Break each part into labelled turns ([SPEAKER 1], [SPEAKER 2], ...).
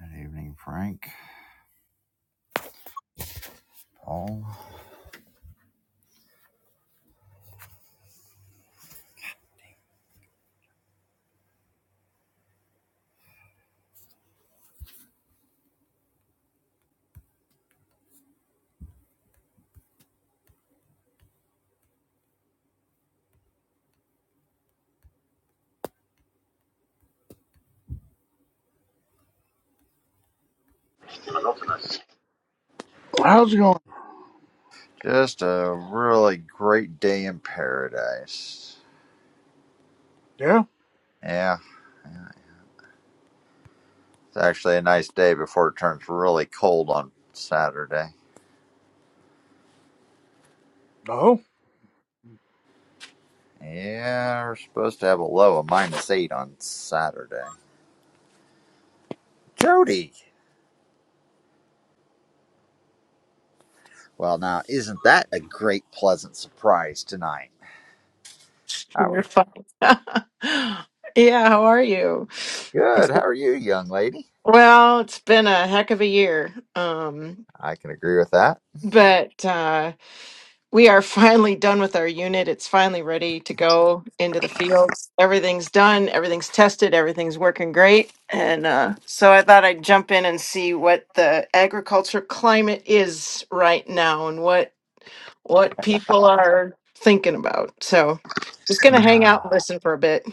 [SPEAKER 1] Good evening, Frank. Paul.
[SPEAKER 2] How's it going?
[SPEAKER 1] Just a really great day in paradise.
[SPEAKER 2] Yeah.
[SPEAKER 1] Yeah, it's actually a nice day before it turns really cold on Saturday.
[SPEAKER 2] No.
[SPEAKER 1] Yeah, we're supposed to have a low of minus eight on Saturday. Jody! Well, now, isn't that a great, pleasant surprise tonight? How are
[SPEAKER 3] You're
[SPEAKER 1] you?
[SPEAKER 3] fine. yeah, how are you?
[SPEAKER 1] Good.
[SPEAKER 3] It's-
[SPEAKER 1] How are you, young lady?
[SPEAKER 3] Well, it's been a heck of a year. Um,
[SPEAKER 1] I can agree with that.
[SPEAKER 3] but uh, we are finally done with our unit. It's finally ready to go into the fields. Everything's done, everything's tested, everything's working great. And uh, so I thought I'd jump in and see what the agriculture climate is right now and what what people are thinking about. So just gonna hang
[SPEAKER 1] Ah.
[SPEAKER 3] out and listen for a bit.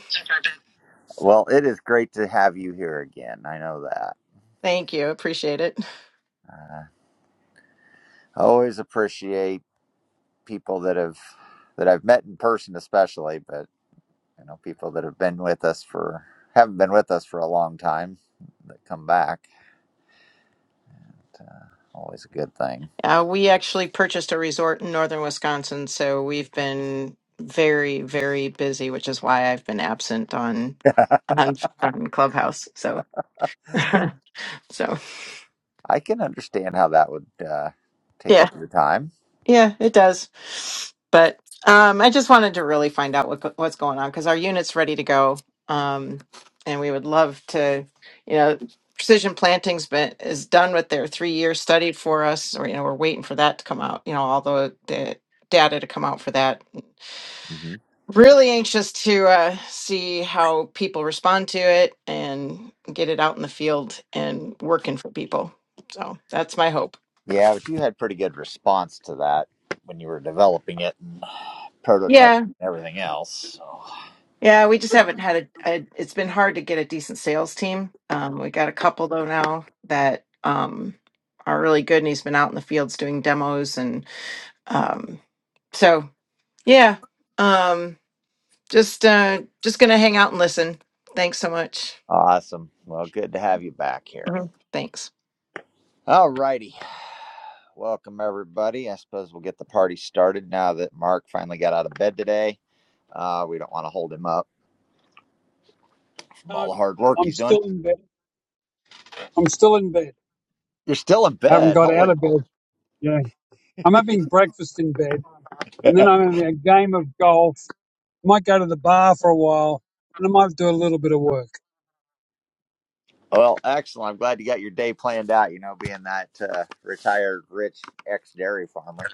[SPEAKER 1] Well, it is great to have you here again. I know that.
[SPEAKER 3] Thank you. Appreciate it.
[SPEAKER 1] Uh, I always appreciate people that have that I've met in person, especially, but you know, people that have been with us for haven't been with us for a long time that come back. Uh, always a good thing.
[SPEAKER 3] Uh, we actually purchased a resort in northern Wisconsin, so we've been very, very busy, which is why I've been absent on on, on Clubhouse. So, so
[SPEAKER 1] I can understand how that would uh, take
[SPEAKER 3] yeah.
[SPEAKER 1] up your time.
[SPEAKER 3] Yeah, it does. But um, I just wanted to really find out what go- what's going on because our unit's ready to go, um, and we would love to. You know, Precision Planting's been is done with their three year study for us, or you know, we're waiting for that to come out. You know, all the the data to come out for that.
[SPEAKER 1] hmm
[SPEAKER 3] Really anxious to uh, see how people respond to it and get it out in the field and working for people. So that's my hope.
[SPEAKER 1] Yeah, but you had pretty good response to that when you were developing it and prototype and everything else. So.
[SPEAKER 3] Yeah, we just haven't had a, a. It's been hard to get a decent sales team. Um, we got a couple though now that um, are really good, and he's been out in the fields doing demos, and um, so yeah, um, just uh, just gonna hang out and listen. Thanks so much.
[SPEAKER 1] Awesome. Well, good to have you back here.
[SPEAKER 3] Mhm. Thanks.
[SPEAKER 1] All righty. Welcome, everybody. I suppose we'll get the party started now that Mark finally got out of bed today. Uh, we don't want to hold him up from
[SPEAKER 4] No,
[SPEAKER 1] all the hard work
[SPEAKER 4] I'm
[SPEAKER 1] he's done.
[SPEAKER 4] still in bed. I'm still in bed.
[SPEAKER 1] You're still in
[SPEAKER 4] I haven't
[SPEAKER 1] bed.
[SPEAKER 4] got out
[SPEAKER 1] Holy
[SPEAKER 4] of
[SPEAKER 1] moly.
[SPEAKER 4] bed. Yeah. I'm having breakfast in bed and then
[SPEAKER 1] Yeah.
[SPEAKER 4] I'm having a game of golf. Might go to the bar for a while and I might do a little bit of work.
[SPEAKER 1] well, excellent. I'm glad you got your day planned out, you know, being that uh, retired rich ex dairy farmer.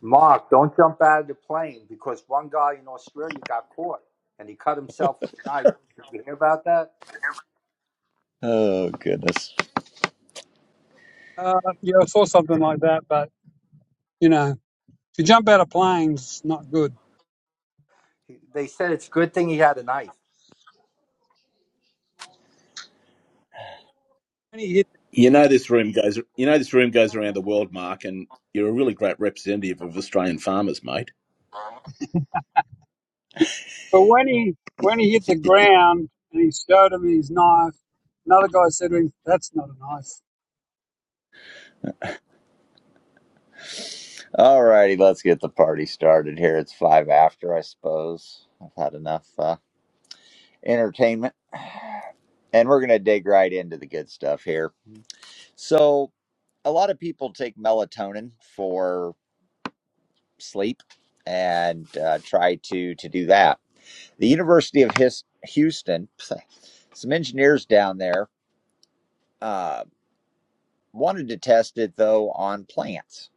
[SPEAKER 5] Mark, don't jump out of the plane because one guy in Australia got caught and he cut himself with a knife. Did you hear about that?
[SPEAKER 1] Oh, goodness.
[SPEAKER 4] Uh, yeah, I saw something like that, but you know, to jump out of planes, it's not good.
[SPEAKER 5] He- They said it's a good thing he had a knife.
[SPEAKER 4] When he hit,
[SPEAKER 6] You know this room goes. You know this room goes around the world, Mark, and you're a really great representative of Australian farmers, mate.
[SPEAKER 4] but when he, when he hit the ground and he showed him his knife, another guy said to him, that's not a knife.
[SPEAKER 1] All righty, let's get the party started here. It's five after, I suppose. I've had enough uh, entertainment, and we're going to dig right into the good stuff here. So a lot of people take melatonin for sleep and uh, try to to do that. The University of His- Houston, some engineers down there uh, wanted to test it though on plants.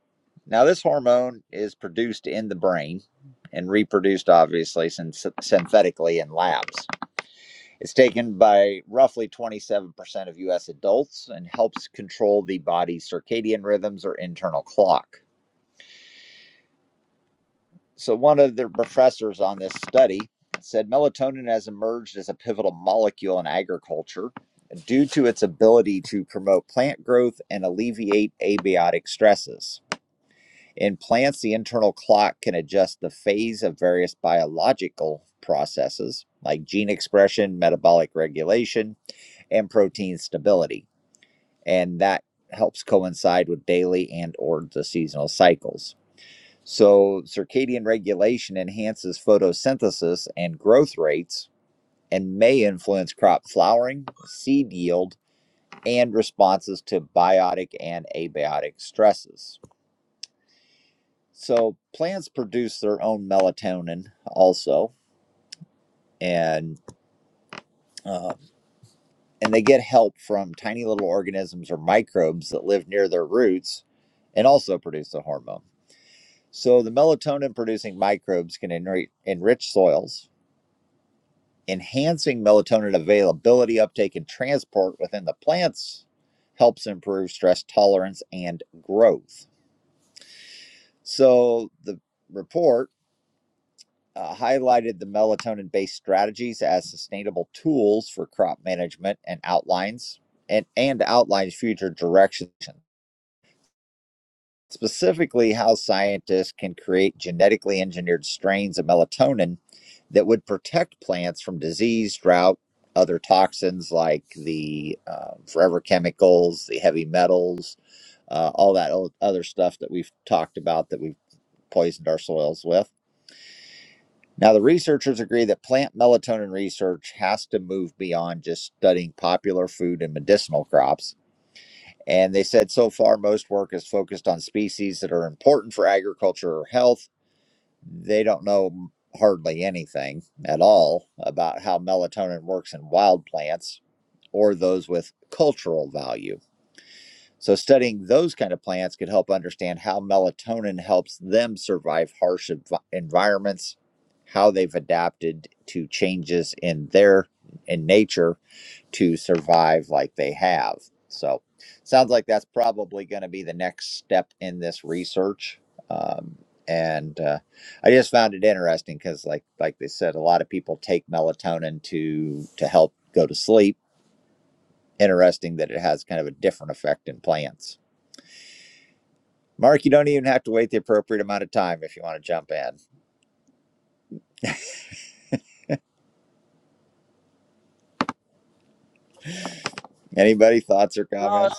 [SPEAKER 1] Now this hormone is produced in the brain and reproduced obviously syn- synthetically in labs. It's taken by roughly 27% of US adults and helps control the body's circadian rhythms or internal clock. So, one of the professors on this study said melatonin has emerged as a pivotal molecule in agriculture due to its ability to promote plant growth and alleviate abiotic stresses. In plants, the internal clock can adjust the phase of various biological processes like gene expression, metabolic regulation, and protein stability. And that helps coincide with daily and or the seasonal cycles. So, circadian regulation enhances photosynthesis and growth rates and may influence crop flowering, seed yield, and responses to biotic and abiotic stresses. So, plants produce their own melatonin also, and um, and they get help from tiny little organisms or microbes that live near their roots and also produce the hormone. So, the melatonin producing microbes can enri- enrich soils enhancing melatonin availability, uptake, and transport within the plants helps improve stress tolerance and growth. So the report uh, highlighted the melatonin based strategies as sustainable tools for crop management and outlines and, and outlines future directions specifically how scientists can create genetically engineered strains of melatonin that would protect plants from disease, drought, other toxins like the uh, forever chemicals, the heavy metals, uh, all that o- other stuff that we've talked about that we've poisoned our soils with. Now, the researchers agree that plant melatonin research has to move beyond just studying popular food and medicinal crops and they said so far, most work is focused on species that are important for agriculture or health. They don't know hardly anything at all about how melatonin works in wild plants or those with cultural value. So, studying those kind of plants could help understand how melatonin helps them survive harsh env- environments, how they've adapted to changes in their in nature, to survive like they have. So, sounds like that's probably going to be the next step in this research. Um, and uh, I just found it interesting because, like like they said, a lot of people take melatonin to to help go to sleep. Interesting that it has kind of a different effect in plants. Mark, you don't even have to wait the appropriate amount of time if you want to jump in. Anybody thoughts or
[SPEAKER 4] No,
[SPEAKER 1] comments?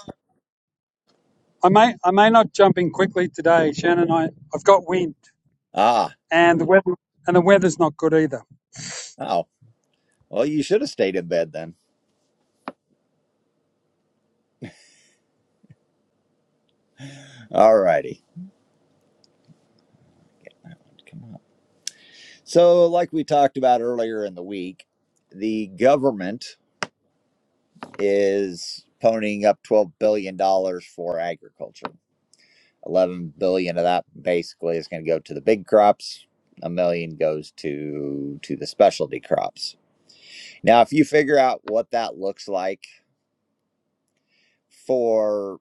[SPEAKER 4] I may, I may not jump in quickly today, Shannon. I, I've got wind.
[SPEAKER 1] Ah,
[SPEAKER 4] and the weather and the weather's not good either.
[SPEAKER 1] oh, well, you should have stayed in bed then. All righty. So, like we talked about earlier in the week, the government is ponying up $12 billion dollars for agriculture. 11 billion dollars of that basically is going to go to the big crops. A million goes to to the specialty crops. Now, if you figure out what that looks like for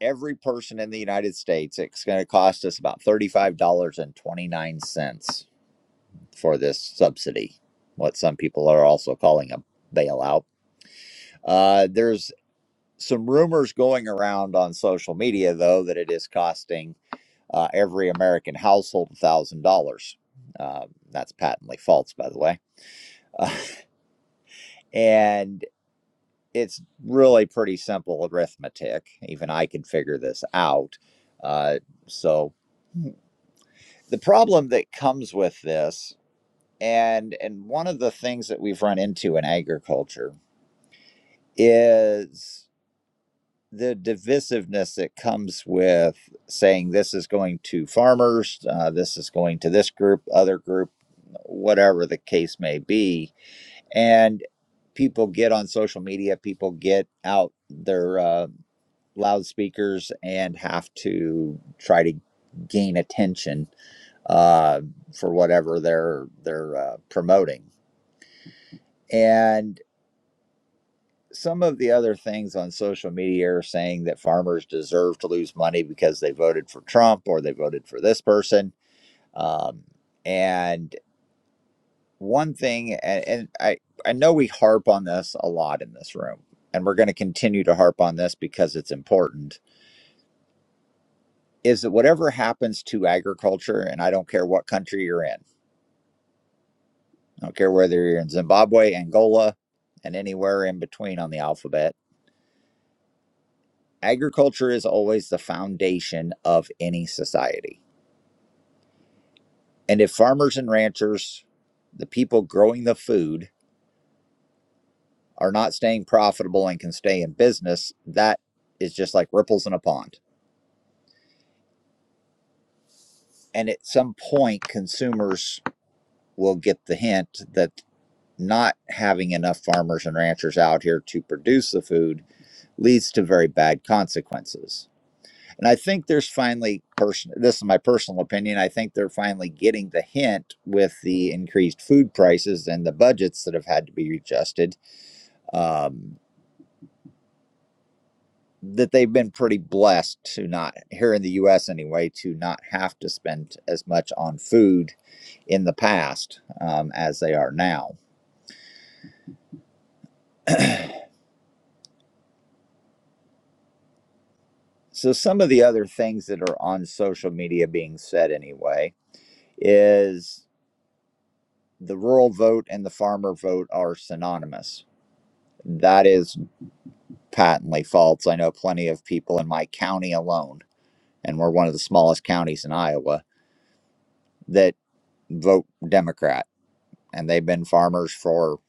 [SPEAKER 1] every person in the United States, it's going to cost us about $35.29 for this subsidy, what some people are also calling a bailout Uh, there's some rumors going around on social media, though, that it is costing uh, every American household $1,000. Um, that's patently false, by the way. Uh, and it's really pretty simple arithmetic. Even I can figure this out. Uh, so the problem that comes with this, and and one of the things that we've run into in agriculture is the divisiveness that comes with saying this is going to farmers, uh, this is going to this group, other group, whatever the case may be. And people get on social media, people get out their uh, loudspeakers and have to try to gain attention uh, for whatever they're they're uh, promoting. And some of the other things on social media are saying that farmers deserve to lose money because they voted for Trump or they voted for this person. Um, and one thing, and, and I, I know we harp on this a lot in this room, and we're going to continue to harp on this because it's important, is that whatever happens to agriculture, and I don't care what country you're in, I don't care whether you're in Zimbabwe, Angola, and anywhere in between on the alphabet agriculture is always the foundation of any society. And if farmers and ranchers, the people growing the food, are not staying profitable and can stay in business, that is just like ripples in a pond. And at some point, consumers will get the hint that not having enough farmers and ranchers out here to produce the food leads to very bad consequences. And I think there's finally person this is my personal opinion. I think they're finally getting the hint with the increased food prices and the budgets that have had to be adjusted. Um, that they've been pretty blessed to not here in the US anyway, to not have to spend as much on food in the past um, as they are now. So some of the other things that are on social media being said anyway is the rural vote and the farmer vote are synonymous. That is patently false. I know plenty of people in my county alone, and we're one of the smallest counties in Iowa, that vote Democrat. And they've been farmers for,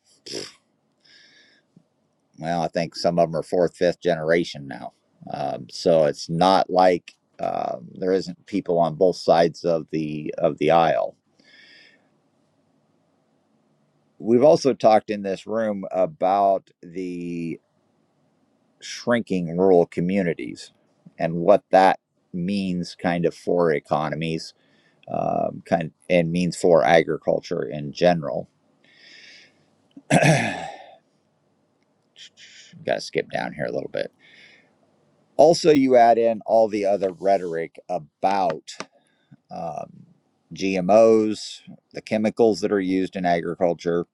[SPEAKER 1] well, I think some of them are fourth, fifth generation now. Um, so it's not like uh, there isn't people on both sides of the of the aisle. We've also talked in this room about the shrinking rural communities and what that means kind of for economies um, kind of, and means for agriculture in general. Got to skip down here a little bit. Also, you add in all the other rhetoric about um, GMOs, the chemicals that are used in agriculture,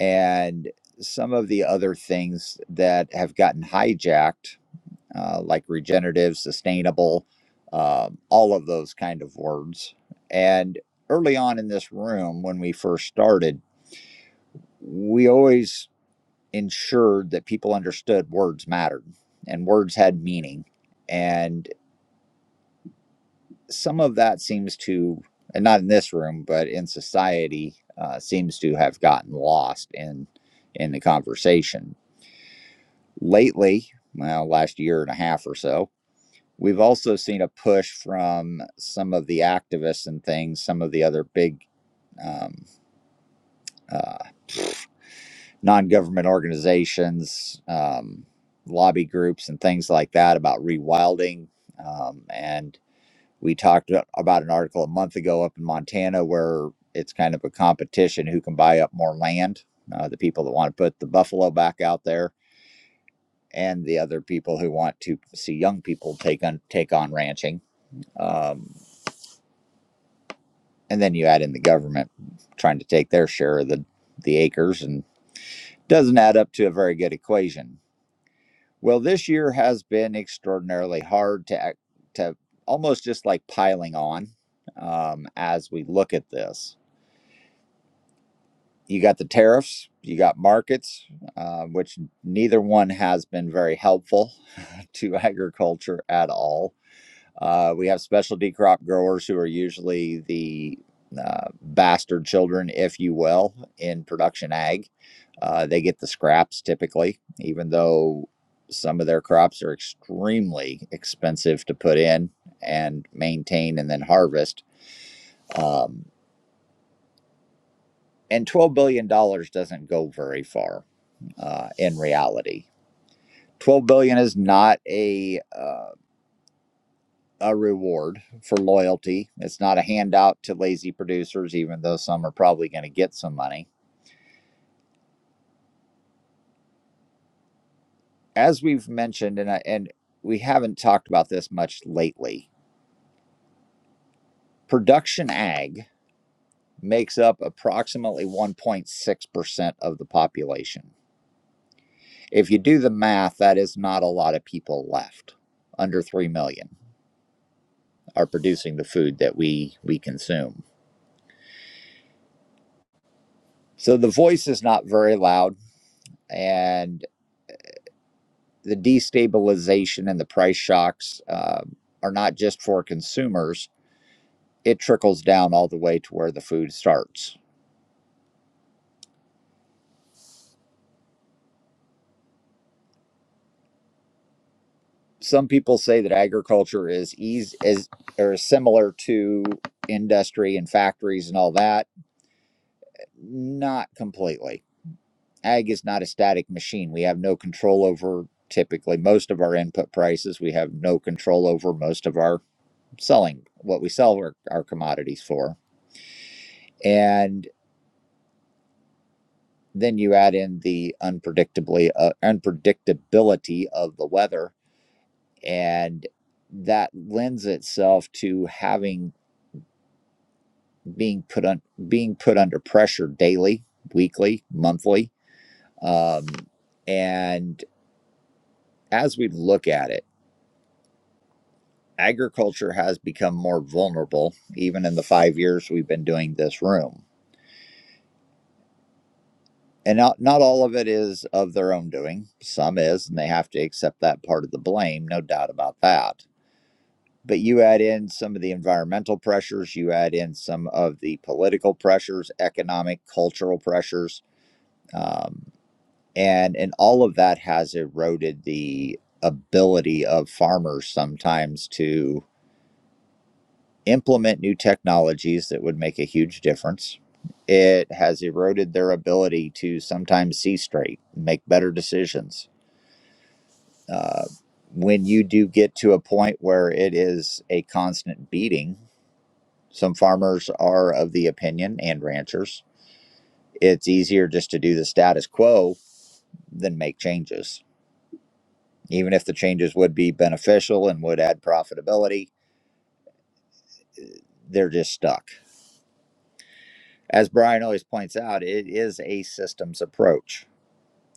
[SPEAKER 1] and some of the other things that have gotten hijacked, uh, like regenerative, sustainable, um, all of those kind of words. And early on in this room, when we first started, we always ensured that people understood words mattered and words had meaning. And some of that seems to, and not in this room, but in society, uh, seems to have gotten lost in in the conversation lately. Well, last year and a half or so, we've also seen a push from some of the activists and things, some of the other big um, uh, non-government organizations, um, lobby groups, and things like that about rewilding. Um, and we talked a- about an article a month ago up in Montana where it's kind of a competition who can buy up more land. Uh, the people that want to put the buffalo back out there, and the other people who want to see young people take on take on ranching. Um, and then you add in the government trying to take their share of the the acres, and doesn't add up to a very good equation Well, this year has been extraordinarily hard to to almost just like piling on um, as we look at this. You got the tariffs, you got markets, uh, which neither one has been very helpful to agriculture at all. Uh, we have specialty crop growers who are usually the uh, bastard children, if you will, in production ag. Uh, they get the scraps typically, even though some of their crops are extremely expensive to put in and maintain and then harvest. Um, and $12 billion dollars doesn't go very far uh, in reality. $12 billion dollars is not a. uh, a reward for loyalty. It's not a handout to lazy producers, even though some are probably going to get some money. As we've mentioned, and I, and we haven't talked about this much lately, production ag makes up approximately 1.6% of the population. If you do the math, that is not a lot of people left. Under 3 million are producing the food that we we consume. So the voice is not very loud and the destabilization and the price shocks um, are not just for consumers, it trickles down all the way to where the food starts. Some people say that agriculture is easy, is or similar to industry and factories and all that. Not completely. Ag is not a static machine. We have no control over typically most of our input prices. We have no control over most of our selling, what we sell our, our commodities for. And Then you add in the unpredictably uh, unpredictability of the weather, and that lends itself to having being put on being put under pressure daily, weekly, monthly. Um, and as we look at it, agriculture has become more vulnerable, even in the five years we've been doing this room. And not, not all of it is of their own doing. Some is, and they have to accept that part of the blame, no doubt about that but you add in some of the environmental pressures, you add in some of the political pressures, economic, cultural pressures, um, and and all of that has eroded the ability of farmers sometimes to implement new technologies that would make a huge difference. It has eroded their ability to sometimes see straight, make better decisions. Uh, when you do get to a point where it is a constant beating Some farmers are of the opinion, and ranchers, it's easier just to do the status quo than make changes. Even if the changes would be beneficial and would add profitability, they're just stuck. As Brian always points out, it is a systems approach,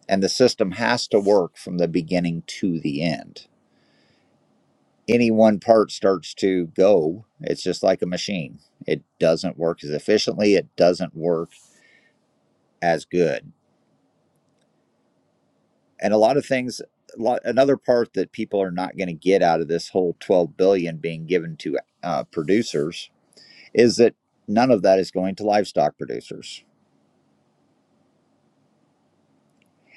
[SPEAKER 1] and the system has to work from the beginning to the end. Any one part starts to go, it's just like a machine. It doesn't work as efficiently, it doesn't work as good and a lot of things a lot, another part that people are not going to get out of this whole 12 billion dollars being given to uh, producers is that none of that is going to livestock producers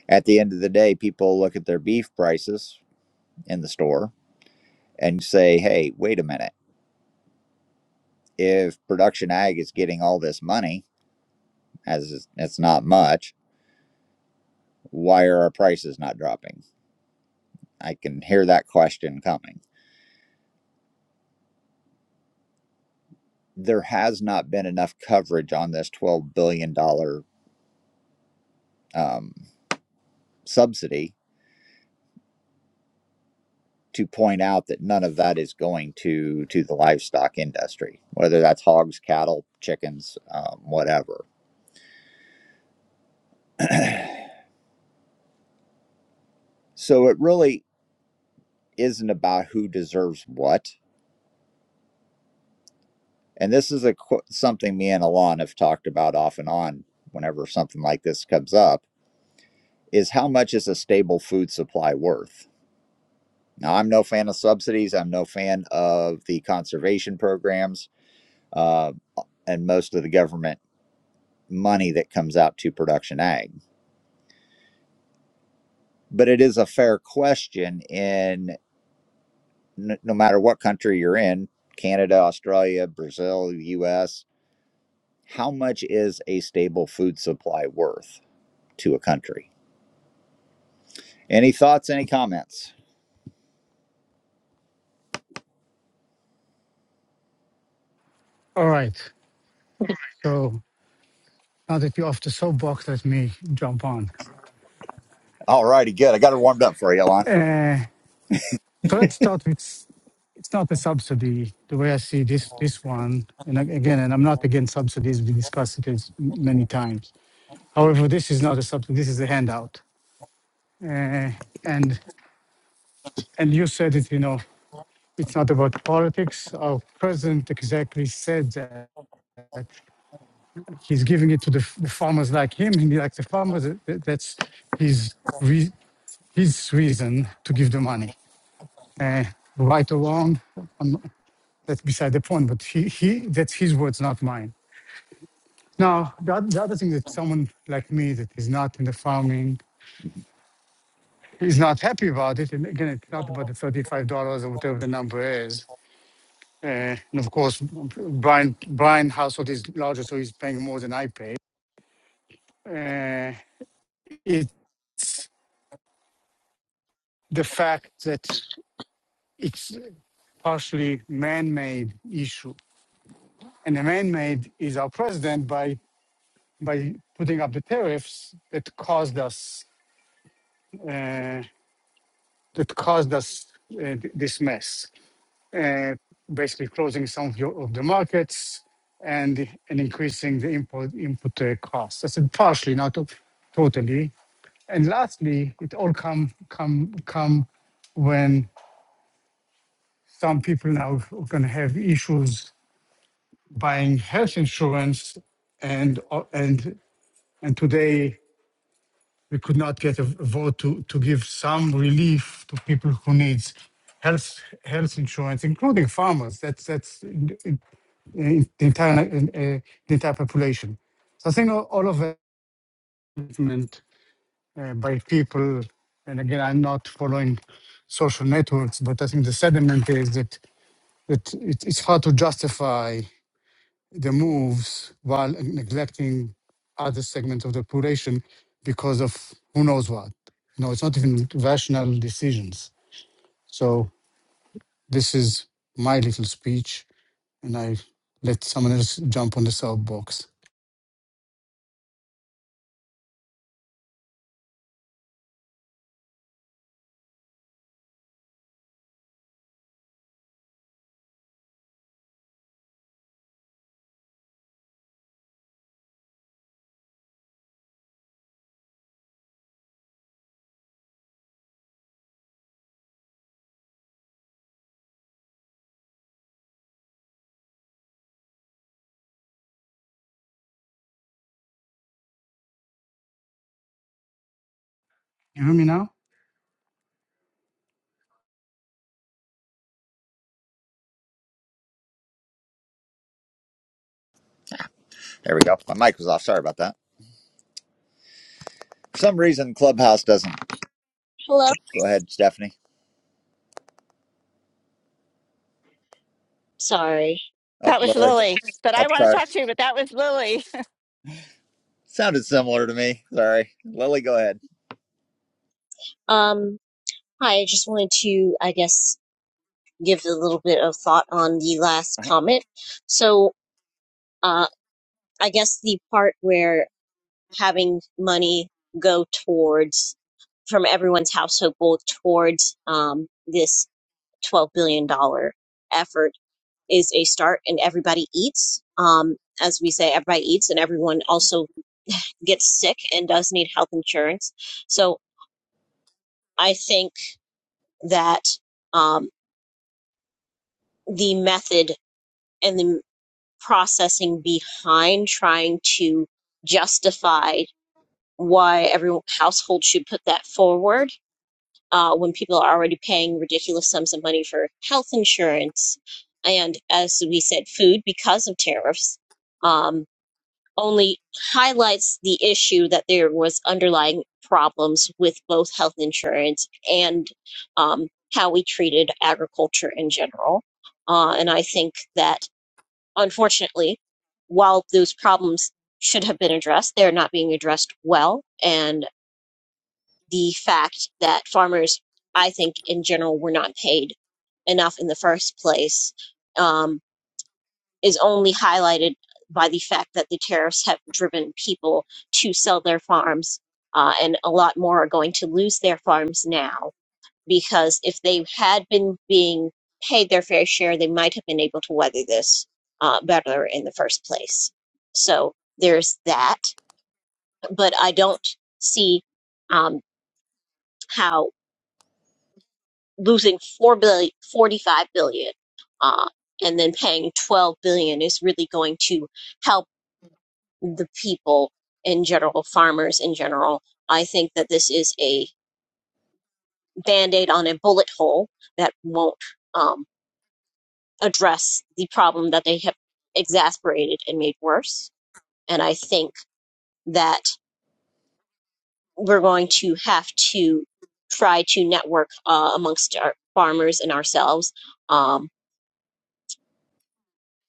[SPEAKER 1] at the end of the day people look at their beef prices in the store and say hey wait a minute if production ag is getting all this money as it's not much why are our prices not dropping i can hear that question coming there has not been enough coverage on this $12 billion dollars um, subsidy to point out that none of that is going to to the livestock industry, whether that's hogs, cattle, chickens, um, whatever. So it really isn't about who deserves what. And this is a something me and Alon have talked about off and on whenever something like this comes up is how much is a stable food supply worth? Now, I'm no fan of subsidies. I'm no fan of the conservation programs uh, and most of the government money that comes out to production ag but it is a fair question in n- no matter what country you're in canada australia brazil us how much is a stable food supply worth to a country any thoughts any comments
[SPEAKER 7] All right. So now that you're off the soapbox, let me jump on.
[SPEAKER 1] all righty good i got her warmed up for you Alon.
[SPEAKER 7] Uh, so let's start with s- it's not a subsidy the way I see this this one. And ag- again, and I'm not against subsidies. We discussed it as m- many times. However, this is not a subsidy. This is a handout. Uh, and and you said it. You know, it's not about politics. Our president exactly said that. he's giving it to the, the farmers like him and he like the farmers uh, that's his re- his reason to give the money uh, right or wrong um, that's beside the point but he, he that's his words not mine now the, the other thing that someone like me that is not in the farming is not happy about it and again it's not about the $35 or whatever the number is uh, and of course brian brian household is larger so he's paying more than i pay uh, it the fact that it's partially man-made issue. And the man-made is our president by by putting up the tariffs that caused us uh, that caused us uh, this mess, uh, basically closing some of, your, of the markets and and increasing the import input uh, costs. I said partially, not to- totally. And lastly, it all come come come when some people now are going to have issues buying health insurance, and o- and and today we could not get a vote to to give some relief to people who needs health health insurance, including farmers. That's that's in, in, in the entire in, uh, the entire population. So I think all, all of that movement uh, by people, and again, I'm not following social networks, but I think the sentiment is that that it, it's hard to justify the moves while neglecting other segments of the population because of who knows what. No, it's not even rational decisions. So this is my little speech, and I let someone else jump on the soapbox. You hear me now?
[SPEAKER 1] there we go my mic was off sorry about that for some reason clubhouse doesn't
[SPEAKER 8] Hello.
[SPEAKER 1] go ahead stephanie
[SPEAKER 8] Sorry.
[SPEAKER 1] up
[SPEAKER 9] That was
[SPEAKER 1] lily
[SPEAKER 9] Lily that I
[SPEAKER 1] up
[SPEAKER 9] want to
[SPEAKER 1] sorry
[SPEAKER 9] talk to, you, but that was Lily.
[SPEAKER 1] sounded similar to me sorry lily go ahead
[SPEAKER 8] Um, hi, I just wanted to, I guess, give a little bit of thought on the last
[SPEAKER 1] uh-huh.
[SPEAKER 8] comment. So, uh, I guess the part where having money go towards, from everyone's household goal towards, um, this $12 billion dollar effort is a start and everybody eats. Um, as we say, everybody eats and everyone also gets sick and does need health insurance. So I think that, um. the method and the processing behind trying to justify why every household should put that forward uh, when people are already paying ridiculous sums of money for health insurance and, as we said, food because of tariffs, um, only highlights the issue that there was underlying problems with both health insurance and um, how we treated agriculture in general. Uh, and I think that unfortunately, while those problems should have been addressed, they're not being addressed well. And the fact that farmers, I think, in general, were not paid enough in the first place um, is only highlighted by the fact that the tariffs have driven people to sell their farms, uh, and a lot more are going to lose their farms now because if they had been being paid their fair share, they might have been able to weather this uh, better in the first place. So there's that, but I don't see um, how losing four billion, forty-five billion, uh, and then paying 12 billion is really going to help the people in general, farmers in general. I think that this is a band-aid on a bullet hole that won't um, address the problem that they have exasperated and made worse. And I think that we're going to have to try to network uh, amongst our farmers and ourselves um,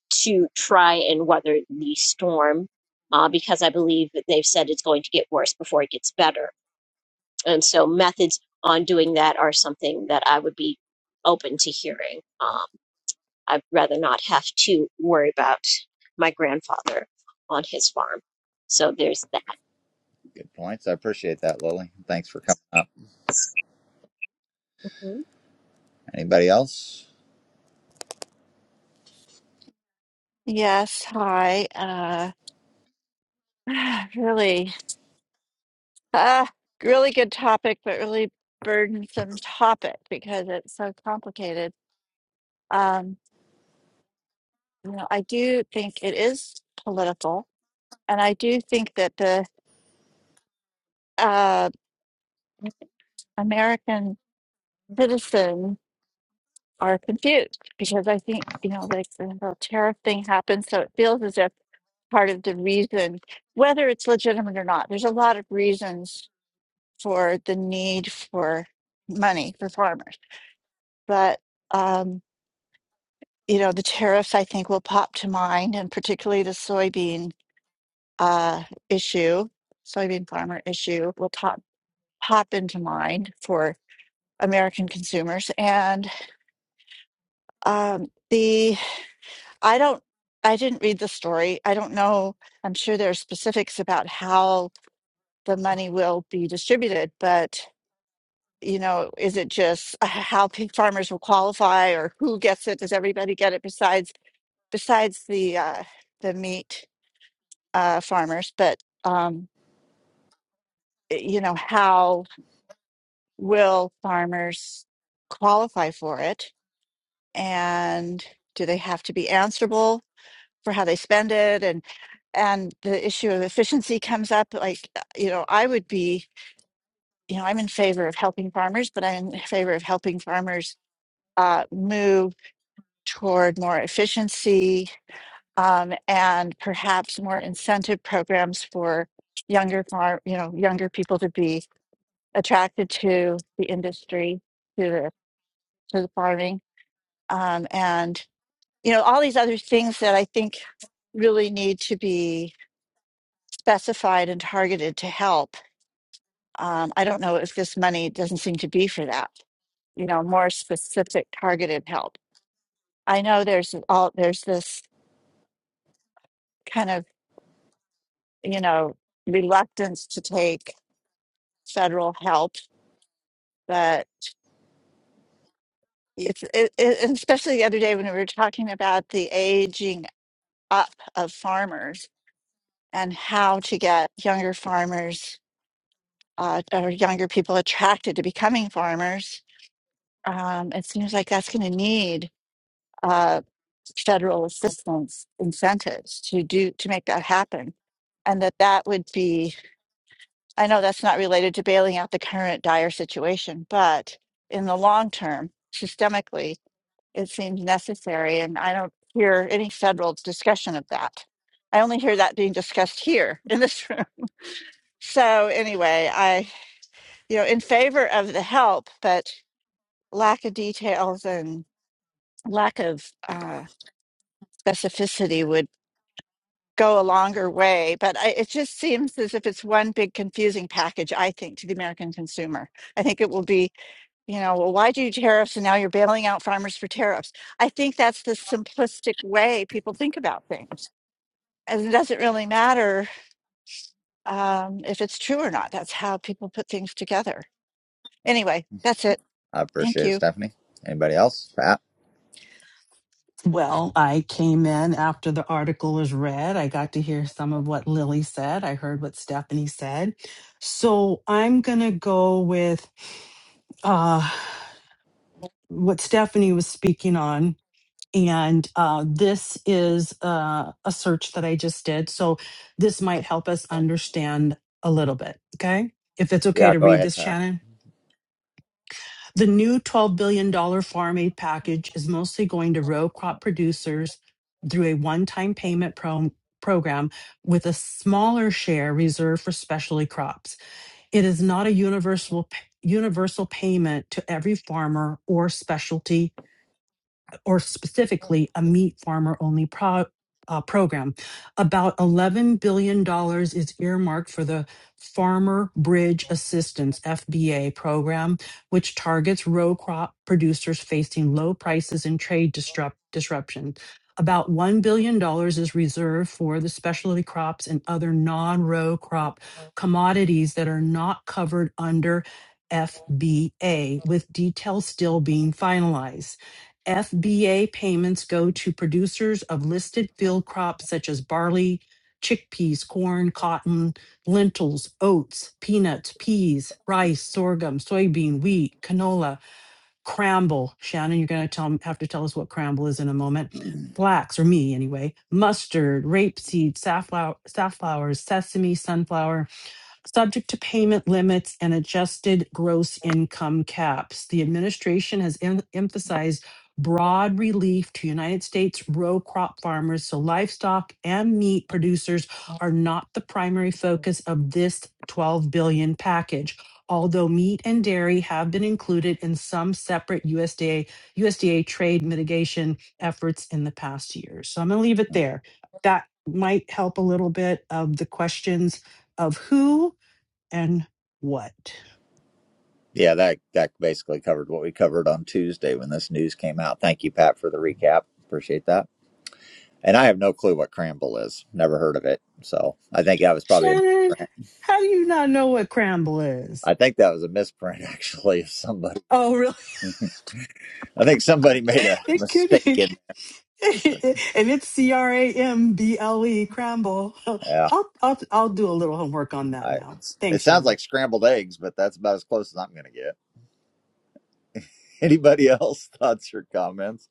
[SPEAKER 8] to try and weather the storm uh, because I believe that they've said it's going to get worse before it gets better. And so methods on doing that are something that I would be open to hearing. Um, I'd rather not have to worry about my grandfather on his farm. So there's that.
[SPEAKER 1] good points i appreciate that lily thanks for coming up
[SPEAKER 8] hmm
[SPEAKER 1] anybody else
[SPEAKER 9] Yes, hi. Uh, really, uh, really good topic, but really burdensome topic because it's so complicated. Um, you know, I do think it is political, and I do think that the uh, American citizen are confused because I think you know, like the whole tariff thing happened, so it feels as if part of the reason, whether it's legitimate or not, there's a lot of reasons for the need for money for farmers. But, um, you know, the tariffs I think will pop to mind, and particularly the soybean uh, issue, soybean farmer issue will pop, pop into mind for American consumers. And um, the, I don't, I didn't read the story. I don't know. I'm sure there are specifics about how the money will be distributed, but you know, is it just uh, how pig farmers will qualify or who gets it? Does everybody get it besides besides the uh, the meat uh, farmers? But um, i- you know, how will farmers qualify for it? And do they have to be answerable for how they spend it? And and the issue of efficiency comes up. Like, uh, you know, I would be, you know, I'm in favor of helping farmers, but I'm in favor of helping farmers uh, move toward more efficiency um, and perhaps more incentive programs for younger farm, you know, younger people to be attracted to the industry, to the to the farming, um, and you know all these other things that I think really need to be specified and targeted to help. Um, I don't know if this money doesn't seem to be for that. You know, more specific, targeted help. I know there's all there's this kind of you know, reluctance to take federal help. But it's it, it, and especially the other day when we were talking about the aging up of farmers and how to get younger farmers uh, or younger people attracted to becoming farmers. Um, it seems like that's going to need uh, federal assistance incentives to do to make that happen, and that that would be I know that's not related to bailing out the current dire situation, but in the long term, systemically, it seems necessary. And I don't hear any federal discussion of that. I only hear that being discussed here in this room. So anyway, I, you know, in favor of the help, but lack of details and lack of uh, specificity would go a longer way. But I, it just seems as if it's one big confusing package, I think, to the American consumer. I think it will be you know, well, why do you tariffs and now you're bailing out farmers for tariffs? I think that's the simplistic way people think about things. And it doesn't really matter um, if it's true or not. That's how people put things together. Anyway, that's it.
[SPEAKER 1] I
[SPEAKER 9] Thank
[SPEAKER 1] appreciate it,
[SPEAKER 9] you.
[SPEAKER 1] Stephanie. Anybody else? Pat?
[SPEAKER 10] Well, I came in after the article was read. I got to hear some of what Lily said. I heard what Stephanie said. So I'm going to go with uh, what Stephanie was speaking on. And uh, this is uh, a search that I just did. So this might help us understand a little bit. Okay. If it's okay
[SPEAKER 1] Yeah,
[SPEAKER 10] to
[SPEAKER 1] go
[SPEAKER 10] read
[SPEAKER 1] ahead,
[SPEAKER 10] this,
[SPEAKER 1] Pat.
[SPEAKER 10] Shannon. The new $12 billion dollars Farm Aid package is mostly going to row crop producers through a one-time payment pro- program with a smaller share reserved for specialty crops. It is not a universal universal payment to every farmer or specialty or specifically a meat farmer only pro- uh, program. About $11 billion dollars is earmarked for the Farmer Bridge Assistance FBA program, which targets row crop producers facing low prices and trade disrupt- disruption. About $1 billion dollars is reserved for the specialty crops and other non row crop commodities that are not covered under FBA, with details still being finalized. FBA payments go to producers of listed field crops such as barley, chickpeas, corn, cotton, lentils, oats, peanuts, peas, rice, sorghum, soybean, wheat, canola, cramble. Shannon, you're going to tell, have to tell us what cramble is in a moment. Flax, or me anyway, mustard, rapeseed, safflower, safflowers, sesame, sunflower, Subject to payment limits and adjusted gross income caps, the administration has em- emphasized broad relief to United States row crop farmers so livestock and meat producers are not the primary focus of this 12 billion package. Although meat and dairy have been included in some separate USDA USDA trade mitigation efforts in the past year. So I'm going to leave it there. That might help a little bit of the questions of who and what?
[SPEAKER 1] Yeah, that that basically covered what we covered on Tuesday when this news came out. Thank you, Pat, for the recap. Appreciate that. And I have no clue what cramble is. Never heard of it. So I think that was probably a,
[SPEAKER 10] Shannon, how do you not know what cramble is?
[SPEAKER 1] I think that was a misprint actually. of Somebody,
[SPEAKER 10] Oh, really?
[SPEAKER 1] I think somebody made a
[SPEAKER 10] It could be.
[SPEAKER 1] mistake in.
[SPEAKER 10] and it's C R A M B L E, cramble.
[SPEAKER 1] Yeah,
[SPEAKER 10] I'll, I'll, I'll do a little homework on that
[SPEAKER 1] I,
[SPEAKER 10] now.
[SPEAKER 1] it
[SPEAKER 10] Thanks,
[SPEAKER 1] sounds
[SPEAKER 10] Shannon.
[SPEAKER 1] like scrambled eggs, but that's about as close as I'm going to get. Anybody else thoughts or comments?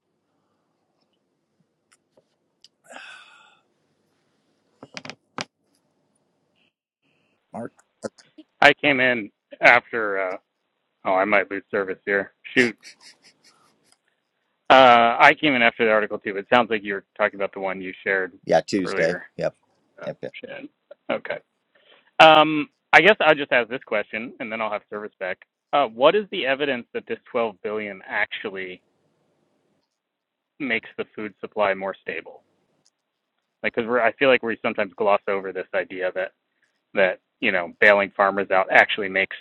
[SPEAKER 1] Mark?
[SPEAKER 11] I came in after. Uh, oh, I might lose service here. Shoot. Uh, I came in after the article too, but it sounds like you were talking about the one you shared
[SPEAKER 1] Yeah, Tuesday.
[SPEAKER 11] earlier.
[SPEAKER 1] Yep, yep,
[SPEAKER 11] Uh,
[SPEAKER 1] yep.
[SPEAKER 11] shit. Okay. Um, I guess I'll just ask this question, and then I'll have service back. Uh, what is the evidence that this 12 billion actually makes the food supply more stable? Like, because I feel like we sometimes gloss over this idea that that you know bailing farmers out actually makes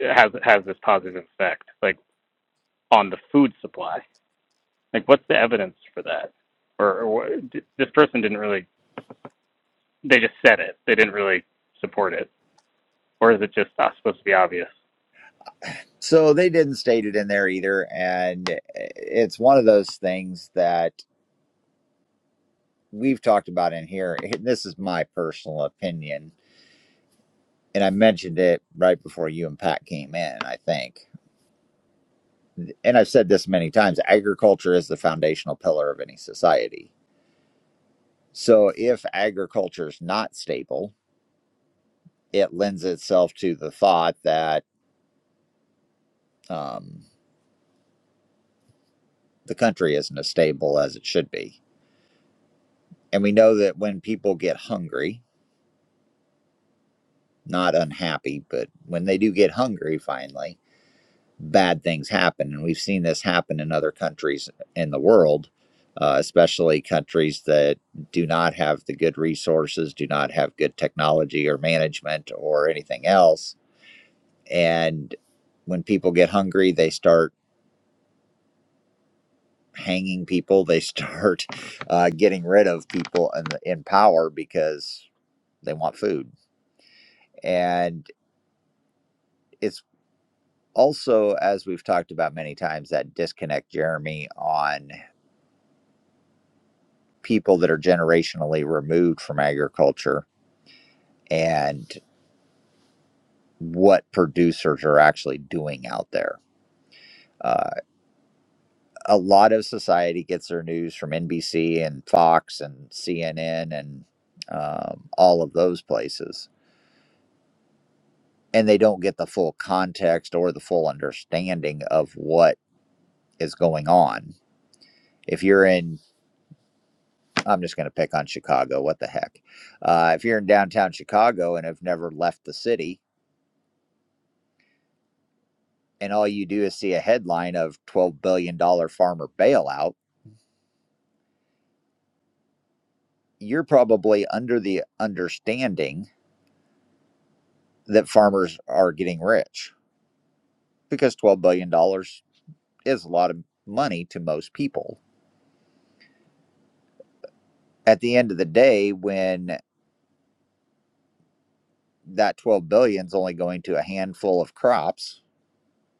[SPEAKER 11] has has this positive effect, like on the food supply. Like, what's the evidence for that? Or, or this person didn't really, they just said it. They didn't really support it. Or is it just not supposed to be obvious?
[SPEAKER 1] So they didn't state it in there either. And it's one of those things that we've talked about in here. This is my personal opinion. And I mentioned it right before you and Pat came in, I think. And I've said this many times agriculture is the foundational pillar of any society. So if agriculture is not stable, it lends itself to the thought that um, the country isn't as stable as it should be. And we know that when people get hungry, not unhappy, but when they do get hungry finally, bad things happen. And we've seen this happen in other countries in the world, uh, especially countries that do not have the good resources, do not have good technology or management or anything else. And when people get hungry, they start hanging people, they start uh, getting rid of people in, in power because they want food. And it's. also, as we've talked about many times, that disconnect, Jeremy, on people that are generationally removed from agriculture and what producers are actually doing out there. Uh, a lot of society gets their news from NBC and Fox and CNN and um, all of those places. And they don't get the full context or the full understanding of what is going on. If you're in I'm just going to pick on Chicago. What the heck? Uh, if you're in downtown Chicago and have never left the city, and all you do is see a headline of $12 billion dollars farmer bailout, you're probably under the understanding that farmers are getting rich because $12 billion dollars is a lot of money to most people. At the end of the day, when that 12 billion is only going to a handful of crops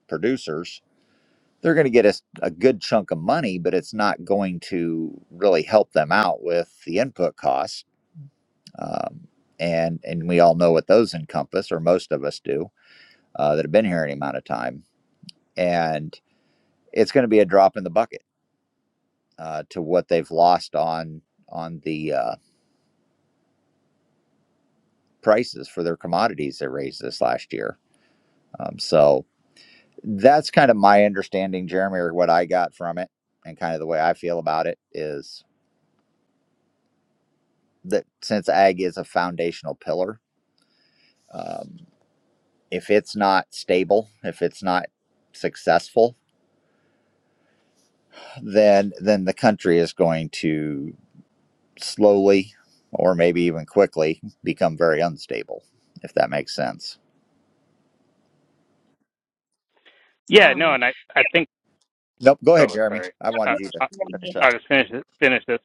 [SPEAKER 1] producers they're going to get a a good chunk of money, but it's not going to really help them out with the input costs. Um, and and we all know what those encompass, or most of us do, uh, that have been here any amount of time. And it's going to be a drop in the bucket uh, to what they've lost on on the uh, prices for their commodities that raised this last year. Um, so that's kind of my understanding, Jeremy, or what I got from it, and kind of the way I feel about it is that since ag is a foundational pillar, um, if it's not stable, if it's not successful, then then the country is going to slowly, or maybe even quickly, become very unstable. If that makes sense.
[SPEAKER 11] Yeah, no,
[SPEAKER 8] Um,
[SPEAKER 11] and I, I think,
[SPEAKER 1] Nope. Go ahead,
[SPEAKER 11] oh,
[SPEAKER 1] Jeremy.
[SPEAKER 11] sorry.
[SPEAKER 1] I
[SPEAKER 11] Uh,
[SPEAKER 1] wanted you to
[SPEAKER 11] I,
[SPEAKER 1] finish up.
[SPEAKER 11] I'll just finish this, finish this,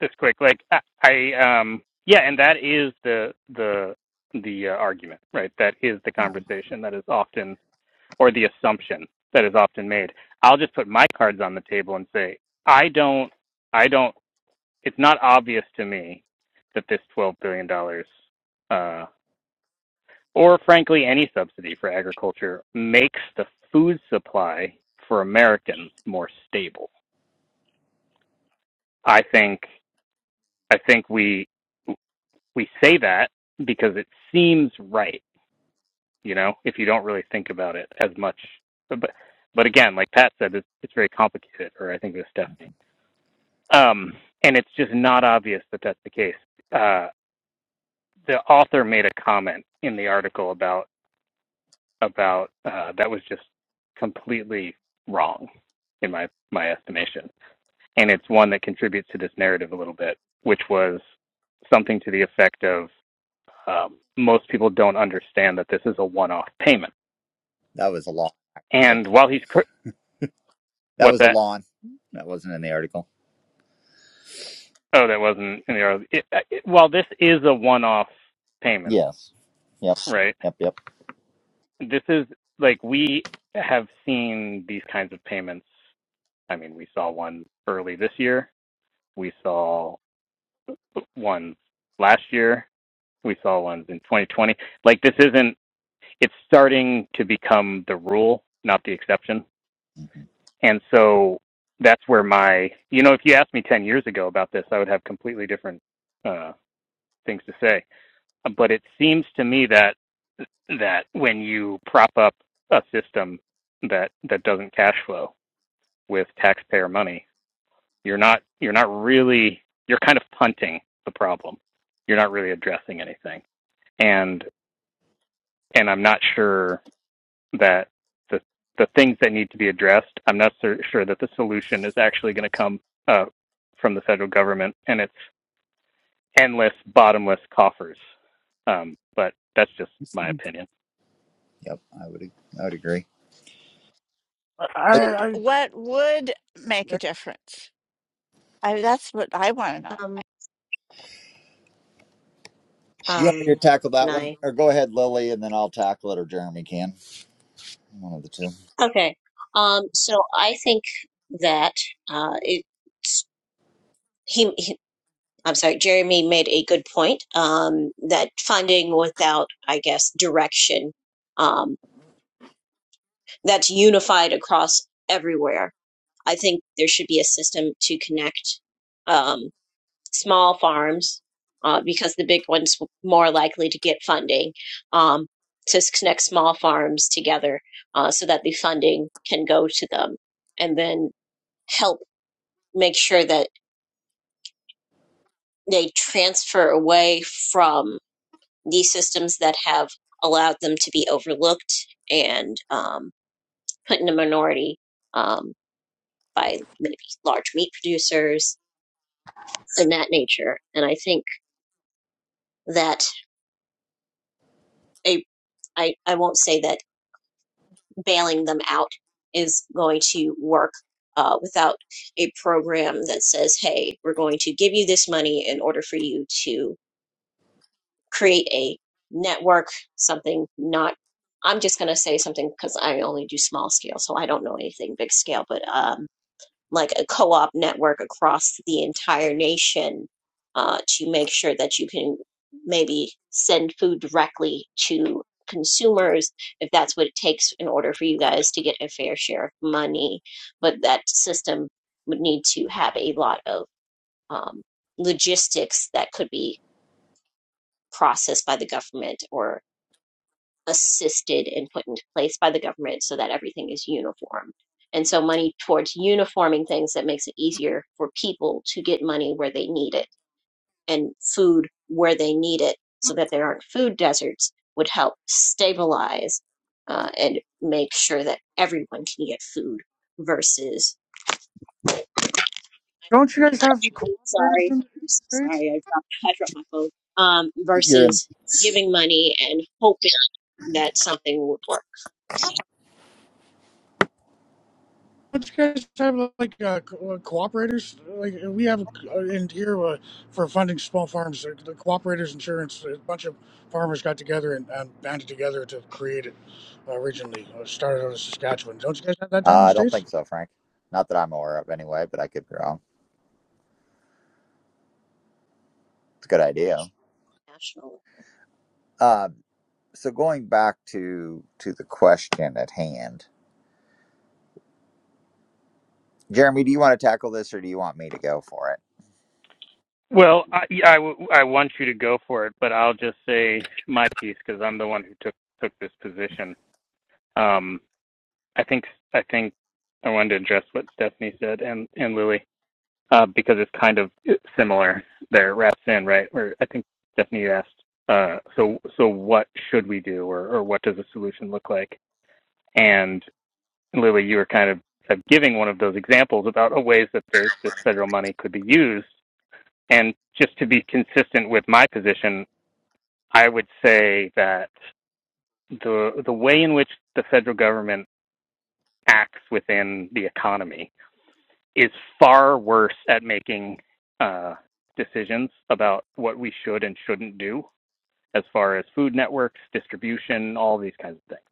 [SPEAKER 11] this quick. Like, I, I, um, yeah, and that is the, the, the uh, argument, right? That is the
[SPEAKER 1] Mhm.
[SPEAKER 11] conversation that is often, or the assumption that is often made. I'll just put my cards on the table and say, I don't, I don't it's not obvious to me that this $12 billion, dollars, uh, or frankly, any subsidy for agriculture makes the food supply for Americans more stable. I think, I think we, we say that because it seems right, you know, if you don't really think about it as much. But, but again, like Pat said, it's, it's very complicated, or I think it was Stephanie. Um, and it's just not obvious that that's the case. Uh, the author made a comment in the article about about uh, that was just completely wrong in my my estimation, and it's one that contributes to this narrative a little bit, which was something to the effect of um, most people don't understand that this is a one-off payment.
[SPEAKER 1] That was a lawn.
[SPEAKER 11] And while he's
[SPEAKER 1] That
[SPEAKER 11] what's
[SPEAKER 1] was a
[SPEAKER 11] that?
[SPEAKER 1] lawn. That wasn't in the article.
[SPEAKER 11] Oh, that wasn't in the article. It, uh, it, while this is a one-off payment,
[SPEAKER 1] Yes. Yep.
[SPEAKER 11] right?
[SPEAKER 1] Yep. Yep.
[SPEAKER 11] This is like we have seen these kinds of payments I mean, we saw one early this year. We saw ones last year. We saw ones in 2020. Like this isn't. It's starting to become the rule, not the exception.
[SPEAKER 1] hmm
[SPEAKER 11] And so that's where my. You know, if you asked me 10 years ago about this, I would have completely different uh, things to say. But it seems to me that that when you prop up a system that that doesn't cash flow with taxpayer money You're not you're not really you're kind of punting the problem. You're not really addressing anything. And and I'm not sure that the the things that need to be addressed, I'm not sur- sure that the solution is actually going to come uh, from the federal government and its endless, bottomless coffers. Um, but that's just my opinion.
[SPEAKER 1] Yep. I would. ag- I would agree.
[SPEAKER 2] I, I
[SPEAKER 9] What would make a difference? I, that's what I want to know.
[SPEAKER 8] um,
[SPEAKER 1] You want me
[SPEAKER 8] um,
[SPEAKER 1] to tackle
[SPEAKER 8] can
[SPEAKER 1] that one,
[SPEAKER 8] I?
[SPEAKER 1] or go ahead, Lily, and then I'll tackle it, or Jeremy can. One of the two.
[SPEAKER 8] Okay. Um, so I think that uh, it's he, he. I'm sorry, Jeremy made a good point um, that funding without, I guess, direction um, that's unified across everywhere. I think there should be a system to connect. Um, small farms uh, because the big ones w- more likely to get funding um, to connect small farms together uh, so that the funding can go to them and then help make sure that they transfer away from these systems that have allowed them to be overlooked and um, put in a minority um, by maybe large meat producers and that nature and i think that a I, I won't say that bailing them out is going to work uh, without a program that says, hey, we're going to give you this money in order for you to create a network, something not. I'm just going to say something because I only do small scale, so I don't know anything big scale, but um, like a co-op network across the entire nation uh, to make sure that you can maybe send food directly to consumers if that's what it takes in order for you guys to get a fair share of money but that system would need to have a lot of um, logistics that could be processed by the government or assisted and put into place by the government so that everything is uniform. And so money towards uniforming things that makes it easier for people to get money where they need it and food where they need it so that there aren't food deserts would help stabilize uh, and make sure that everyone can get food versus
[SPEAKER 2] don't. You guys have cooperators in,
[SPEAKER 8] sorry
[SPEAKER 2] in the
[SPEAKER 8] I'm so
[SPEAKER 2] states?
[SPEAKER 8] sorry I dropped, I dropped my phone um,
[SPEAKER 1] You're in.
[SPEAKER 8] versus giving money and hoping that something would work
[SPEAKER 2] Don't you guys have like uh, co- uh, cooperators? Like we have uh, in here uh, for funding small farms. uh, The cooperators insurance. A bunch of farmers got together and, and banded together to create it uh, originally. Uh, started out of Saskatchewan. Don't you guys have that down
[SPEAKER 1] Uh,
[SPEAKER 2] in the
[SPEAKER 1] I don't
[SPEAKER 2] states?
[SPEAKER 1] think so, Frank. Not that I'm aware of, anyway. But I could be wrong. It's a good idea.
[SPEAKER 8] nationally.
[SPEAKER 1] Um, so going back to to the question at hand, Jeremy, do you want to tackle this, or do you want me to go for it?
[SPEAKER 11] Well, I, I I, w- I want you to go for it, but I'll just say my piece because I'm the one who took took this position. Um, I think I think I wanted to address what Stephanie said and and Lily uh, because it's kind of similar there wraps in right where I think Stephanie asked uh, so so what should we do or or what does a solution look like and Lily you were kind of of giving one of those examples about uh, ways that the, this federal money could be used and just to be consistent with my position I would say that the the way in which the federal government acts within the economy is far worse at making uh, decisions about what we should and shouldn't do as far as food networks, distribution, all these kinds of things.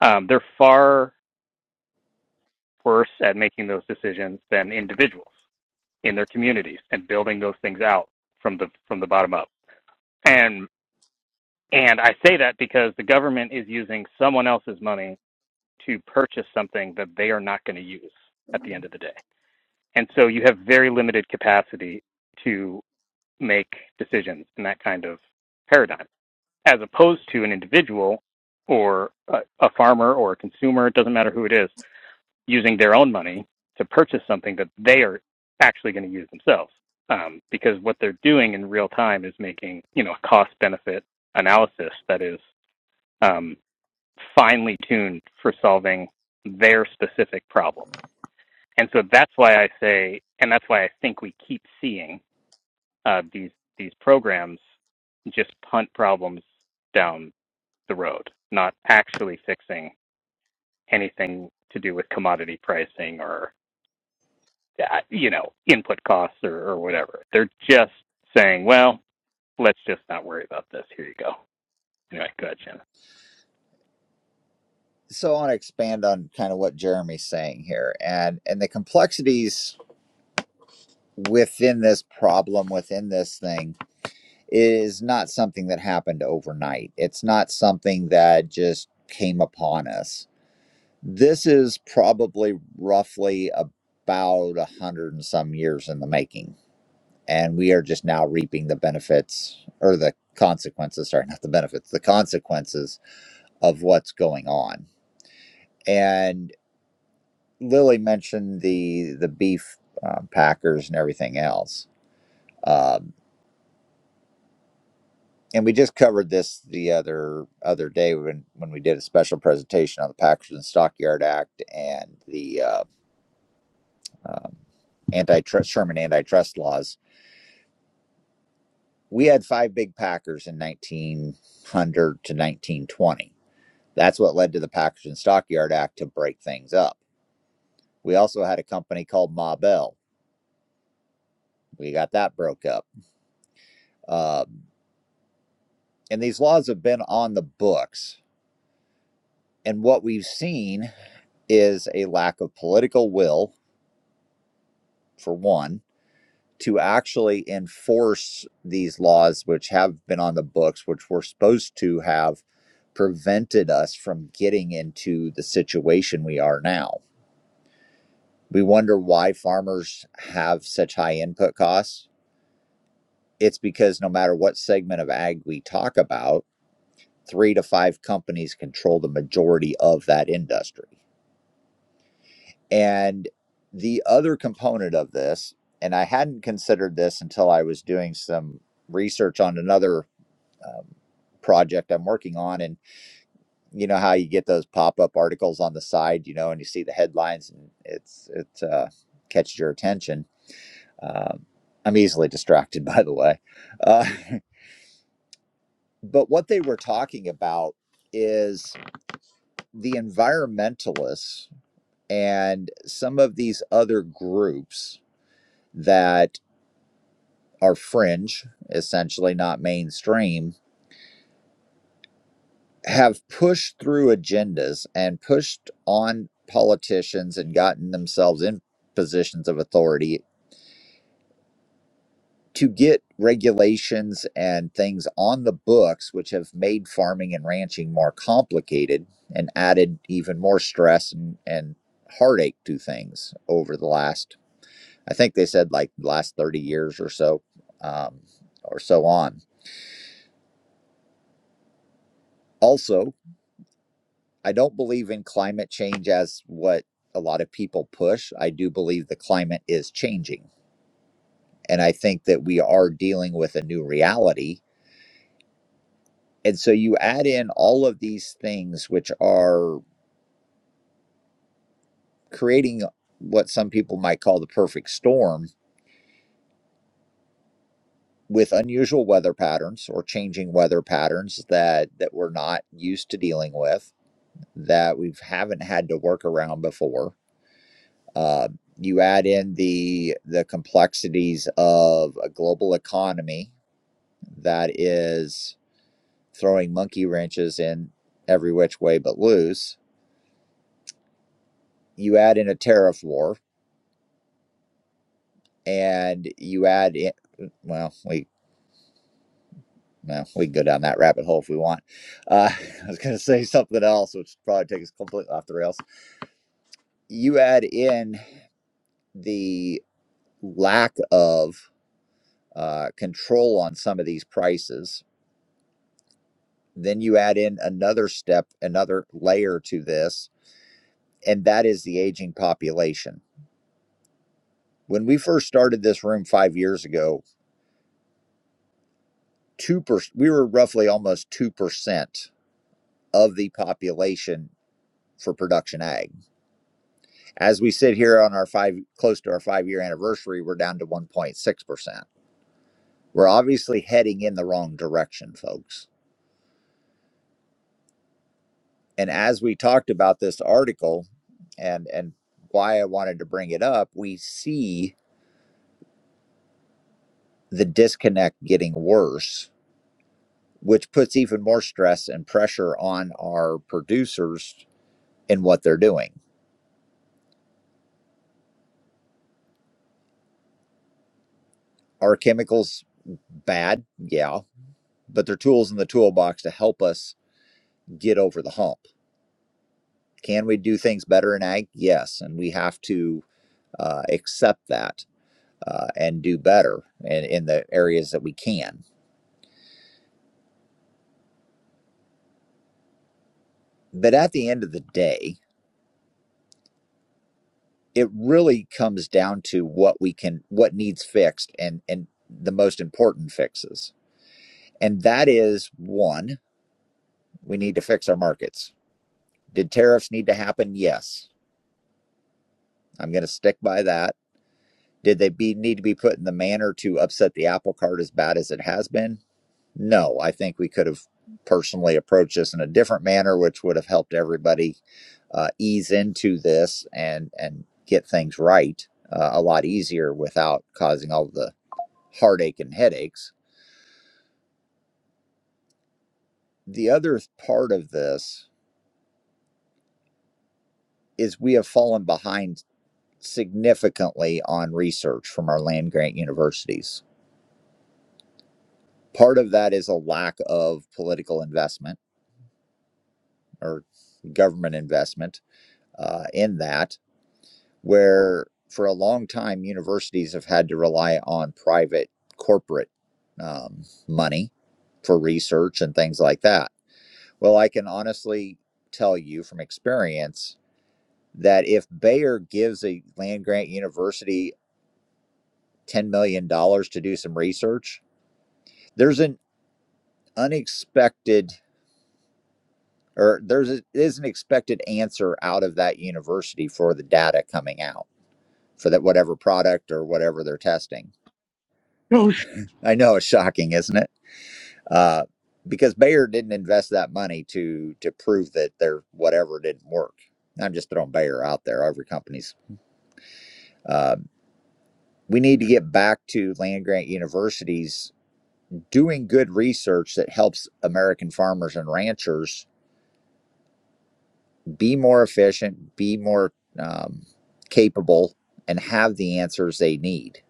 [SPEAKER 11] Um, they're far worse at making those decisions than individuals in their communities and building those things out from the from the bottom up. And and I say that because the government is using someone else's money to purchase something that they are not going to use at the end of the day. And so you have very limited capacity to. make decisions in that kind of paradigm, as opposed to an individual or a, a farmer or a consumer, it doesn't matter who it is, using their own money to purchase something that they are actually going to use themselves. Um, because what they're doing in real time is making, you know, a cost benefit analysis that is um, finely tuned for solving their specific problem. And so that's why I say, and that's why I think we keep seeing uh, these these programs just punt problems down the road, not actually fixing anything to do with commodity pricing or uh, you know input costs or, or whatever. They're just saying, well, let's just not worry about this. Here you go. Anyway, go ahead, Shannon.
[SPEAKER 1] So I want to expand on kind of what Jeremy's saying here, and and the complexities within this problem, within this thing Is not something that happened overnight. It's not something that just came upon us. This is probably roughly about a hundred and some years in the making. And we are just now reaping the benefits or the consequences, sorry, not the benefits, the consequences of what's going on. And Lily mentioned the the beef uh, packers and everything else. Uh, and we just covered this the other other day when when we did a special presentation on the Packers and Stockyard Act and the uh, um, antitrust Sherman antitrust laws. We had five big Packers in 1900 to 1920. That's what led to the Packers and Stockyard Act to break things up. We also had a company called Ma Bell. We got that broke up. Um, and these laws have been on the books. And what we've seen is a lack of political will, for one to actually enforce these laws, which have been on the books, which were supposed to have prevented us from getting into the situation we are now. We wonder why farmers have such high input costs. It's because no matter what segment of ag we talk about, three to five companies control the majority of that industry. And the other component of this, and I hadn't considered this until I was doing some research on another um, project I'm working on. And you know how you get those pop up articles on the side, you know, and you see the headlines and it's it uh, catches your attention. Um, I'm easily distracted, by the way. Uh, but what they were talking about is the environmentalists and some of these other groups that are fringe, essentially not mainstream, have pushed through agendas and pushed on politicians and gotten themselves in positions of authority to get regulations and things on the books, which have made farming and ranching more complicated and added even more stress and, and heartache to things over the last, I think they said like last 30 years or so, um, or so on. Also, I don't believe in climate change as what a lot of people push. I do believe the climate is changing. And I think that we are dealing with a new reality. And so you add in all of these things, which are creating what some people might call the perfect storm with unusual weather patterns or changing weather patterns that that we're not used to dealing with that we haven't had to work around before Uh, you add in the the complexities of a global economy that is throwing monkey wrenches in every which way but loose. You add in a tariff war, and you add in well, we well, we can go down that rabbit hole if we want. Uh, I was going to say something else, which probably takes us completely off the rails. You add in the lack of uh, control on some of these prices Then you add in another step, another layer to this, and that is the aging population. When we first started this room five years ago, two per, we were roughly almost 2% of the population for production ag. As we sit here on our five, close to our five year anniversary, we're down to 1.6%. We're obviously heading in the wrong direction, folks. And as we talked about this article and, and why I wanted to bring it up, we see the disconnect getting worse, which puts even more stress and pressure on our producers in what they're doing. Are chemicals bad? Yeah, but they're tools in the toolbox to help us get over the hump. Can we do things better in ag? Yes, and we have to uh, accept that uh, and do better in, in the areas that we can. But at the end of the day, it really comes down to what we can what needs fixed and and the most important fixes and that is one we need to fix our markets did tariffs need to happen yes i'm going to stick by that did they be need to be put in the manner to upset the apple cart as bad as it has been no i think we could have personally approached this in a different manner which would have helped everybody uh, ease into this and and get things right uh, a lot easier without causing all the heartache and headaches. The other part of this is we have fallen behind significantly on research from our land grant universities. Part of that is a lack of political investment or government investment uh, in that, where for a long time universities have had to rely on private corporate um, money for research and things like that. Well, I can honestly tell you from experience that if Bayer gives a land grant university $10 million dollars to do some research, there's an unexpected or there's a, is an expected answer out of that university for the data coming out for that whatever product or whatever they're testing.
[SPEAKER 2] No
[SPEAKER 1] I know it's shocking, isn't it? Uh, because Bayer didn't invest that money to to prove that their whatever didn't work. I'm just throwing Bayer out there. Every company's. Uh, we need to get back to land grant universities doing good research that helps American farmers and ranchers be more efficient, be more um, capable, and have the answers they need.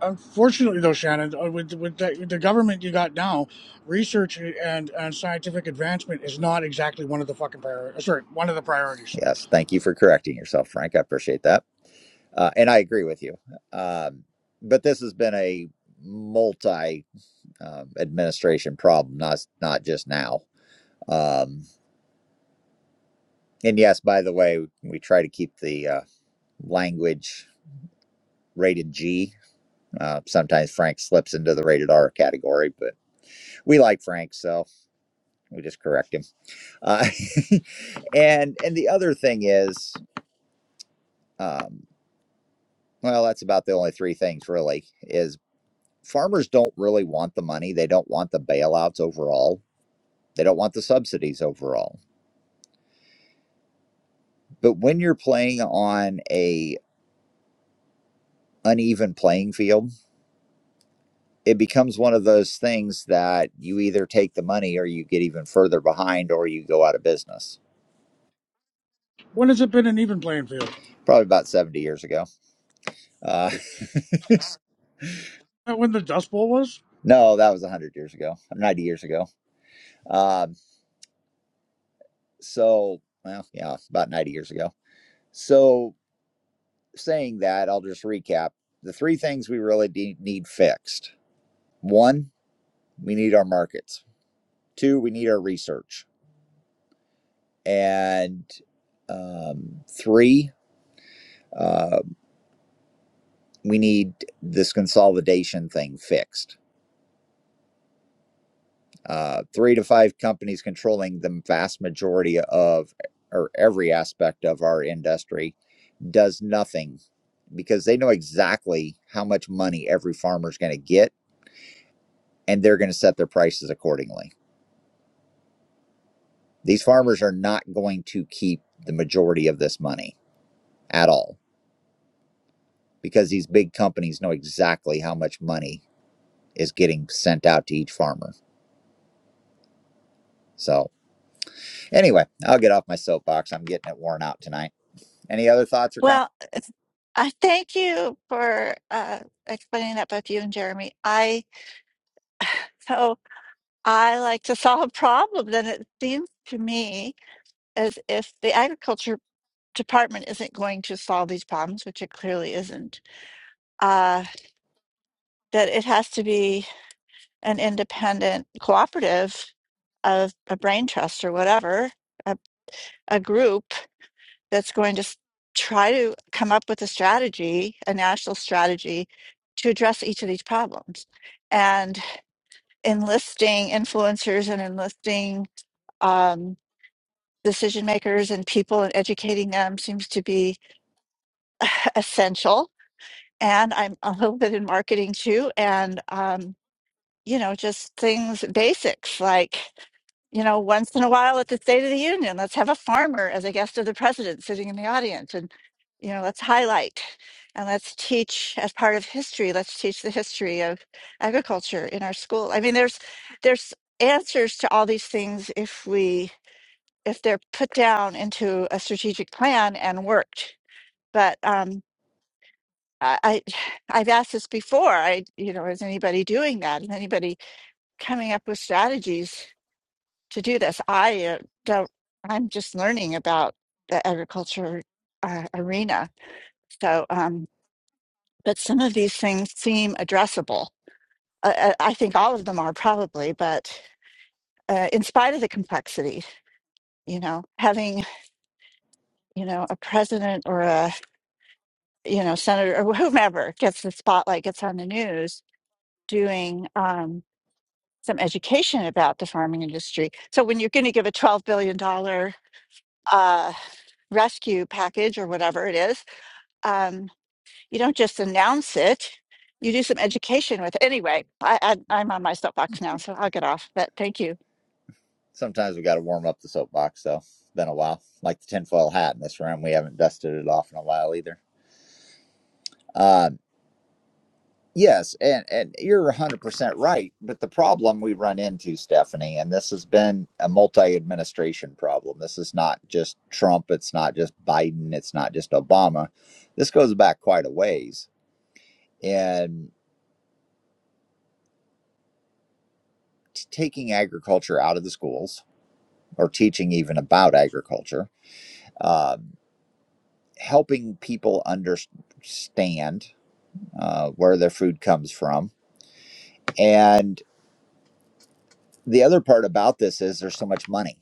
[SPEAKER 2] Unfortunately, though, Shannon, uh, with, with the, with the government you got now, research and, and scientific advancement is not exactly one of the fucking priorities. Sorry, one of the priorities.
[SPEAKER 1] Yes, thank you for correcting yourself, Frank. I appreciate that. Uh, and I agree with you. Um, but this has been a multi um, administration problem, not, not just now. Um, and yes, by the way, we try to keep the uh, language rated G Uh, sometimes Frank slips into the rated R category, but we like Frank, so we just correct him. Uh, and and the other thing is, um, well, that's about the only three things really. Is farmers don't really want the money. They don't want the bailouts overall. They don't want the subsidies overall. But when you're playing on a uneven playing field, it becomes one of those things that you either take the money or you get even further behind or you go out of business.
[SPEAKER 2] When has it been an even playing field?
[SPEAKER 1] Probably about 70 years ago Uh,
[SPEAKER 2] Uh, When the Dust Bowl was?
[SPEAKER 1] no, that was 100 years ago, 90 years ago. Um, so, well, yeah, about 90 years ago. So, saying that, I'll just recap the three things we really de- need fixed one, we need our markets, two, we need our research, and um, three, uh, we need this consolidation thing fixed. Uh, three to five companies controlling the vast majority of or every aspect of our industry does nothing because they know exactly how much money every farmer is going to get and they're going to set their prices accordingly. These farmers are not going to keep the majority of this money at all because these big companies know exactly how much money is getting sent out to each farmer. So, anyway, I'll get off my soapbox. I'm getting it worn out tonight. Any other thoughts or comments?
[SPEAKER 9] Well, it's- I thank you for uh, explaining that, both you and Jeremy. I so I like to solve problems, and it seems to me as if the agriculture department isn't going to solve these problems, which it clearly isn't, uh, that it has to be an independent cooperative of a brain trust or whatever, a, a group that's going to s- try to come up with a strategy, a national strategy to address each of these problems. And enlisting influencers and enlisting um, decision makers and people and educating them seems to be essential and I'm a little bit in marketing too. And, um, you know, just things, basics like, you know, once in a while at the State of the Union, let's have a farmer as a guest of the president sitting in the audience. And, you know, let's highlight and let's teach as part of history, let's teach the history of agriculture in our school. I mean, there's, there's answers to all these things if we, if they're put down into a strategic plan and worked. But, um, I, I I've asked this before. I, you know, is anybody doing that? Is anybody coming up with strategies to do this? I uh, don't. I'm just learning about the agriculture uh, arena. So, um, but some of these things seem addressable. I, I I think all of them are probably, but uh, in spite of the complexity, you know, having you know a president or a you know senator or whomever gets the spotlight, gets on the news, doing. Um, some education about the farming industry. So when you're going to give a $12 billion dollar uh, rescue package or whatever it is, um, you don't just announce it. You do some education with it. Anyway, I, I, I'm on my soapbox now, so I'll get off, but thank you.
[SPEAKER 1] Sometimes we got to warm up the soapbox, So It's been a while. Like the tinfoil hat in this room, we haven't dusted it off in a while either. Um, Yes, and and you're 100% right, but the problem we run into, Stephanie, and this has been a multi-administration problem. This is not just Trump, it's not just Biden, it's not just Obama. This goes back quite a ways. And t- taking agriculture out of the schools or teaching even about agriculture, um, helping people understand uh, where their food comes from. And the other part about this is there's so much money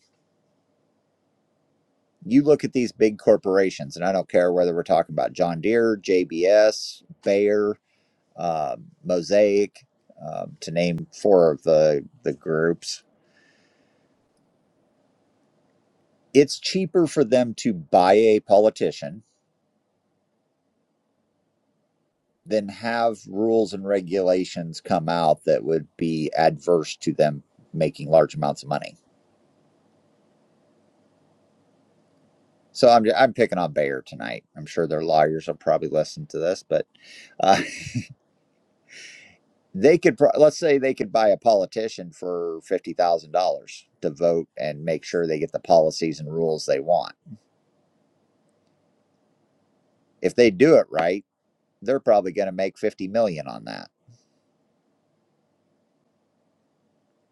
[SPEAKER 1] you look at these big corporations, and I don't care whether we're talking about John Deere, JBS, Bayer, uh, Mosaic, um, to name four of the, the groups. It's cheaper for them to buy a politician than have rules and regulations come out that would be adverse to them making large amounts of money. So I'm, I'm picking on Bayer tonight. I'm sure their lawyers will probably listen to this, but uh, they could pro- let's say they could buy a politician for fifty thousand dollars to vote and make sure they get the policies and rules they want. If they do it right, they're probably going to make fifty million on that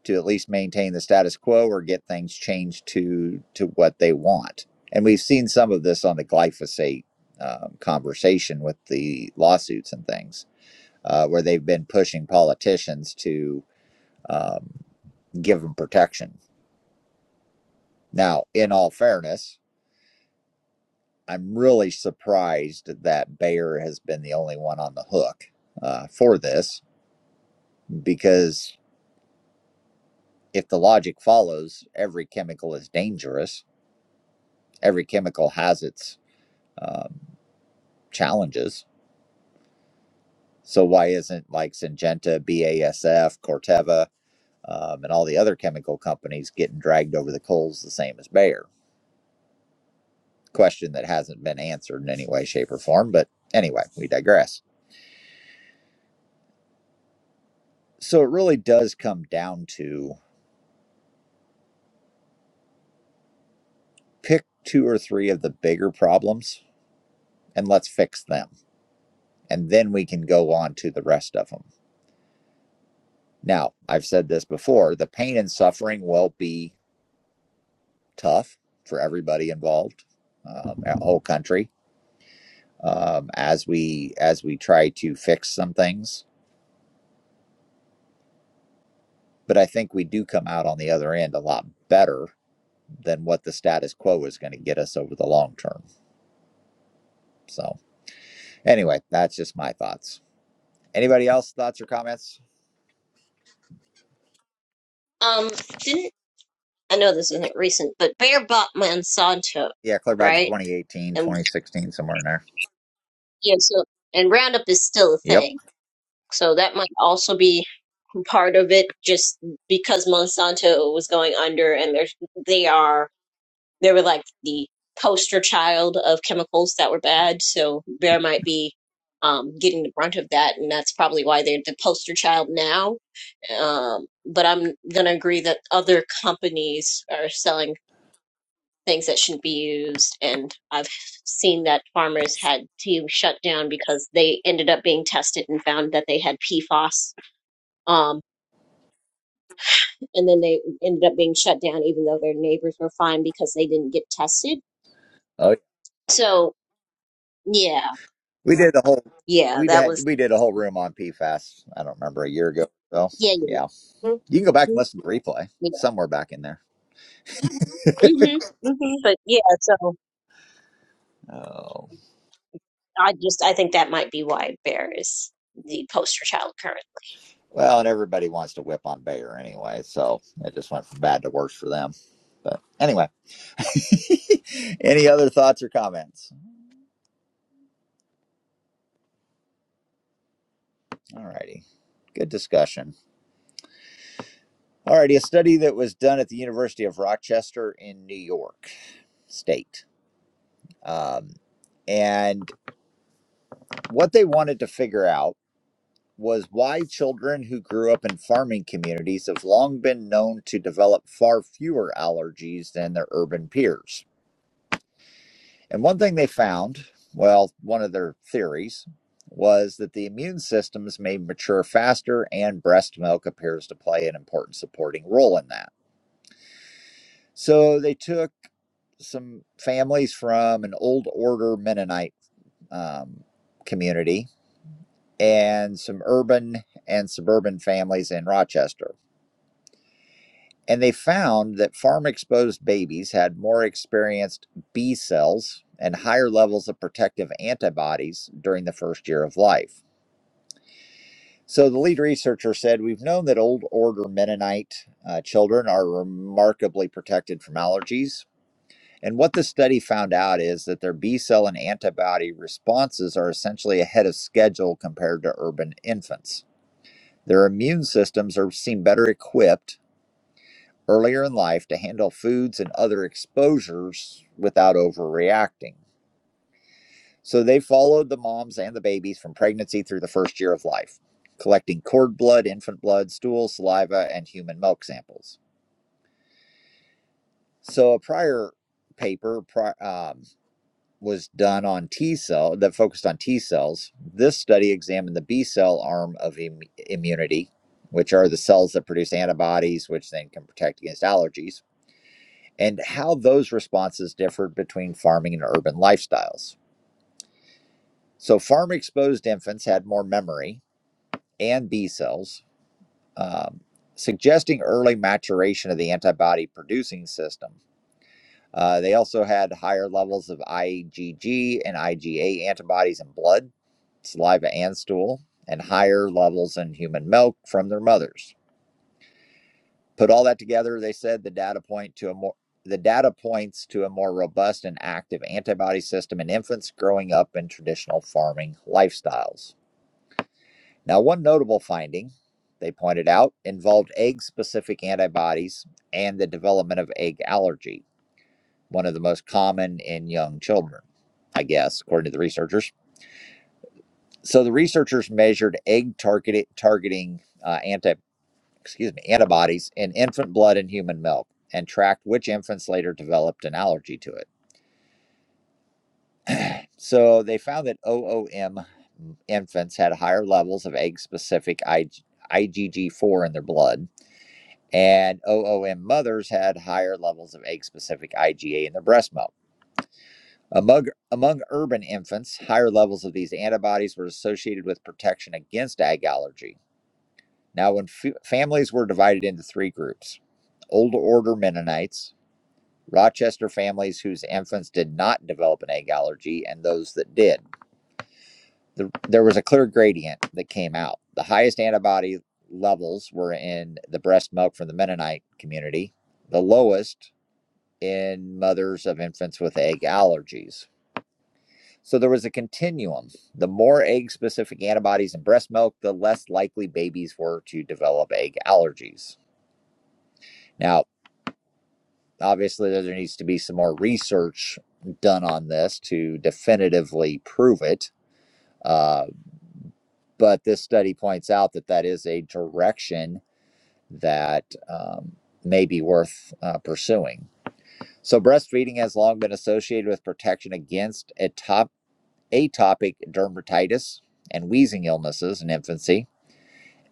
[SPEAKER 1] to at least maintain the status quo or get things changed to to what they want. And we've seen some of this on the glyphosate um, conversation with the lawsuits and things, uh, where they've been pushing politicians to um, give them protection. Now, in all fairness, I'm really surprised that Bayer has been the only one on the hook uh, for this because if the logic follows, every chemical is dangerous. Every chemical has its um, challenges. So why isn't like Syngenta, BASF, Corteva, um, and all the other chemical companies getting dragged over the coals the same as Bayer? Question that hasn't been answered in any way, shape, or form. But anyway, we digress. So it really does come down to pick two or three of the bigger problems and let's fix them. And then we can go on to the rest of them. Now, I've said this before the pain and suffering will be tough for everybody involved, um, our whole country, um, as, we, as we try to fix some things. But I think we do come out on the other end a lot better than what the status quo is going to get us over the long term. So, anyway, that's just my thoughts. Anybody else, thoughts or comments?
[SPEAKER 8] Um, didn't I know this isn't recent, but Bear bought Monsanto,
[SPEAKER 1] Yeah, clear back to
[SPEAKER 8] right?
[SPEAKER 1] 2018,
[SPEAKER 8] And
[SPEAKER 1] 2016, somewhere in there.
[SPEAKER 8] yeah, so and Roundup is still a
[SPEAKER 1] Yep.
[SPEAKER 8] thing, so that might also be part of it, just because Monsanto was going under, and there's they are they were like the poster child of chemicals that were bad, so Bear might be um, getting the brunt of that, and that's probably why they're the poster child now. Um, but I'm gonna agree that other companies are selling things that shouldn't be used. And I've seen that farmers had to shut down because they ended up being tested and found that they had PFAS. Um, and then they ended up being shut down, even though their neighbors were fine because they didn't get tested.
[SPEAKER 1] Oh, yeah.
[SPEAKER 8] So, yeah,
[SPEAKER 1] we did the whole
[SPEAKER 8] yeah,
[SPEAKER 1] we
[SPEAKER 8] that
[SPEAKER 1] did
[SPEAKER 8] was,
[SPEAKER 1] we did a whole room on PFAS. I don't remember a year ago. So
[SPEAKER 8] yeah,
[SPEAKER 1] yeah, you can go back and
[SPEAKER 8] yeah,
[SPEAKER 1] listen to the replay
[SPEAKER 8] yeah.
[SPEAKER 1] somewhere back in there.
[SPEAKER 8] Mm-hmm, mm-hmm. But yeah, so
[SPEAKER 1] Oh
[SPEAKER 8] I just, I think that might be why Bear is the poster child current.
[SPEAKER 1] well, and everybody wants to whip on Bayer anyway, so it just went from bad to worse for them. But anyway, any other thoughts or comments? All righty, good discussion. All righty, a study that was done at the University of Rochester in New York State Um, and what they wanted to figure out was why children who grew up in farming communities have long been known to develop far fewer allergies than their urban peers. And one thing they found, well, one of their theories, was that the immune systems may mature faster and breast milk appears to play an important supporting role in that. So they took some families from an old order Mennonite um, community and some urban and suburban families in Rochester. And they found that farm exposed babies had more experienced B cells and higher levels of protective antibodies during the first year of life. So the lead researcher said, We've known that old order Mennonite uh, children are remarkably protected from allergies. And what the study found out is that their B cell and antibody responses are essentially ahead of schedule compared to urban infants. Their immune systems are seem better equipped earlier in life to handle foods and other exposures without overreacting. So they followed the moms and the babies from pregnancy through the first year of life, collecting cord blood, infant blood, stool, saliva, and human milk samples. So a prior paper pri- um, was done on T cell that focused on T cells. This study examined the B cell arm of Im- immunity, which are the cells that produce antibodies, which then can protect against allergies, and how those responses differed between farming and urban lifestyles. So, farm exposed infants had more memory and B cells, um, suggesting early maturation of the antibody producing system Uh, they also had higher levels of IgG and IgA antibodies in blood, saliva, and stool, and higher levels in human milk from their mothers. Put all that together, they said the data point to a more the data points to a more robust and active antibody system in infants growing up in traditional farming lifestyles. Now, one notable finding they pointed out involved egg specific antibodies and the development of egg allergy. one of the most common in young children, I guess, according to the researchers. So the researchers measured egg targeted targeting uh, anti excuse me antibodies in infant blood and human milk and tracked which infants later developed an allergy to it. So they found that OOM infants had higher levels of egg specific IgG4 in their blood, and OOM mothers had higher levels of egg specific IgA in their breast milk. Among, among urban infants, higher levels of these antibodies were associated with protection against egg allergy. Now, when f- families were divided into three groups Old Order Mennonites, Rochester families whose infants did not develop an egg allergy, and those that did. The, there was a clear gradient that came out. The highest antibody levels were in the breast milk from the Mennonite community, the lowest in mothers of infants with egg allergies. So there was a continuum. The more egg specific antibodies in breast milk, the less likely babies were to develop egg allergies. Now, obviously, there needs to be some more research done on this to definitively prove it. Uh, but this study points out that that is a direction that um, may be worth uh, pursuing. So, breastfeeding has long been associated with protection against atop- atopic dermatitis and wheezing illnesses in infancy.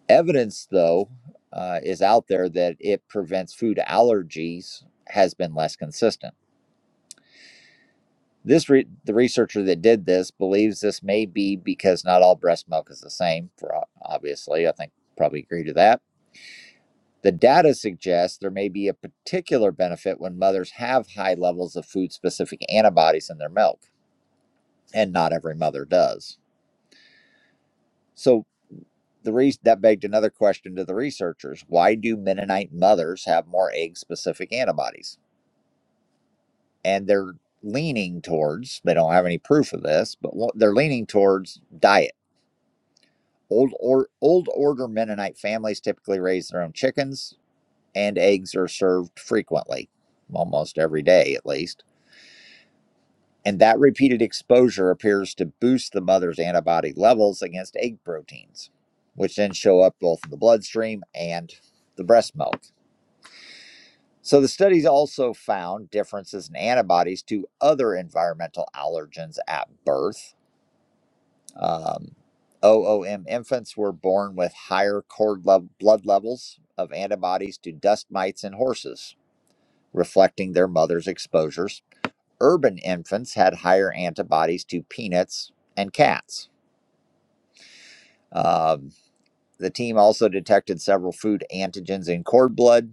[SPEAKER 1] Evidence, though, uh, is out there that it prevents food allergies has been less consistent. This re- the researcher that did this believes this may be because not all breast milk is the same. For obviously, I think probably agree to that. The data suggests there may be a particular benefit when mothers have high levels of food-specific antibodies in their milk, and not every mother does. So the re- that begged another question to the researchers: Why do Mennonite mothers have more egg-specific antibodies? and they're leaning towards they don't have any proof of this but they're leaning towards diet old or old order mennonite families typically raise their own chickens and eggs are served frequently almost every day at least and that repeated exposure appears to boost the mother's antibody levels against egg proteins which then show up both in the bloodstream and the breast milk so the studies also found differences in antibodies to other environmental allergens at birth Um, OOM infants were born with higher cord lev- blood levels of antibodies to dust mites in horses, reflecting their mother's exposures. Urban infants had higher antibodies to peanuts and cats. Um, the team also detected several food antigens in cord blood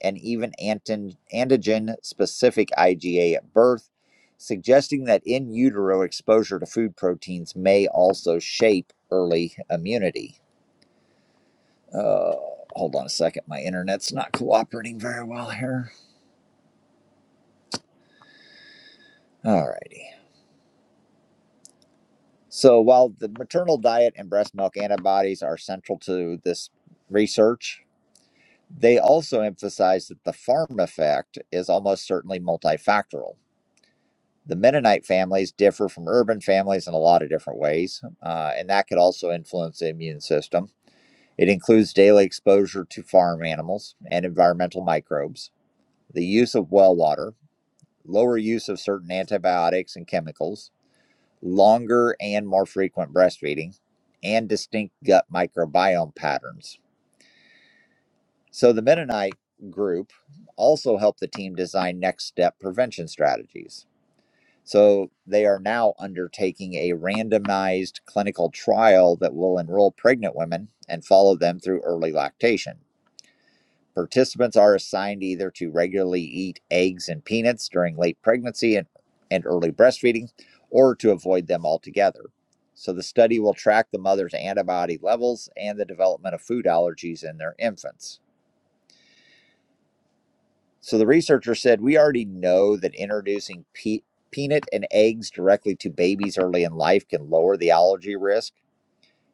[SPEAKER 1] and even antin- antigen specific IgA at birth, suggesting that in utero exposure to food proteins may also shape early immunity. Uh, hold on a second. My internet's not cooperating very well here. All righty. So, while the maternal diet and breast milk antibodies are central to this research, they also emphasize that the farm effect is almost certainly multifactorial. The Mennonite families differ from urban families in a lot of different ways, uh, and that could also influence the immune system. It includes daily exposure to farm animals and environmental microbes, the use of well water, lower use of certain antibiotics and chemicals, longer and more frequent breastfeeding, and distinct gut microbiome patterns. So the Mennonite group also helped the team design next step prevention strategies. So they are now undertaking a randomized clinical trial that will enroll pregnant women and follow them through early lactation. Participants are assigned either to regularly eat eggs and peanuts during late pregnancy and, and early breastfeeding, or to avoid them altogether. So, the study will track the mother's antibody levels and the development of food allergies in their infants. So, the researcher said, We already know that introducing pe- peanut and eggs directly to babies early in life can lower the allergy risk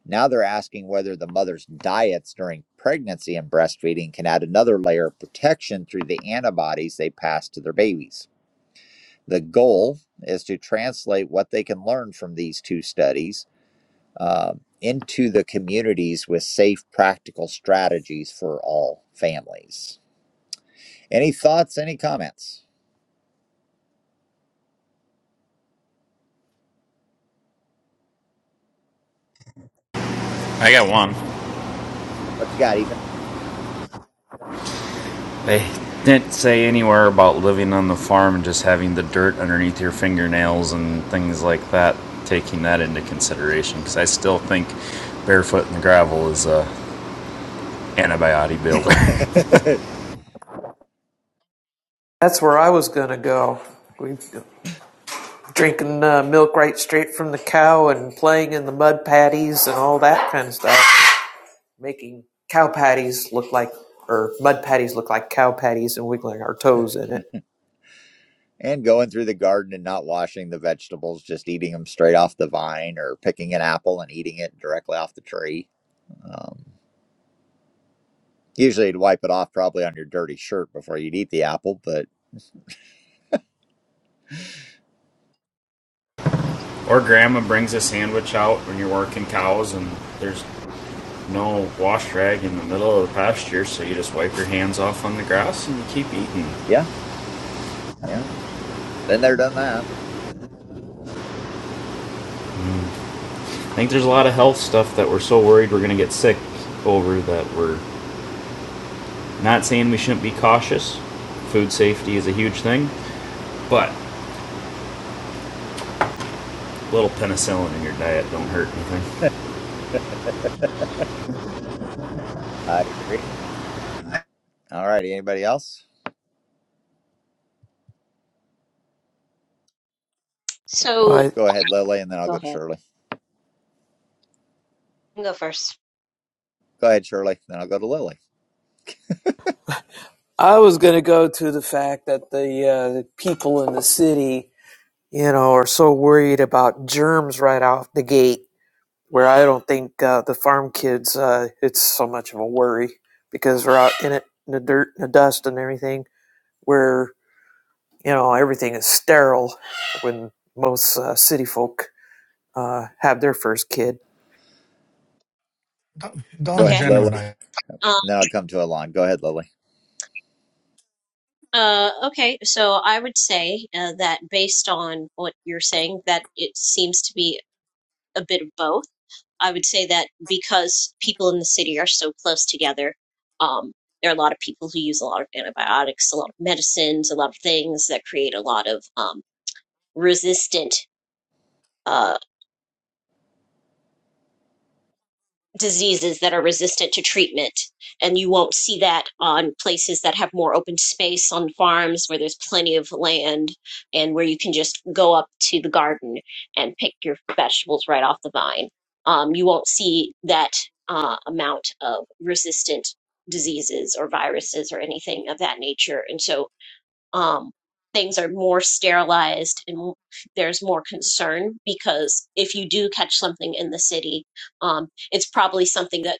[SPEAKER 1] Now they're asking whether the mother's diets during pregnancy and breastfeeding can add another layer of protection through the antibodies they pass to their babies. The goal is to translate what they can learn from these two studies uh, into the communities with safe, practical strategies for all families. Any thoughts, any comments?
[SPEAKER 12] I got one.
[SPEAKER 1] What you got, Ethan?
[SPEAKER 12] They didn't say anywhere about living on the farm and just having the dirt underneath your fingernails and things like that, taking that into consideration. Because I still think barefoot in the gravel is a antibiotic builder.
[SPEAKER 13] That's where I was going to go. We drinking uh, milk right straight from the cow and playing in the mud patties and all that kind of stuff, making cow patties look like or mud patties look like cow patties and wiggling our toes in it.
[SPEAKER 1] and going through the garden and not washing the vegetables, just eating them straight off the vine or picking an apple and eating it directly off the tree. Um, usually, you'd wipe it off probably on your dirty shirt before you'd eat the apple, but
[SPEAKER 12] Or grandma brings a sandwich out when you're working cows and there's no wash rag in the middle of the pasture, so you just wipe your hands off on the grass and you keep eating.
[SPEAKER 1] yeah, yeah, been there, done that.
[SPEAKER 12] I think there's a lot of health stuff that we're so worried we're going to get sick over that we're Not saying we shouldn't be cautious. Food safety is a huge thing, but a little penicillin in your diet don't hurt anything.
[SPEAKER 1] I agree. All righty, anybody else?
[SPEAKER 8] So,
[SPEAKER 13] Well,
[SPEAKER 1] Go ahead, Lily, and then I'll
[SPEAKER 8] go
[SPEAKER 1] go to
[SPEAKER 8] ahead.
[SPEAKER 1] Shirley.
[SPEAKER 8] You can Go first.
[SPEAKER 1] Go ahead, Shirley, then I'll go to Lily.
[SPEAKER 13] I, I was going to go to the fact that the, uh, the people in the city, you know, are so worried about germs right off the gate. Where I don't think uh, the farm kids, uh, it's so much of a worry because they're out in it in the dirt and the dust and everything where you know everything is sterile when most uh, city folk uh, have their first kid.
[SPEAKER 7] Don't,
[SPEAKER 1] Go
[SPEAKER 7] don't
[SPEAKER 1] ahead,
[SPEAKER 8] Okay.
[SPEAKER 1] Lily,
[SPEAKER 7] generalize.
[SPEAKER 8] um,
[SPEAKER 1] and then I'll come to Alon. Go ahead, Lily.
[SPEAKER 8] Uh, okay, so I would say uh, that based on what you're saying, that it seems to be a bit of both. I would say that because people in the city are so close together, um, there are a lot of people who use a lot of antibiotics, a lot of medicines, a lot of things that create a lot of um, resistant uh. diseases that are resistant to treatment. And you won't see that on places that have more open space on farms where there's plenty of land and where you can just go up to the garden and pick your vegetables right off the vine. Um, you won't see that uh, amount of resistant diseases or viruses or anything of that nature. And so um, things are more sterilized and there's more concern because if you do catch something in the city, um, it's probably something that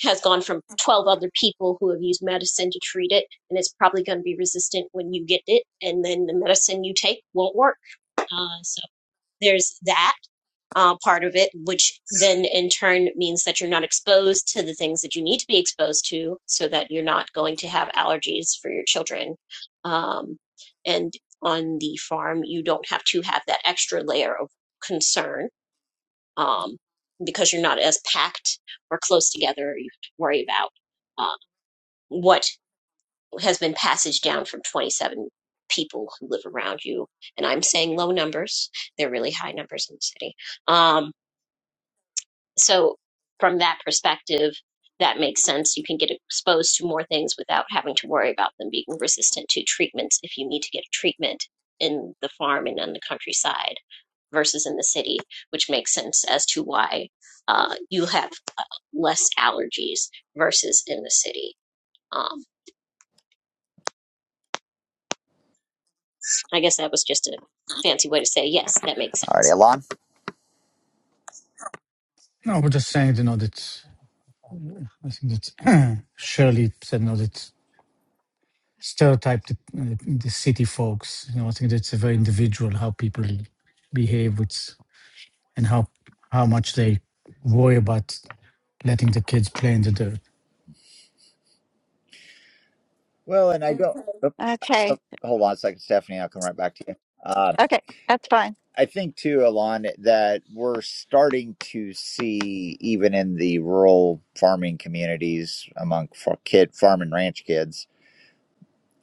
[SPEAKER 8] has gone from 12 other people who have used medicine to treat it, and it's probably going to be resistant when you get it, and then the medicine you take won't work. Uh, so there's that uh, part of it, which then in turn means that you're not exposed to the things that you need to be exposed to so that you're not going to have allergies for your children. Um, and on the farm, you don't have to have that extra layer of concern um, because you're not as packed or close together. You have to worry about uh, what has been passaged down from 27 people who live around you. And I'm saying low numbers, they're really high numbers in the city. Um, so, from that perspective, that makes sense. You can get exposed to more things without having to worry about them being resistant to treatments if you need to get a treatment in the farm and on the countryside versus in the city, which makes sense as to why uh, you have less allergies versus in the city. Um, I guess that was just a fancy way to say, yes, that makes
[SPEAKER 1] All righty,
[SPEAKER 8] sense.
[SPEAKER 1] Alon.
[SPEAKER 7] No, we're just saying, you know, that I think that Shirley said, you know, that stereotype the, the city folks. You know, I think that's a very individual how people behave. With and how how much they worry about letting the kids play in the dirt.
[SPEAKER 1] Well, and I don't. Oh,
[SPEAKER 9] Okay.
[SPEAKER 1] oh, hold on a second, Stephanie. I'll come right back to you. Um,
[SPEAKER 9] Okay. That's fine.
[SPEAKER 1] I think too, Alon, that we're starting to see even in the rural farming communities among for kid farm and ranch kids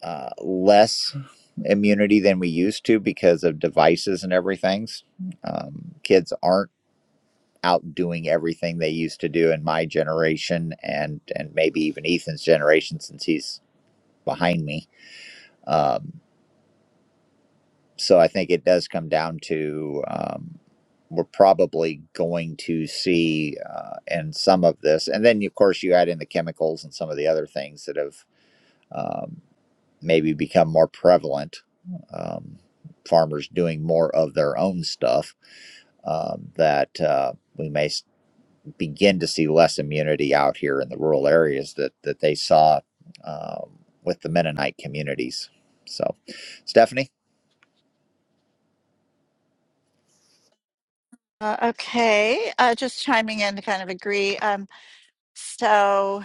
[SPEAKER 1] uh, less immunity than we used to because of devices and everything. Um, kids aren't out doing everything they used to do in my generation and and maybe even Ethan's generation since he's behind me. Um, so I think it does come down to um, we're probably going to see uh, in some of this, and then of course you add in the chemicals and some of the other things that have. um, maybe become more prevalent. Um, farmers doing more of their own stuff um, that uh, we may begin to see less immunity out here in the rural areas that that they saw um, with the Mennonite communities. So, Stephanie,
[SPEAKER 9] Uh, okay. Uh, just chiming in to kind of agree. Um, so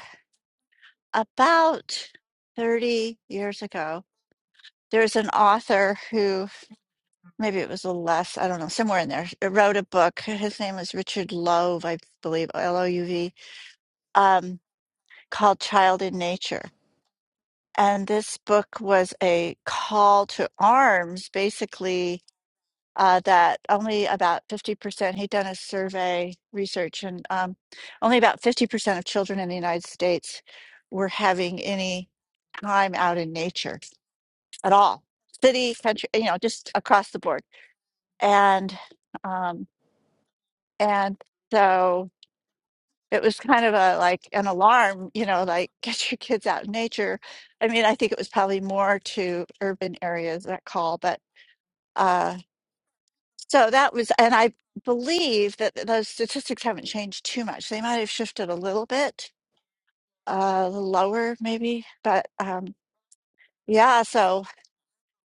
[SPEAKER 9] about 30 years ago, there's an author who maybe it was a little less, I don't know, somewhere in there, wrote a book. His name was Richard Louv, I believe, L O U V, um, called Child in Nature. And this book was a call to arms, basically, uh, that only about 50%, he'd done a survey research, and um, only about 50% of children in the United States were having any time out in nature at all. City, country, you know, just across the board. And um, And so it was kind of a like an alarm, you know, like get your kids out in nature. I mean, I think it was probably more to urban areas that call, but uh, so that was, and I believe that th- those statistics haven't changed too much. They might have shifted a little bit, uh, a little lower maybe, but um, yeah. So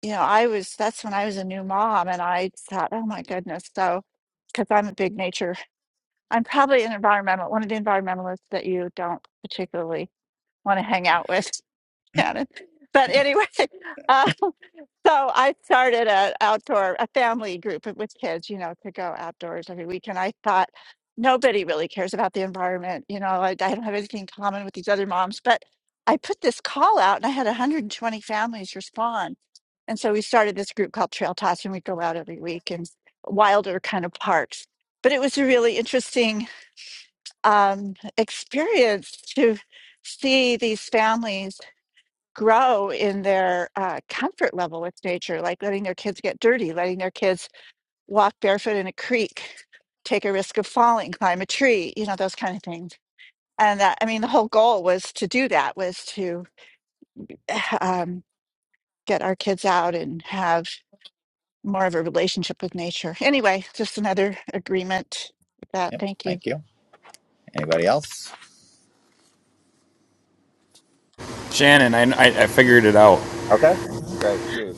[SPEAKER 9] you know, I was that's when I was a new mom, and I thought, oh my goodness, so because I'm a big nature I'm probably an environmental, one of the environmentalists that you don't particularly want to hang out with, Shannon. But anyway, uh, so I started a outdoor, a family group with kids, you know, to go outdoors every week. And I thought nobody really cares about the environment. You know, I, I don't have anything in common with these other moms. But I put this call out and I had 120 families respond. And so we started this group called Trail Tots and we go out every week in wilder kind of parks. But it was a really interesting um, experience to see these families grow in their uh, comfort level with nature, like letting their kids get dirty, letting their kids walk barefoot in a creek, take a risk of falling, climb a tree, you know, those kind of things. And that, I mean, the whole goal was to do that, was to um, get our kids out and have more of a relationship with nature. Anyway, just another agreement with that.
[SPEAKER 1] yep,
[SPEAKER 9] Thank you.
[SPEAKER 1] thank you. Anybody else?
[SPEAKER 12] Shannon, I, I, figured it out.
[SPEAKER 1] Okay. Great. Shoot.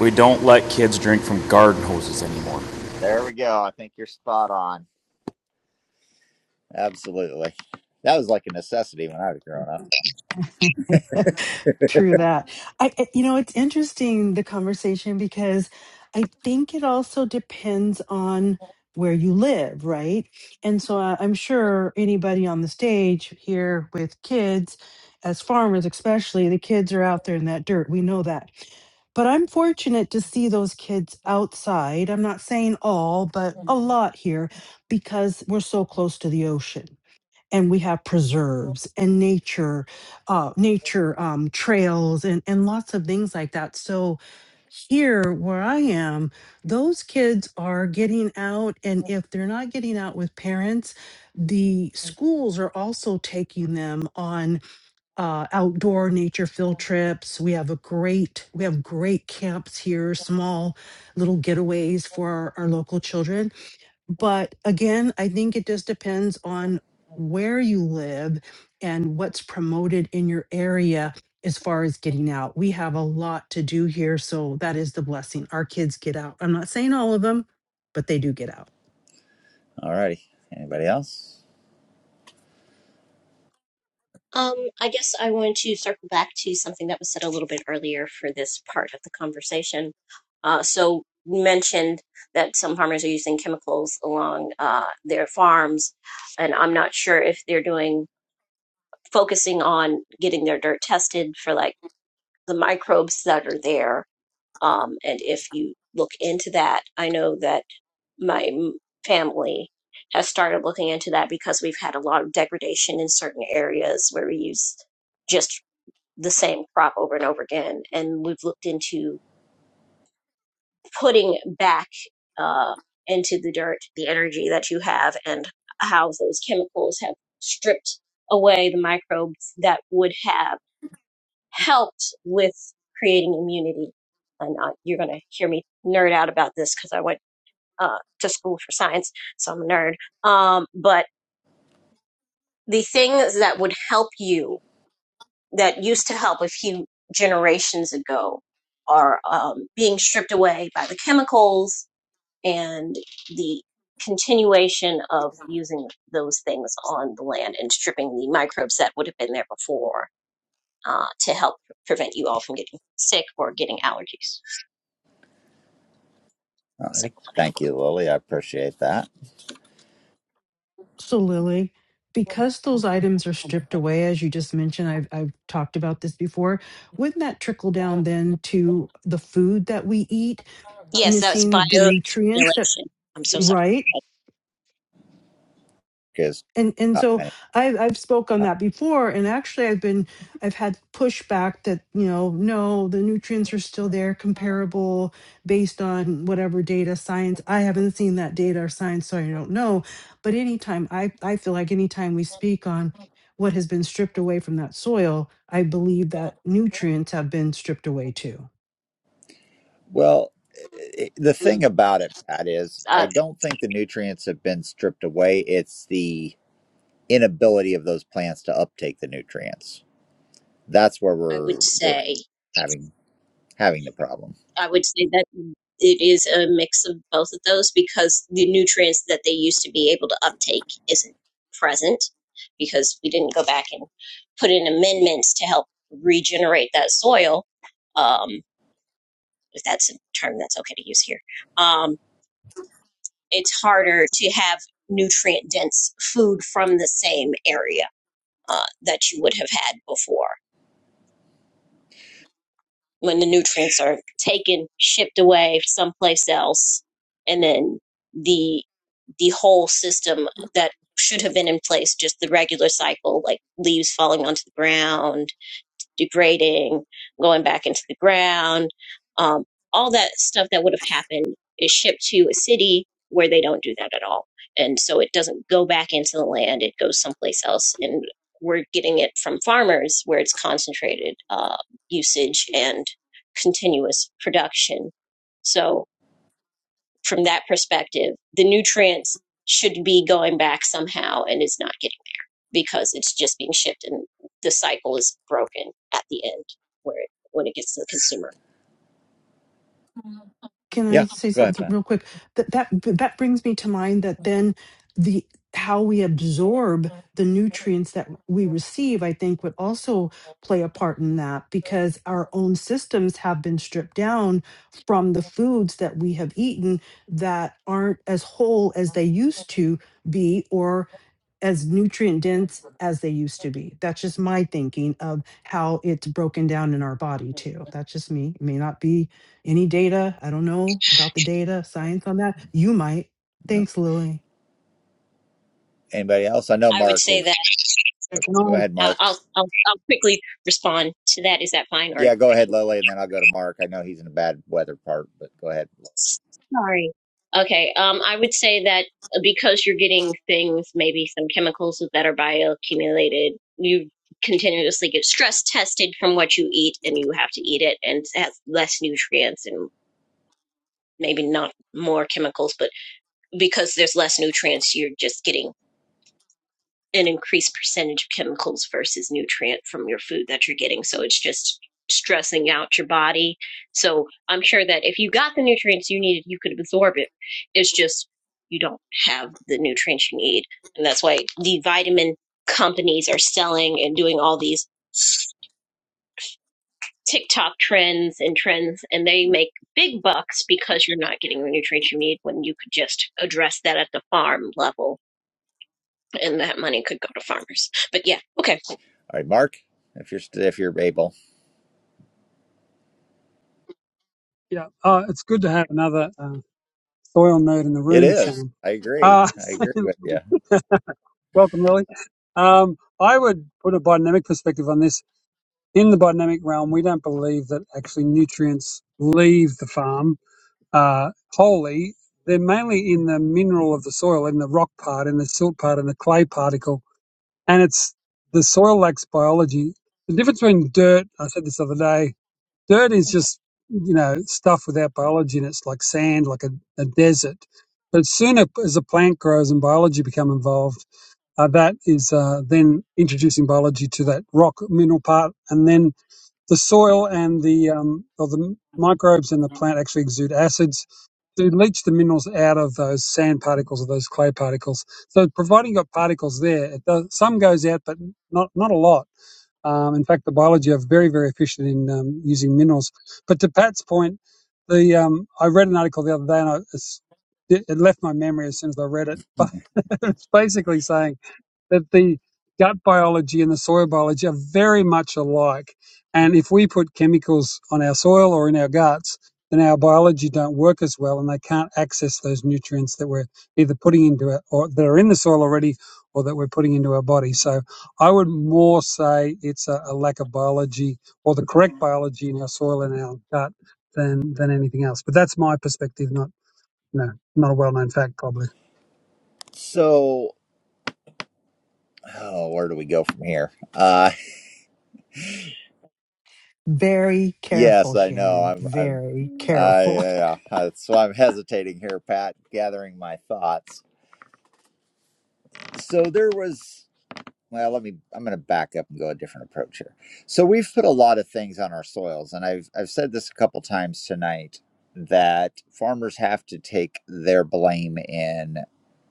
[SPEAKER 12] We don't let kids drink from garden hoses anymore.
[SPEAKER 1] There we go. I think you're spot on. Absolutely. That was like a necessity when I was growing up.
[SPEAKER 10] True that. I, I- you know, it's interesting the conversation because I think it also depends on where you live, right? And so uh, I'm sure anybody on the stage here with kids, as farmers especially, the kids are out there in that dirt. We know that. But I'm fortunate to see those kids outside. I'm not saying all, but a lot here because we're so close to the ocean and we have preserves and nature uh nature um trails and and lots of things like that so here where i am those kids are getting out and if they're not getting out with parents the schools are also taking them on uh, outdoor nature field trips we have a great we have great camps here small little getaways for our, our local children but again, I think it just depends on where you live and what's promoted in your area as far as getting out. We have a lot to do here, so that is the blessing. Our kids get out. I'm not saying all of them, but they do get out.
[SPEAKER 1] All righty. Anybody else?
[SPEAKER 8] Um, I guess I want to circle back to something that was said a little bit earlier for this part of the conversation. Uh, so you mentioned that some farmers are using chemicals along uh, their farms, and I'm not sure if they're doing focusing on getting their dirt tested for like the microbes that are there. Um, and if you look into that, I know that my family has started looking into that because we've had a lot of degradation in certain areas where we use just the same crop over and over again. And we've looked into putting back uh, into the dirt the energy that you have and how those chemicals have stripped away the microbes that would have helped with creating immunity. And uh, you're going to hear me nerd out about this because I went uh, to school for science, so I'm a nerd. Um, but the things that would help you, that used to help a few generations ago, are um, being stripped away by the chemicals and the continuation of using those things on the land and stripping the microbes that would have been there before uh, to help prevent you all from getting sick or getting allergies.
[SPEAKER 1] All
[SPEAKER 8] So,
[SPEAKER 1] righty. Thank you, Lily. I appreciate that
[SPEAKER 10] So, Lily, because those items are stripped away, as you just mentioned, I've, I've talked about this before, wouldn't that trickle down then to the food that we eat,
[SPEAKER 8] yes, that's
[SPEAKER 10] missing the nutrients that,
[SPEAKER 8] bioaccumulation. I'm so sorry.
[SPEAKER 10] right?
[SPEAKER 1] because
[SPEAKER 10] and and
[SPEAKER 1] uh,
[SPEAKER 10] so
[SPEAKER 1] many-
[SPEAKER 10] I've I've spoke on
[SPEAKER 1] uh,
[SPEAKER 10] that before, and actually I've been I've had pushback that you know no the nutrients are still there comparable based on whatever data science I haven't seen that data or science so I don't know, but anytime I I feel like anytime we speak on what has been stripped away from that soil, I believe that nutrients have been stripped away too
[SPEAKER 1] well, i the
[SPEAKER 8] Um,
[SPEAKER 1] thing about it, Pat, is
[SPEAKER 8] uh,
[SPEAKER 1] I don't think the nutrients have been stripped away. It's the inability of those plants to uptake the nutrients. That's where
[SPEAKER 8] I would
[SPEAKER 1] we're we're
[SPEAKER 8] say.
[SPEAKER 1] having having the problem.
[SPEAKER 8] I would say that it is a mix of both of those because the nutrients that they used to be able to uptake isn't present because we didn't go back and put in amendments to help regenerate that soil. Um, if that's a term that's okay to use here, um, it's harder to have nutrient dense food from the same area uh, that you would have had before. when the nutrients are taken, shipped away someplace else, and then the the whole system that should have been in place, just the regular cycle, like leaves falling onto the ground degrading, going back into the ground, um, all that stuff that would have happened is shipped to a city where they don't do that at all. And so it doesn't go back into the land, it goes someplace else. And we're getting it from farmers where it's concentrated uh, usage and continuous production. So, from that perspective, the nutrients should be going back somehow and is not getting because it's just being shipped and the cycle is broken at the end where it, when it gets to the consumer.
[SPEAKER 10] can I
[SPEAKER 1] Yeah,
[SPEAKER 10] say
[SPEAKER 1] go ahead,
[SPEAKER 10] something
[SPEAKER 1] Pat.
[SPEAKER 10] real quick? That that that brings me to mind that then the how we absorb the nutrients that we receive, I think, would also play a part in that because our own systems have been stripped down from the foods that we have eaten that aren't as whole as they used to be, or as nutrient dense as they used to be. That's just my thinking of how it's broken down in our body too. That's just me. It may not be any data. I don't know about the data, science on that. You might.
[SPEAKER 1] No,
[SPEAKER 10] Thanks, Lily.
[SPEAKER 1] anybody else? I know
[SPEAKER 8] I would
[SPEAKER 1] Mark
[SPEAKER 8] say
[SPEAKER 1] is.
[SPEAKER 8] that
[SPEAKER 4] Yeah,
[SPEAKER 1] oh,
[SPEAKER 4] Can I?
[SPEAKER 1] Go ahead,
[SPEAKER 8] I-
[SPEAKER 1] Mark.
[SPEAKER 8] will I'll I'll quickly respond to that. Is that fine, or
[SPEAKER 1] Yeah, go
[SPEAKER 8] I
[SPEAKER 1] ahead,
[SPEAKER 8] can?
[SPEAKER 1] Lily, and then I'll go to Mark. I know he's in a bad weather part, but go ahead. All
[SPEAKER 8] Sorry. Okay. Um, I would say that uh, because you're getting things, maybe some chemicals that are bioaccumulated, you continuously get stress tested from what you eat, and you have to eat it, and it has less nutrients and maybe not more chemicals, but because there's less nutrients, you're just getting an increased percentage of chemicals versus nutrient from your food that you're getting. So it's just stressing out your body. So I'm sure that if you got the nutrients you needed, you could absorb it. It's just you don't have the nutrients you need. And that's why the vitamin companies are selling and doing all these TikTok trends and trends, and they make big bucks because you're not getting the nutrients you need when you could just address that at the farm level and that money could go to farmers. But yeah, okay.
[SPEAKER 1] right, Mark, if you're st- if you're able.
[SPEAKER 4] Yeah, uh, it's good to have another uh, soil nerd in the
[SPEAKER 1] It
[SPEAKER 4] room,
[SPEAKER 1] is.
[SPEAKER 4] Shannon.
[SPEAKER 1] I agree.
[SPEAKER 4] Uh,
[SPEAKER 1] I agree with you.
[SPEAKER 4] welcome, Lily. Um, I would put a biodynamic perspective on this. In the biodynamic realm, we don't believe that actually nutrients leave the farm uh, wholly. They're mainly in the mineral of the soil, in the rock part, in the silt part, in the clay particle, and it's the soil lacks biology. The difference between dirt, I said this the other day, dirt is just you know stuff without biology and it's like sand like a, a desert but as sooner as a plant grows and biology become involved uh, that is uh, then introducing biology to that rock mineral part and then the soil and the um, or the microbes in the plant actually exude acids to leach the minerals out of those sand particles or those clay particles so providing you've got particles there it does, some goes out but not not a lot um, in fact, the biology are very, very efficient in um, using minerals. But to Pat's point, the um, I read an article the other day and I, it's, it, it left my memory as soon as I read it. But it's basically saying that the gut biology and the soil biology are very much alike. And if we put chemicals on our soil or in our guts, then our biology don't work as well and they can't access those nutrients that we're either putting into it or that are in the soil already or that we're putting into our body. So I would more say it's a, a lack of biology or the correct biology in our soil and our gut than, than anything else. But that's my perspective, not, you know, not a well known fact probably.
[SPEAKER 1] So, oh, where do we go from here? Uh,
[SPEAKER 10] Very careful,
[SPEAKER 1] yes, I know.
[SPEAKER 10] Shannon.
[SPEAKER 1] I'm, I'm,
[SPEAKER 10] Very
[SPEAKER 1] I,
[SPEAKER 10] careful.
[SPEAKER 1] yeah, yeah. so I'm hesitating here, Pat, gathering my thoughts. So there was. well let me i'm going to back up and go a different approach here so we've put a lot of things on our soils and i've i've said this a couple times tonight that farmers have to take their blame in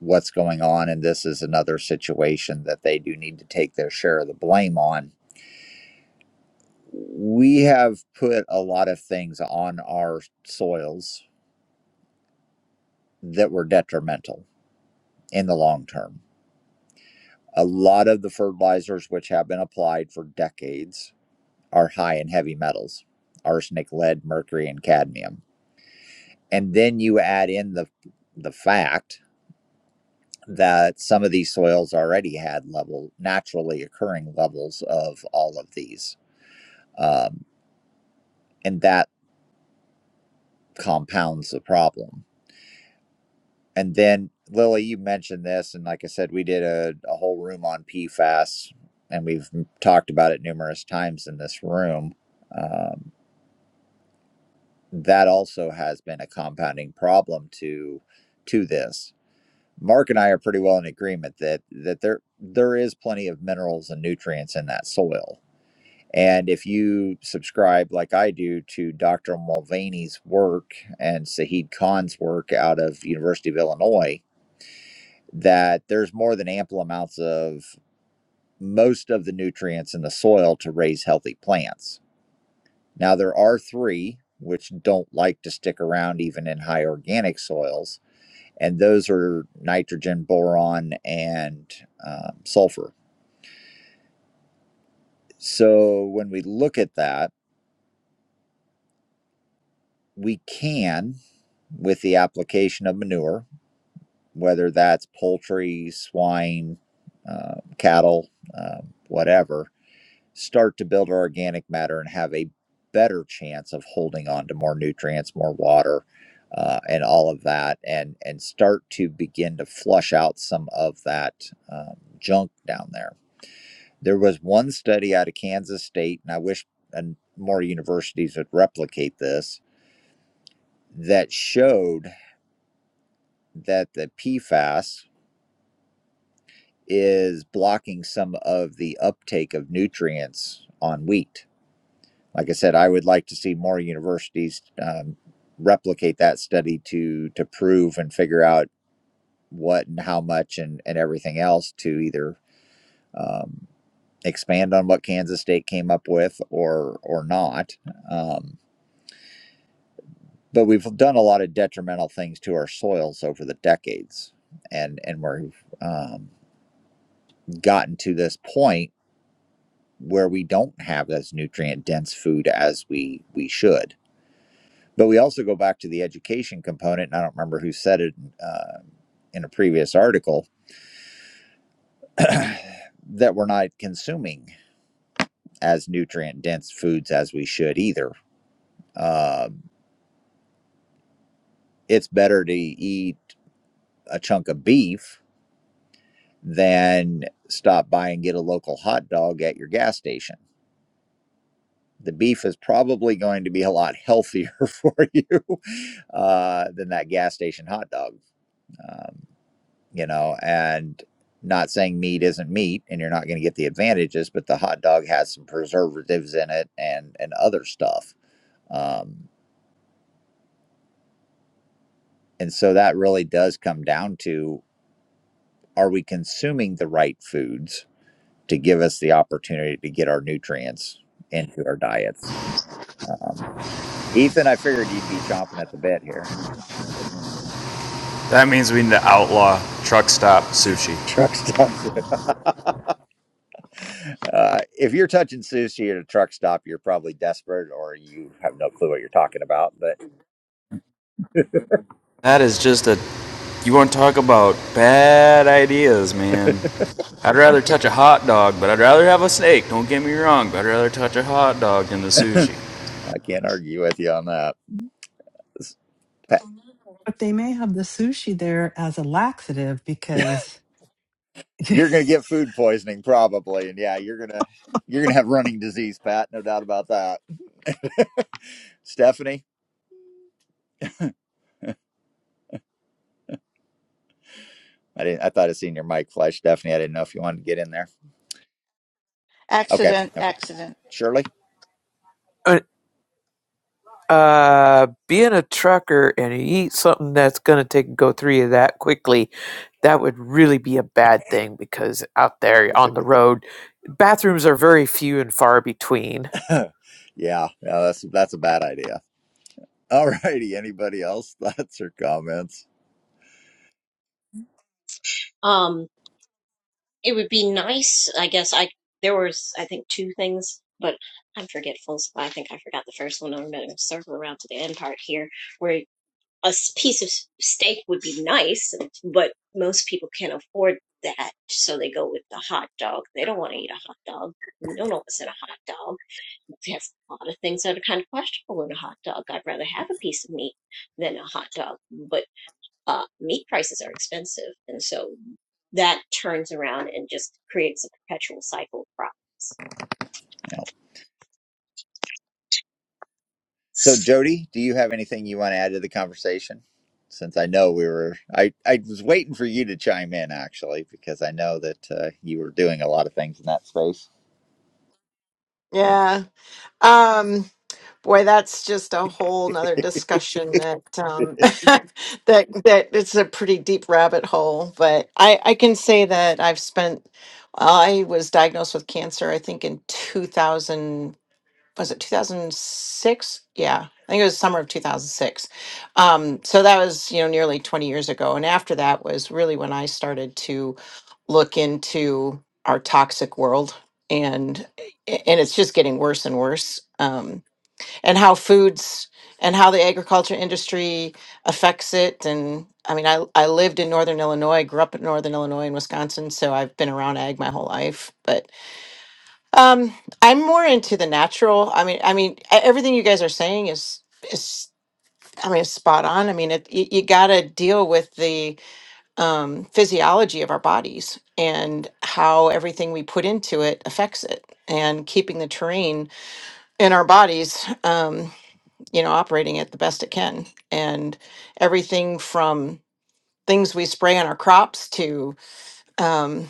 [SPEAKER 1] what's going on and this is another situation that they do need to take their share of the blame on we have put a lot of things on our soils that were detrimental in the long term a lot of the fertilizers which have been applied for decades are high in heavy metals arsenic lead mercury and cadmium and then you add in the the fact that some of these soils already had level naturally occurring levels of all of these um, and that compounds the problem and then lily you mentioned this and like i said we did a, a whole room on pfas and we've talked about it numerous times in this room Um, that also has been a compounding problem to to this. Mark and I are pretty well in agreement that that there there is plenty of minerals and nutrients in that soil. And if you subscribe like I do to Dr. Mulvaney's work and Saheed Khan's work out of University of Illinois, that there's more than ample amounts of most of the nutrients in the soil to raise healthy plants Now, there are three which don't like to stick around even in high organic soils, and those are nitrogen, boron, and um, sulfur. So, when we look at that, we can, with the application of manure, whether that's poultry, swine, uh, cattle, um, whatever, start to build our organic matter and have a better chance of holding on to more nutrients, more water, uh, and all of that, and and start to begin to flush out some of that um, junk down there. There was one study out of Kansas State, and I wish and more universities would replicate this that showed that the PFAS is blocking some of the uptake of nutrients on wheat like I said, I would like to see more universities um, replicate that study to to prove and figure out what and how much and and everything else to either um, expand on what Kansas State came up with or or not. Um, but we've done a lot of detrimental things to our soils over the decades, and and we've um, gotten to this point where we don't have as nutrient dense food as we we should But we also go back to the education component, and I don't remember who said it uh, in a previous article that we're not consuming as nutrient dense foods as we should either. Um it's better to eat a chunk of beef than stop by and get a local hot dog at your gas station. The beef is probably going to be a lot healthier for you uh, than that gas station hot dog. Um, you know, and not saying meat isn't meat and you're not going to get the advantages, but the hot dog has some preservatives in it and and other stuff. Um, and so that really does come down to are we consuming the right foods to give us the opportunity to get our nutrients into our diets? Um, Ethan, I figured you'd be chomping at the bit here.
[SPEAKER 12] That means we need to outlaw truck stop sushi.
[SPEAKER 1] Truck stops. Uh, if you're touching sushi at a truck stop, you're probably desperate or you have no clue what you're talking about. but.
[SPEAKER 12] That is just a. You want to talk about bad ideas, man. I'd rather touch a hot dog, but I'd rather have a snake. Don't get me wrong, but I'd rather touch a hot dog than the sushi.
[SPEAKER 1] I can't argue with you on that. Pat,
[SPEAKER 10] But they may have the sushi there as a laxative because
[SPEAKER 1] You're going to get food poisoning probably, and yeah, you're gonna you're gonna have running disease, Pat. No doubt about that. Stephanie, I didn't. I thought I seen your mic flash, Stephanie. I didn't know if you wanted to get in there. Okay,
[SPEAKER 9] Accident,
[SPEAKER 1] okay,
[SPEAKER 9] accident.
[SPEAKER 1] Shirley.
[SPEAKER 13] Uh, uh, being a trucker and you eat something that's gonna take go through you that quickly, that would really be a bad thing because out there on the road, bathrooms are very few and far between.
[SPEAKER 1] yeah, no, that's that's a bad idea. All righty. Anybody else? thoughts or comments.
[SPEAKER 8] Um, It would be nice, I guess. I there was I think two things, but I'm forgetful, so I think I forgot the first one. I'm going to circle around to the end part here, where a s- piece of s- steak would be nice, but most people can't afford that, so they go with the hot dog. They don't want to eat a hot dog. We don't know what's in a hot dog. There's a lot of things that are kind of questionable in a hot dog. I'd rather have a piece of meat than a hot dog, but uh, meat prices are expensive, and so that turns around and just creates a perpetual cycle of problems.
[SPEAKER 1] Yeah. So, Jody, do you have anything you want to add to the conversation? Since I know we were, I, I was waiting for you to chime in actually, because I know that uh, you were doing a lot of things in that space.
[SPEAKER 3] Yeah. Um, Boy, that's just a whole nother discussion that um, that that it's a pretty deep rabbit hole. But I, I can say that I've spent. I was diagnosed with cancer. I think in two thousand was it two thousand six? Yeah, I think it was summer of two thousand six. Um, so that was you know nearly twenty years ago. And after that was really when I started to look into our toxic world, and and it's just getting worse and worse. Um, and how foods and how the agriculture industry affects it and i mean I, I lived in northern illinois grew up in northern illinois and wisconsin so i've been around ag my whole life but um i'm more into the natural i mean i mean e- everything you guys are saying is is i mean it's spot on i mean it, you, you gotta deal with the um, physiology of our bodies and how everything we put into it affects it and keeping the terrain in our bodies Um, you know, operating it the best it can. And everything from things we spray on our crops to um,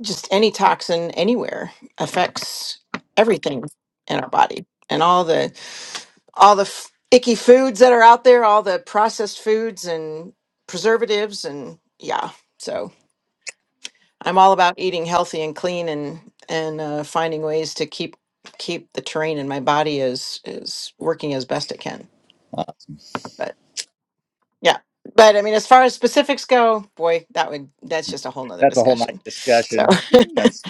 [SPEAKER 3] just any toxin anywhere affects everything in our body and all the all the f- icky foods that are out there, all the processed foods and preservatives and yeah. So I'm all about eating healthy and clean and and uh, finding ways to keep keep the terrain in my body is is working as best it can.
[SPEAKER 1] Uh,
[SPEAKER 3] but. Yeah. But I mean, as far as specifics go, boy, that would that's just a whole nother
[SPEAKER 1] that's a whole night
[SPEAKER 3] discussion. So
[SPEAKER 1] discussion. Hmm, That's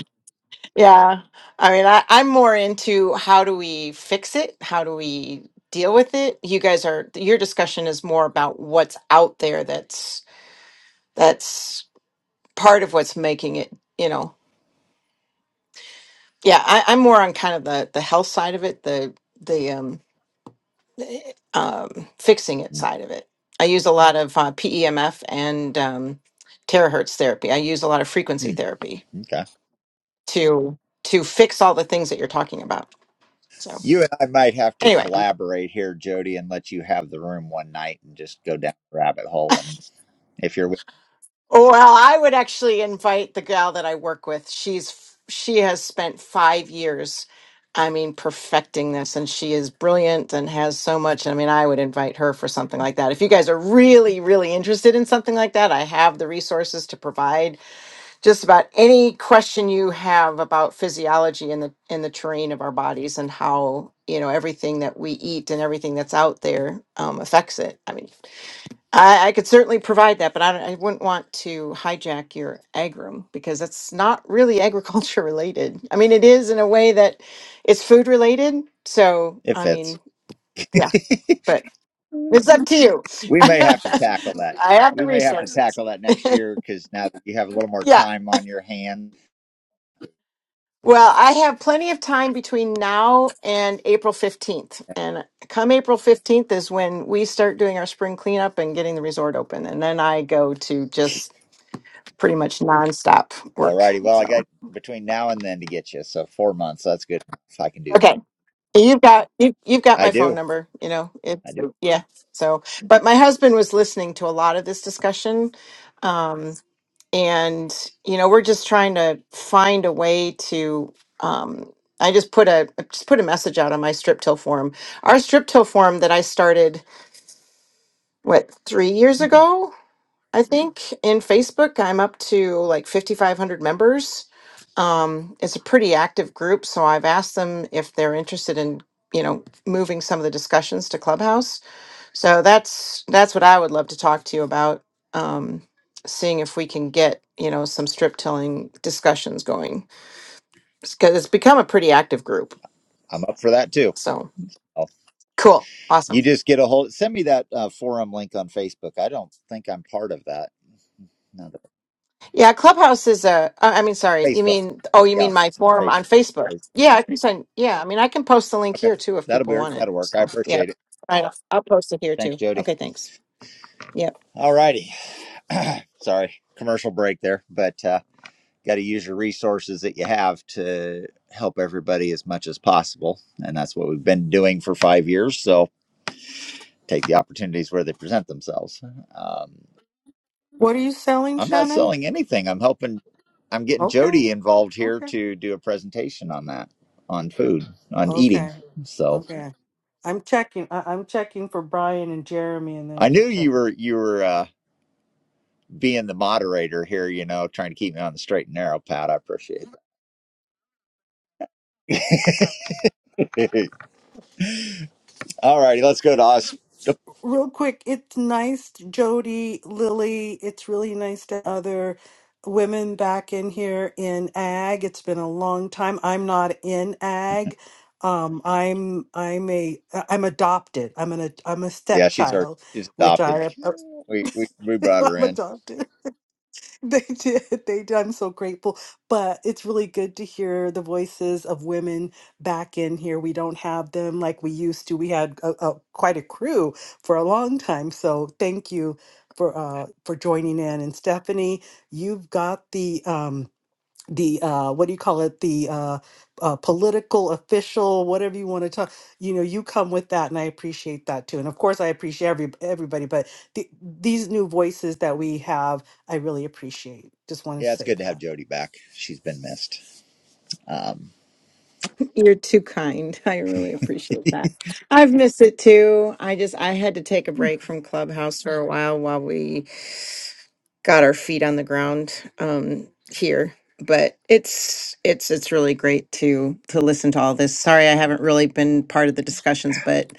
[SPEAKER 3] yeah. I mean, I, I'm more into how do we fix it? How do we deal with it? You guys are your discussion is more about what's out there that's that's part of what's making it, you know. Yeah, I, I'm more on kind of the the health side of it, the the um um, fixing it side of it. I use a lot of uh, PEMF and um, terahertz therapy. I use a lot of frequency
[SPEAKER 1] hmm,
[SPEAKER 3] therapy
[SPEAKER 1] okay.
[SPEAKER 3] to to fix all the things that you're talking about. So
[SPEAKER 1] You and I might have to
[SPEAKER 3] anyway,
[SPEAKER 1] collaborate here, Jody, and let you have the room one night and just go down the rabbit hole. And if you're,
[SPEAKER 3] well, I would actually invite the gal that I work with. She's f- she has spent five years. I mean, perfecting this, and she is brilliant and has so much. I mean, I would invite her for something like that. If you guys are really, really interested in something like that, I have the resources to provide just about any question you have about physiology in the in the terrain of our bodies and how you know everything that we eat and everything that's out there um, affects it. I mean, I, I could certainly provide that, but I, don't- I wouldn't want to hijack your ag room because that's not really agriculture related. I mean, it is in a way that it's food related. So
[SPEAKER 1] if
[SPEAKER 3] I
[SPEAKER 1] it's,
[SPEAKER 3] mean, yeah, but it's up to you.
[SPEAKER 1] we may have to
[SPEAKER 3] I
[SPEAKER 1] tackle that.
[SPEAKER 3] have
[SPEAKER 1] We
[SPEAKER 3] the
[SPEAKER 1] may have to
[SPEAKER 3] resources.
[SPEAKER 1] tackle that next year because now that you have a little more
[SPEAKER 3] yeah.
[SPEAKER 1] time on your hands.
[SPEAKER 3] Well, I have plenty of time between now and April 15th. And come April 15th is when we start doing our spring cleanup and getting the resort open. And then I go to just pretty much nonstop
[SPEAKER 1] All
[SPEAKER 3] work.
[SPEAKER 1] righty. Well, I
[SPEAKER 3] So,
[SPEAKER 1] got between now and then to get you, so four months. That's good. If I can do that,
[SPEAKER 3] okay. You've got you, you've got
[SPEAKER 1] I
[SPEAKER 3] my phone
[SPEAKER 1] do.
[SPEAKER 3] number, you know.
[SPEAKER 1] I
[SPEAKER 3] It's
[SPEAKER 1] do.
[SPEAKER 3] yeah. So, but my husband was listening to a lot of this discussion. um, and you know we're just trying to find a way to um i just put a I just put a message out on my strip till forum our strip till forum that i started what three years
[SPEAKER 1] hmm
[SPEAKER 3] ago i Mhm. think in facebook i'm up to like 5500 members um it's a pretty active group so i've asked them if they're interested in you know moving some of the discussions to clubhouse so that's that's what I would love to talk to you about. Um, seeing if we can get you know some strip tilling discussions going because it's become a pretty active group.
[SPEAKER 1] I'm up for that too.
[SPEAKER 3] So
[SPEAKER 1] Oh,
[SPEAKER 3] cool, awesome.
[SPEAKER 1] you just get a hold. Send me that uh, forum link on Facebook. I don't think I'm part of that. No, the-
[SPEAKER 3] Yeah, Clubhouse is a. I I mean, sorry, you
[SPEAKER 1] Facebook.
[SPEAKER 3] mean oh, you
[SPEAKER 1] Yeah,
[SPEAKER 3] mean my
[SPEAKER 1] on
[SPEAKER 3] forum on
[SPEAKER 1] Facebook.
[SPEAKER 3] Facebook?
[SPEAKER 1] please.
[SPEAKER 3] Yeah, I can send. Yeah, I mean, I can post the link
[SPEAKER 1] Okay,
[SPEAKER 3] here too if
[SPEAKER 1] that'll be
[SPEAKER 3] people want it.
[SPEAKER 1] that'll work. I
[SPEAKER 3] So yeah,
[SPEAKER 1] appreciate it.
[SPEAKER 3] right, I'll I'll post it here
[SPEAKER 1] Thanks,
[SPEAKER 3] too.
[SPEAKER 1] Jody.
[SPEAKER 3] Okay, thanks. Yeah.
[SPEAKER 1] All righty. Sorry, commercial break there, but. Uh, got to use your resources that you have to help everybody as much as possible. And that's what we've been doing for five years. So take the opportunities where they present themselves. Um,
[SPEAKER 10] What are you selling,
[SPEAKER 1] I'm not
[SPEAKER 10] Shannon?
[SPEAKER 1] selling anything. I'm helping, I'm getting
[SPEAKER 10] Okay,
[SPEAKER 1] Jody involved here
[SPEAKER 10] okay,
[SPEAKER 1] to do a presentation on that, on food, on eating.
[SPEAKER 10] okay,
[SPEAKER 1] So
[SPEAKER 10] okay. I'm checking. I- I'm checking for Brian and Jeremy, and
[SPEAKER 1] I
[SPEAKER 10] then
[SPEAKER 1] knew
[SPEAKER 10] just
[SPEAKER 1] you
[SPEAKER 10] checking.
[SPEAKER 1] were, you were, uh, being the moderator here, you know, trying to keep me on the straight and narrow, Pat. I appreciate it. All righty, let's go to us.
[SPEAKER 10] Real quick, it's nice, Jody, Lily. It's really nice to have other women back in here in ag. It's been a long time. I'm not in ag. Um, I'm I'm a uh, I'm adopted. I'm an I'm a
[SPEAKER 1] Yeah, she's our,
[SPEAKER 10] stepchild,
[SPEAKER 1] she's
[SPEAKER 10] which
[SPEAKER 1] adopted.
[SPEAKER 10] I
[SPEAKER 1] We, we, we brought her
[SPEAKER 10] I'm
[SPEAKER 1] in.
[SPEAKER 10] adopted. They did. They did. I'm so grateful. But it's really good to hear the voices of women back in here. We don't have them like we used to. We had a, a, quite a crew for a long time. So thank you for uh, for joining in. And Stephanie, you've got the um, the uh what do you call it the uh, uh political official whatever you want to talk you know you come with that and i appreciate that too and of course i appreciate every everybody but the, these new voices that we have i really appreciate just wanted to
[SPEAKER 1] Yeah, it's
[SPEAKER 10] say
[SPEAKER 1] good to have
[SPEAKER 10] that
[SPEAKER 1] Jody back. She's been missed. Um,
[SPEAKER 3] You're too kind. I really appreciate that. I've missed it too. I just I had to take a break from Clubhouse for a while while we got our feet on the ground um here. But it's it's it's really great to to listen to all this. Sorry I haven't really been part of the discussions, but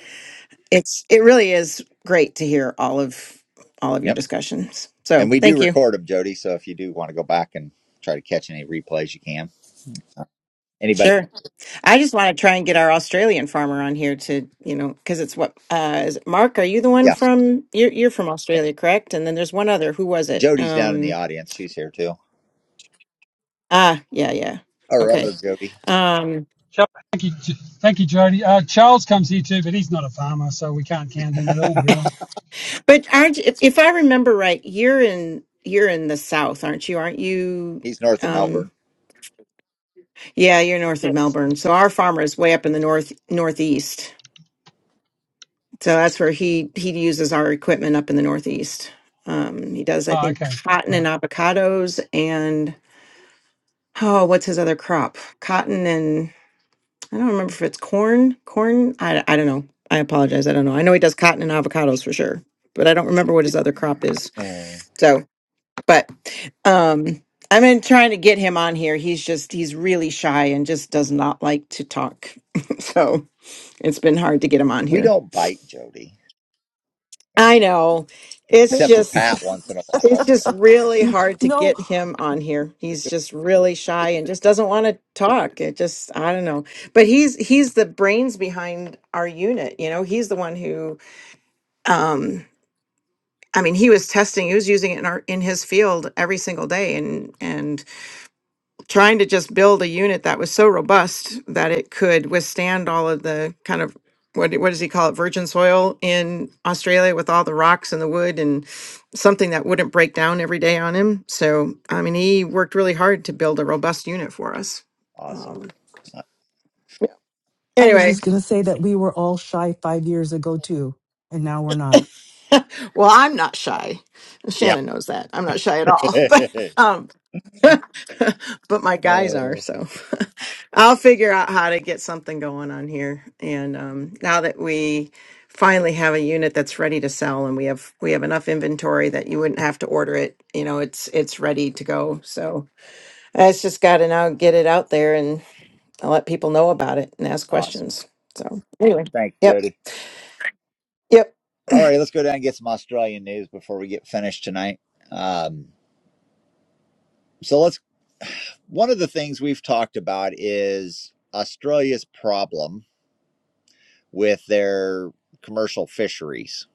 [SPEAKER 3] it's it really is great to hear all of all of your
[SPEAKER 1] yep.
[SPEAKER 3] discussions.
[SPEAKER 1] And
[SPEAKER 3] So,
[SPEAKER 1] we do
[SPEAKER 3] thank you.
[SPEAKER 1] record them, Jody. So if you do want to go back and try to catch any replays, you can. Anybody?
[SPEAKER 3] Sure. I just want to try and get our Australian farmer on here to, you know, because it's what uh is it Mark, are you the one
[SPEAKER 1] Yeah.
[SPEAKER 3] from you're you're from Australia, correct? And then there's one other. Who was it?
[SPEAKER 1] Jody's down in the
[SPEAKER 3] Um
[SPEAKER 1] audience. She's here too.
[SPEAKER 3] ah, yeah, yeah.
[SPEAKER 1] All right,
[SPEAKER 3] Okay.
[SPEAKER 1] Jody.
[SPEAKER 3] Um
[SPEAKER 4] Charles, thank you, J- thank you, Jody. Uh, Charles comes here too, but he's not a farmer, so we can't count him at all, really.
[SPEAKER 3] but aren't if, if I remember right, you're in you're in the south, aren't you? Aren't you
[SPEAKER 1] He's north of
[SPEAKER 3] um
[SPEAKER 1] Melbourne.
[SPEAKER 3] yeah, you're north of
[SPEAKER 4] Yes.
[SPEAKER 3] Melbourne. So our farmer is way up in the north northeast. So that's where he he uses our equipment up in the Northeast. Um, he does, I
[SPEAKER 4] Oh,
[SPEAKER 3] think,
[SPEAKER 4] okay,
[SPEAKER 3] cotton and
[SPEAKER 4] right.
[SPEAKER 3] avocados, and oh, what's his other crop? Cotton and I don't remember if it's corn. Corn, I I don't know. I apologize. I don't know. I know he does cotton and avocados for sure, but I don't remember what his other crop is.
[SPEAKER 1] Uh,
[SPEAKER 3] So, but um, I've been trying to get him on here. He's just he's really shy and just does not like to talk. so it's been hard to get him on
[SPEAKER 1] we
[SPEAKER 3] here.
[SPEAKER 1] don't bite Jody,
[SPEAKER 3] I know. It's
[SPEAKER 10] Hey,
[SPEAKER 1] except for Pat
[SPEAKER 3] just
[SPEAKER 1] once in a while.
[SPEAKER 3] it's
[SPEAKER 1] but
[SPEAKER 3] just really
[SPEAKER 10] w-
[SPEAKER 3] hard to
[SPEAKER 10] no,
[SPEAKER 3] get him on here. He's just really shy and just doesn't want to talk. It just I don't know. But he's he's the brains behind our unit, you know. He's the one who um I mean, he was testing, he was using it in our in his field every single day and and trying to just build a unit that was so robust that it could withstand all of the kind of what do- what does he call it virgin soil in Australia with all the rocks and the wood and something that wouldn't break down every day on him. So I mean, he worked really hard to build a robust unit for us.
[SPEAKER 1] Awesome.
[SPEAKER 3] Um,
[SPEAKER 1] Uh,
[SPEAKER 10] I was
[SPEAKER 3] anyway,
[SPEAKER 10] just going to say that we were all shy five years ago, too, and now we're not.
[SPEAKER 3] well, I'm not shy.
[SPEAKER 1] yeah.
[SPEAKER 3] Shannon knows that I'm not shy at all, but. um, but my guys are
[SPEAKER 1] oh,
[SPEAKER 3] so i'll figure out how to get something going on here and um, now that we finally have a unit that's ready to sell and we have we have enough inventory that you wouldn't have to order it you know it's it's ready to go so i just got to now get it out there and let people know about it and ask
[SPEAKER 1] awesome.
[SPEAKER 3] questions so anyway
[SPEAKER 1] Thanks,
[SPEAKER 3] yep
[SPEAKER 1] Jody.
[SPEAKER 3] yep.
[SPEAKER 1] All right, let's go down and get some Australian news before we get finished tonight. Um, so let's. One of the things we've talked about is Australia's problem with their commercial fisheries,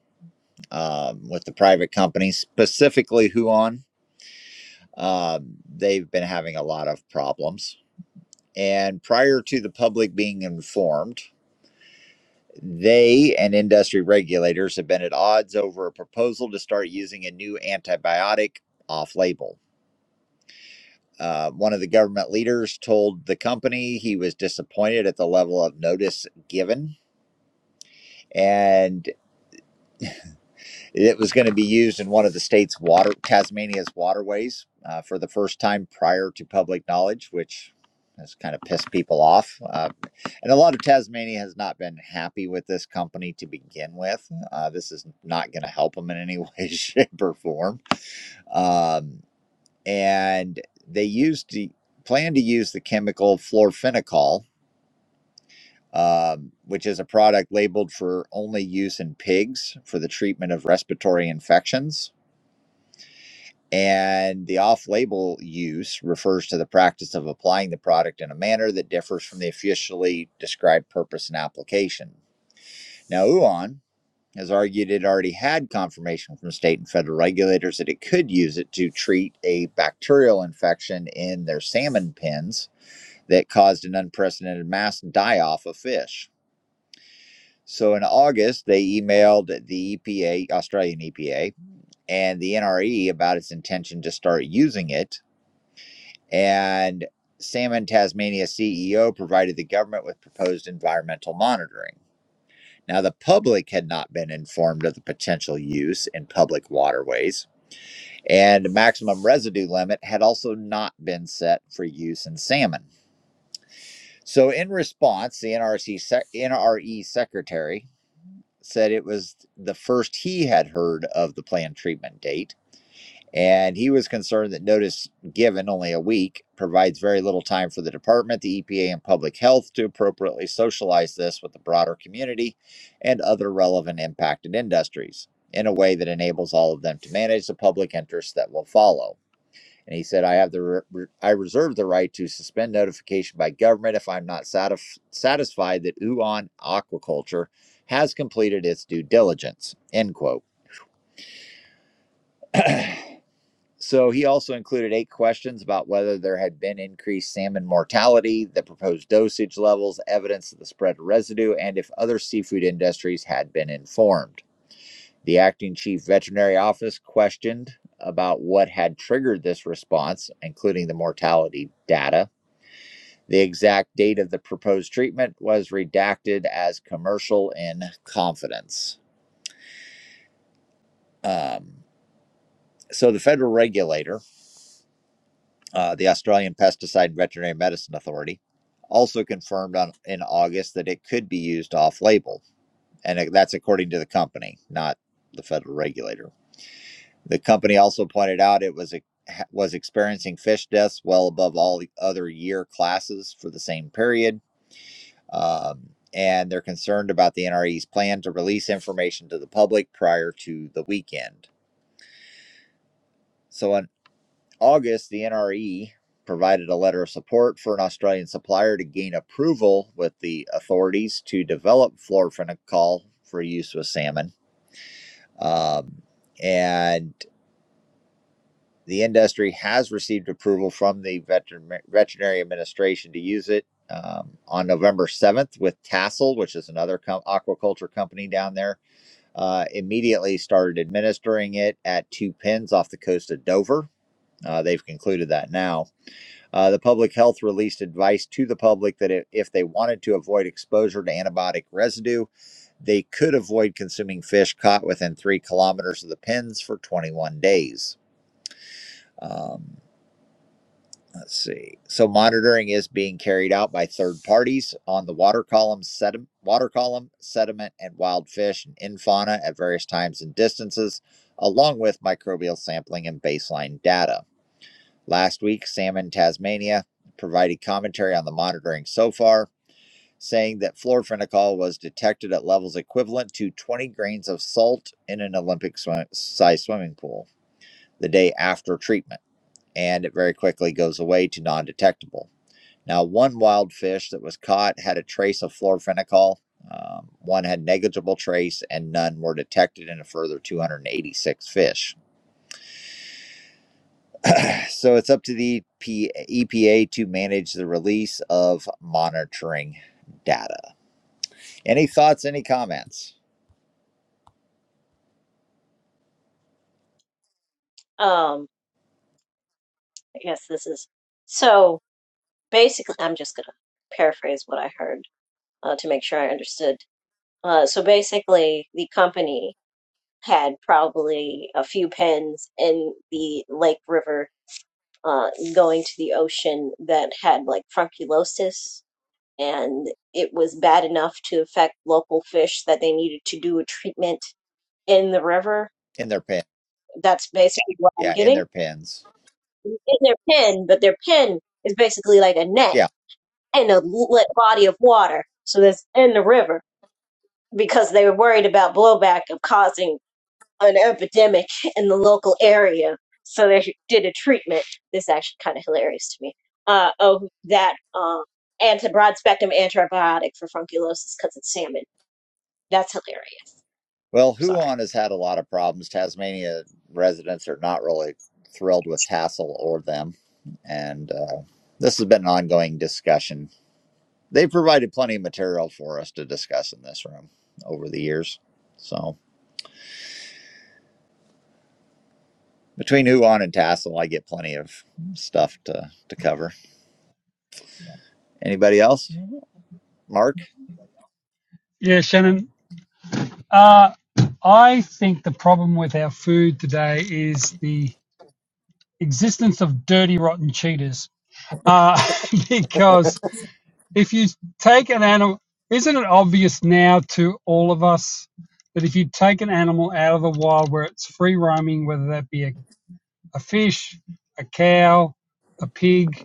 [SPEAKER 1] um, with the private companies, specifically Huon. Um, they've been having a lot of problems. And prior to the public being informed, they and industry regulators have been at odds over a proposal to start using a new antibiotic off label. Uh, one of the government leaders told the company he was disappointed at the level of notice given and it was going to be used in one of the state's water tasmania's waterways uh, for the first time prior to public knowledge which has kind of pissed people off uh, and a lot of tasmania has not been happy with this company to begin with uh, this is not going to help them in any way shape or form um, and they used to plan to use the chemical fluorphenicol um, which is a product labeled for only use in pigs for the treatment of respiratory infections. And the off label use refers to the practice of applying the product in a manner that differs from the officially described purpose and application. Now, UON has argued it already had confirmation from state and federal regulators that it could use it to treat a bacterial infection in their salmon pens that caused an unprecedented mass die off of fish. So in August, they emailed the EPA, Australian EPA, and the NRE about its intention to start using it. And Salmon Tasmania CEO provided the government with proposed environmental monitoring. Now, the public had not been informed of the potential use in public waterways, and a maximum residue limit had also not been set for use in salmon. So, in response, the NRC sec- NRE secretary said it was the first he had heard of the planned treatment date, and he was concerned that notice given only a week provides very little time for the department, the EPA, and public health to appropriately socialize this with the broader community and other relevant impacted industries in a way that enables all of them to manage the public interest that will follow. And he said, I have the re- I reserve the right to suspend notification by government if I'm not satisf- satisfied that Uon Aquaculture has completed its due diligence. End quote. So he also included eight questions about whether there had been increased salmon mortality, the proposed dosage levels, evidence of the spread of residue, and if other seafood industries had been informed. The acting chief veterinary office questioned about what had triggered this response, including the mortality data. The exact date of the proposed treatment was redacted as commercial in confidence. Um, so, the federal regulator, uh, the Australian Pesticide and Veterinary Medicine Authority, also confirmed on, in August that it could be used off label. And that's according to the company, not the federal regulator. The company also pointed out it was, e- was experiencing fish deaths well above all the other year classes for the same period Um, and they're concerned about the NRE's plan to release information to the public prior to the weekend. So in August, the NRE provided a letter of support for an Australian supplier to gain approval with the authorities to develop fluorophenocal for use with salmon. Um, and the industry has received approval from the veterin- veterinary administration to use it um, on November 7th with Tassel, which is another com- aquaculture company down there uh, immediately started administering it at two pins off the coast of Dover. Uh, they've concluded that now. Uh, the public health released advice to the public that if, if they wanted to avoid exposure to antibiotic residue, they could avoid consuming fish caught within three kilometers of the pins for 21 days. Um, Let's see. So monitoring is being carried out by third parties on the water column, sediment, water column, sediment, and wild fish and infauna at various times and distances, along with microbial sampling and baseline data. Last week, Salmon Tasmania provided commentary on the monitoring so far, saying that fluorphenicol was detected at levels equivalent to 20 grains of salt in an Olympic swim- size swimming pool the day after treatment, and it very quickly goes away to non detectable. Now, one wild fish that was caught had a trace of fluorovinicol. Um, one had negligible trace, and none were detected in a further 286 fish. So it's up to the EPA to manage the release of monitoring data. Any thoughts? Any comments?
[SPEAKER 8] Um, I guess this is so. Basically, I'm just going to paraphrase what I heard uh, to make sure I understood. Uh, so basically, the company had probably a few pens in the Lake River uh, going to the ocean that had like frunculosis, and it was bad enough to affect local fish that they needed to do a treatment in the river.
[SPEAKER 1] In their pen,
[SPEAKER 8] That's basically what I'm
[SPEAKER 1] yeah, in
[SPEAKER 8] getting.
[SPEAKER 1] their pens,
[SPEAKER 8] In their pen, but their pen is basically like a net
[SPEAKER 1] yeah.
[SPEAKER 8] and a lit body of water. So that's in the river because they were worried about blowback of causing an epidemic in the local area. So they did a treatment. This is actually kind of hilarious to me. Uh, of that uh, anti broad spectrum antibiotic for funculosis because it's salmon. That's hilarious.
[SPEAKER 1] Well,
[SPEAKER 8] I'm sorry.
[SPEAKER 1] Huon has had a lot of problems. Tasmania residents are not really thrilled with Tassel or them, and uh, this has been an ongoing discussion They provided plenty of material for us to discuss in this room over the years. So between Huon and Tassel, I get plenty of stuff to, to cover. Anybody else? Mark?
[SPEAKER 4] Yeah, Shannon. Uh, I think the problem with our food today is the existence of dirty, rotten cheaters. Uh, because if you take an animal, isn't it obvious now to all of us that if you take an animal out of the wild where it's free roaming, whether that be a, a fish, a cow, a pig,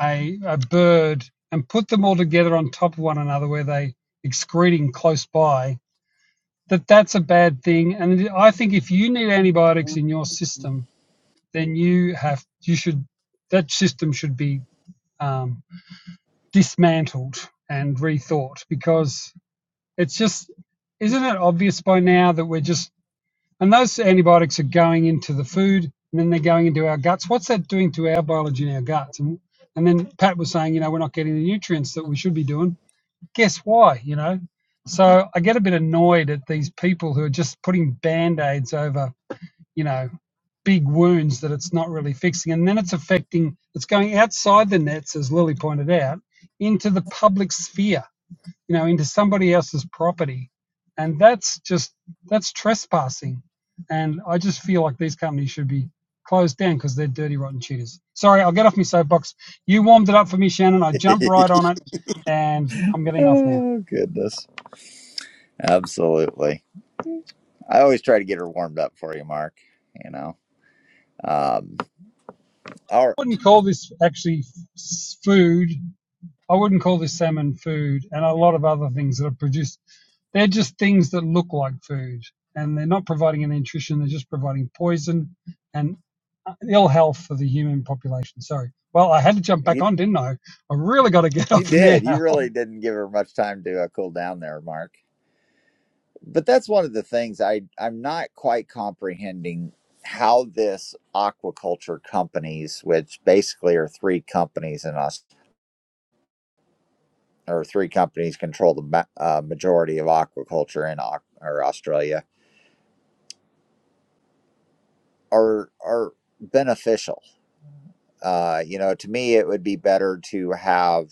[SPEAKER 4] a, a bird and put them all together on top of one another where they excreting close by, that that's a bad thing. And I think if you need antibiotics in your system, then you have you should that system should be um, dismantled and rethought because it's just isn't it obvious by now that we're just and those antibiotics are going into the food and then they're going into our guts. What's that doing to our biology in our guts? And, and then Pat was saying, you know, we're not getting the nutrients that we should be doing. Guess why, you know? So I get a bit annoyed at these people who are just putting band aids over, you know, big wounds that it's not really fixing. And then it's affecting, it's going outside the nets, as Lily pointed out, into the public sphere you know, into somebody else's property. And that's just, that's trespassing. And I just feel like these companies should be closed down because they're dirty, rotten cheaters. Sorry, I'll get off my soapbox. You warmed it up for me, Shannon. I jumped right on it and I'm getting off now.
[SPEAKER 1] oh, goodness. Absolutely. I always try to get her warmed up for you, Mark. You know, um, all right.
[SPEAKER 4] I wouldn't call this actually food. I wouldn't call this salmon food, and a lot of other things that are produced. They're just things that look like food, and they're not providing any nutrition. They're just providing poison and uh, ill health for the human population. Sorry. Well, I had to jump back
[SPEAKER 1] You,
[SPEAKER 4] on, didn't I? I really got to get
[SPEAKER 1] you
[SPEAKER 4] up now.
[SPEAKER 1] did. You really didn't give her much time to uh, cool down there, Mark. but that's one of the things I I'm not quite comprehending how this aquaculture companies, which basically are three companies in us, or three companies control the ma- uh, majority of aquaculture in Au- or Australia, are are beneficial. Uh, you know, to me, it would be better to have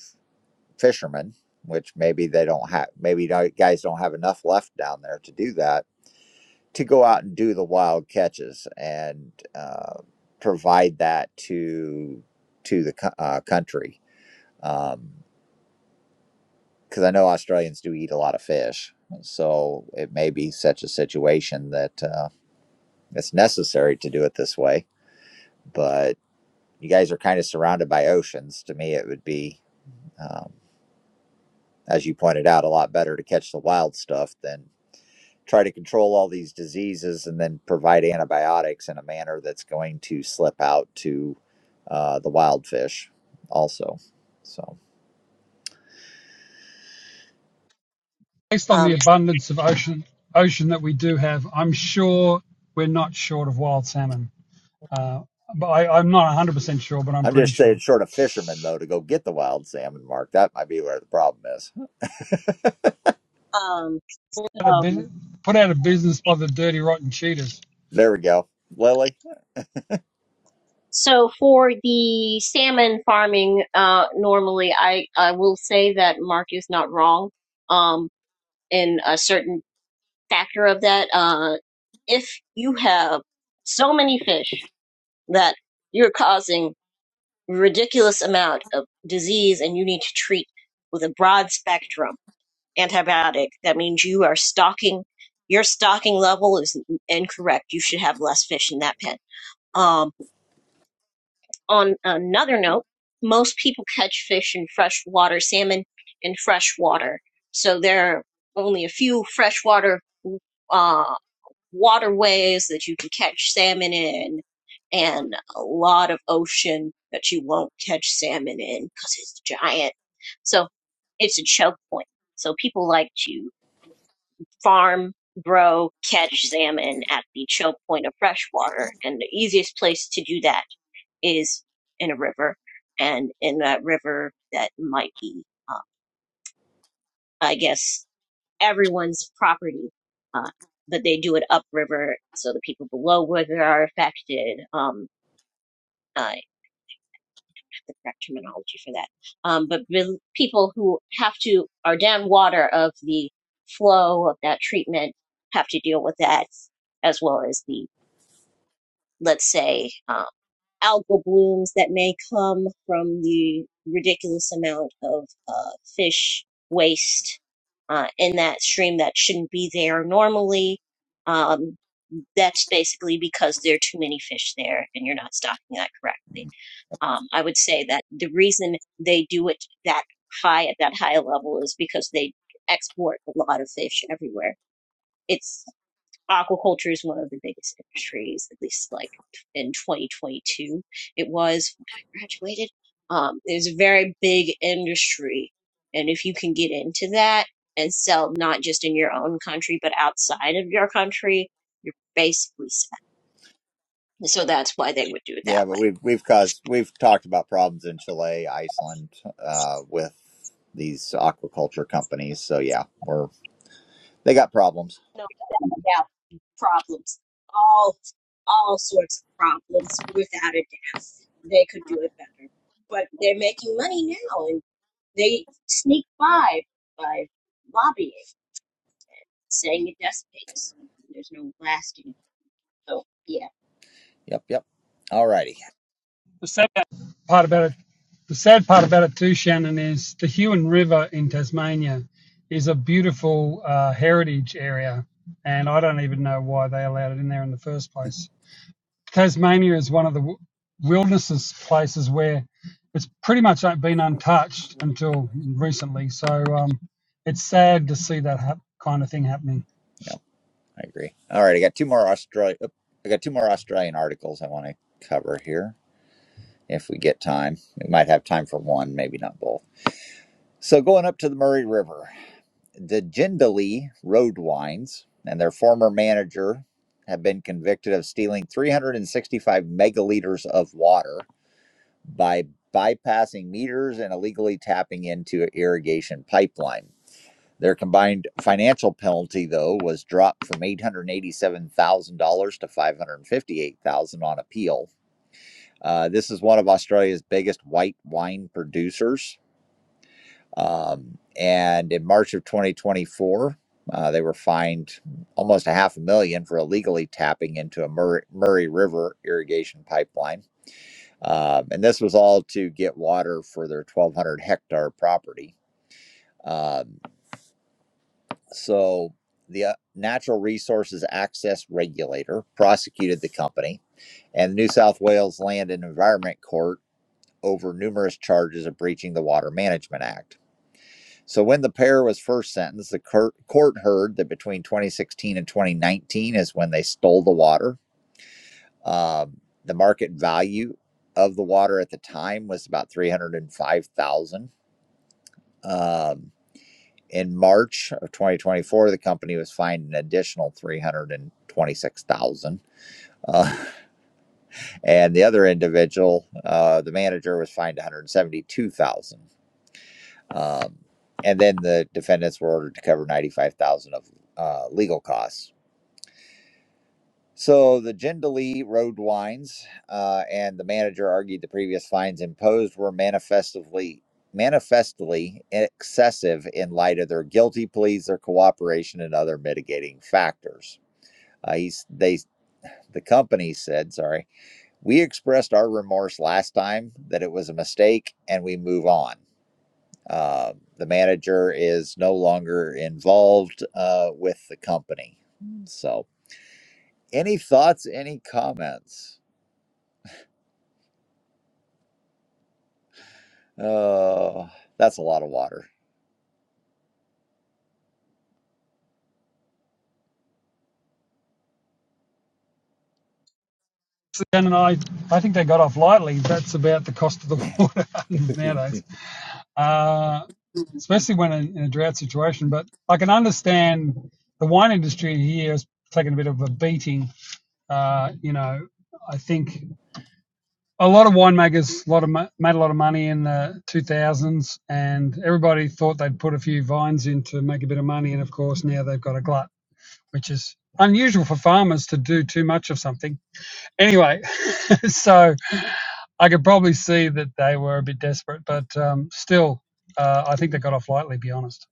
[SPEAKER 1] fishermen, which maybe they don't have. Maybe you guys don't have enough left down there to do that to go out and do the wild catches and uh, provide that to to the uh, country Um, because I know Australians do eat a lot of fish, so it may be such a situation that uh, it's necessary to do it this way. But you guys are kind of surrounded by oceans. To me, it would be, um, as you pointed out, a lot better to catch the wild stuff than try to control all these diseases and then provide antibiotics in a manner that's going to slip out to uh, the wild fish also. So
[SPEAKER 4] Based on the
[SPEAKER 8] Um,
[SPEAKER 4] abundance of ocean ocean that we do have, I'm sure we're not short of wild salmon. Uh, but I, I'm not 100% sure, but I'm
[SPEAKER 1] I'm
[SPEAKER 4] pretty
[SPEAKER 1] just saying,
[SPEAKER 4] sure.
[SPEAKER 1] short of fishermen though, to go get the wild salmon, Mark, that might be where the problem is.
[SPEAKER 8] um,
[SPEAKER 4] Put out, of
[SPEAKER 8] so
[SPEAKER 4] put out of business by the dirty, rotten cheaters.
[SPEAKER 1] There we go, Lily.
[SPEAKER 8] So for the salmon farming, uh, normally I, I will say that Mark is not wrong, um, in a certain factor of that. Uh, if you have so many fish that you're causing ridiculous amount of disease and you need to treat with a broad spectrum antibiotic, that means you are stocking, your stocking level is incorrect. You should have less fish in that pen. Um, on another note, most people catch fish in freshwater, salmon in freshwater. So there are only a few freshwater uh, waterways that you can catch salmon in, and a lot of ocean that you won't catch salmon in because it's giant. So it's a choke point. So people like to farm, grow, catch salmon at the choke point of fresh water, And the easiest place to do that is in a river. And in that river, that might be, uh, I guess, everyone's property. Uh, but they do it upriver, so the people below river are affected. Um, I have the correct terminology for that. Um, but real- people who have to are down water of the flow of that treatment have to deal with that as well as the let's say, um, algal blooms that may come from the ridiculous amount of uh, fish waste uh, in that stream that shouldn't be there normally. Um, that's basically because there are too many fish there and you're not stocking that correctly. Um, I would say that the reason they do it that high at that high level is because they export a lot of fish everywhere. It's aquaculture is one of the biggest industries, at least like in 2022. It was when I graduated. Um, it was a very big industry. And if you can get into that and sell not just in your own country, but outside of your country, you're basically set. So that's why they would do it that
[SPEAKER 1] Yeah, but
[SPEAKER 8] way.
[SPEAKER 1] we've we've caused we've talked about problems in Chile, Iceland, uh, with these aquaculture companies. So yeah, we're they got problems.
[SPEAKER 8] No, problems, all all sorts of problems without a doubt. They could do it better. But they're making money now and they sneak by by lobbying, saying it dissipates. There's no lasting. So yeah.
[SPEAKER 1] Yep, yep. All righty.
[SPEAKER 4] The salmon part about it, the sad part about it too, Shannon, is the Huon River in Tasmania is a beautiful uh, heritage area, and I don't even know why they allowed it in there in the first place. Tasmania is one of the w- wilderness places where it's pretty much been untouched until recently. So um, it's sad to see that hap- kind of thing happening.
[SPEAKER 1] Yep. I agree. All right, I got two more Australia. I got two more Australian articles I want to cover here if we get time. We might have time for one, maybe not both. So going up to the Murray River, the Jindalee Road Wines and their former manager have been convicted of stealing 365 megaliters of water by bypassing meters and illegally tapping into an irrigation pipeline. Their combined financial penalty, though, was dropped from $887,000 to $558,000 on appeal. Uh, this is one of Australia's biggest white wine producers. Um, and in March of 2024, uh, they were fined almost a half a million for illegally tapping into a Murray, Murray River irrigation pipeline. Um, and this was all to get water for their 1,200 hectare property. Um, So the uh, Natural Resources Access Regulator prosecuted the company and the New South Wales Land and Environment Court over numerous charges of breaching the Water Management Act. So when the pair was first sentenced, the court heard that between 2016 and 2019 is when they stole the water. Um, the market value of the water at the time was about 305,000. Um, In March of 2024, the company was fined an additional 326,000. Uh, and the other individual, uh, the manager, was fined 172,000. Um, and then the defendants were ordered to cover 95,000 of uh, legal costs. So the Jindalee Road wines uh, and the manager argued the previous fines imposed were manifestly manifestly excessive in light of their guilty pleas, their cooperation, and other mitigating factors. Uh, he's, they, the company said, sorry, we expressed our remorse last time that it was a mistake and we move on. Uh, the manager is no longer involved uh, with the company. So, any thoughts, any comments? Oh, that's a lot of water.
[SPEAKER 4] So, Shannon, I, I think they got off lightly. That's about the cost of the water nowadays. uh, especially when in, in a drought situation. But I can understand the wine industry here is taking a bit of a beating. Uh, you know, I think a lot of winemakers a lot of made a lot of money in the 2000s, and everybody thought they'd put a few vines in to make a bit of money. And of course, now they've got a glut, which is unusual for farmers to do too much of something Anyway, so I could probably see that they were a bit desperate, but um, still, uh, I think they got off lightly, to be honest.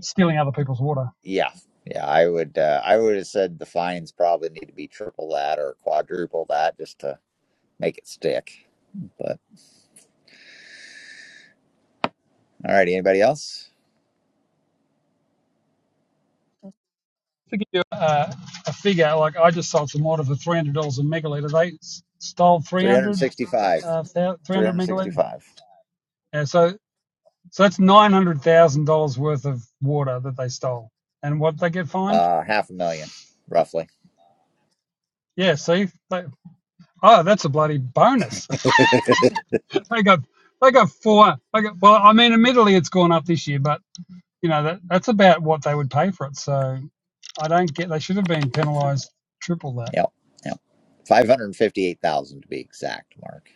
[SPEAKER 4] Stealing other people's water.
[SPEAKER 1] Yeah, yeah, I would uh, I would have said the fines probably need to be triple that or quadruple that just to make it stick. But all right, anybody else?
[SPEAKER 4] To give you a, a figure, like I just sold some water for $300 a megaliter. They s- stole
[SPEAKER 1] Three hundred
[SPEAKER 4] 300,
[SPEAKER 1] sixty,
[SPEAKER 4] uh,
[SPEAKER 1] three
[SPEAKER 4] 300
[SPEAKER 1] hundred
[SPEAKER 4] megaliter.
[SPEAKER 1] sixty-five.
[SPEAKER 4] Yeah, so, so that's $900,000 worth of water that they stole. And what did they get
[SPEAKER 1] 365.
[SPEAKER 4] fined?
[SPEAKER 1] Uh half a million roughly.
[SPEAKER 4] Yeah, see? They, oh, that's a bloody bonus.
[SPEAKER 1] Yep.
[SPEAKER 4] they go they go four. They go, well, I mean, admittedly, it's gone up this year, but you know that that's about what they would pay for it. So I don't get. They should have been penalised triple that.
[SPEAKER 1] Yep. 558,000 to be exact, Mark.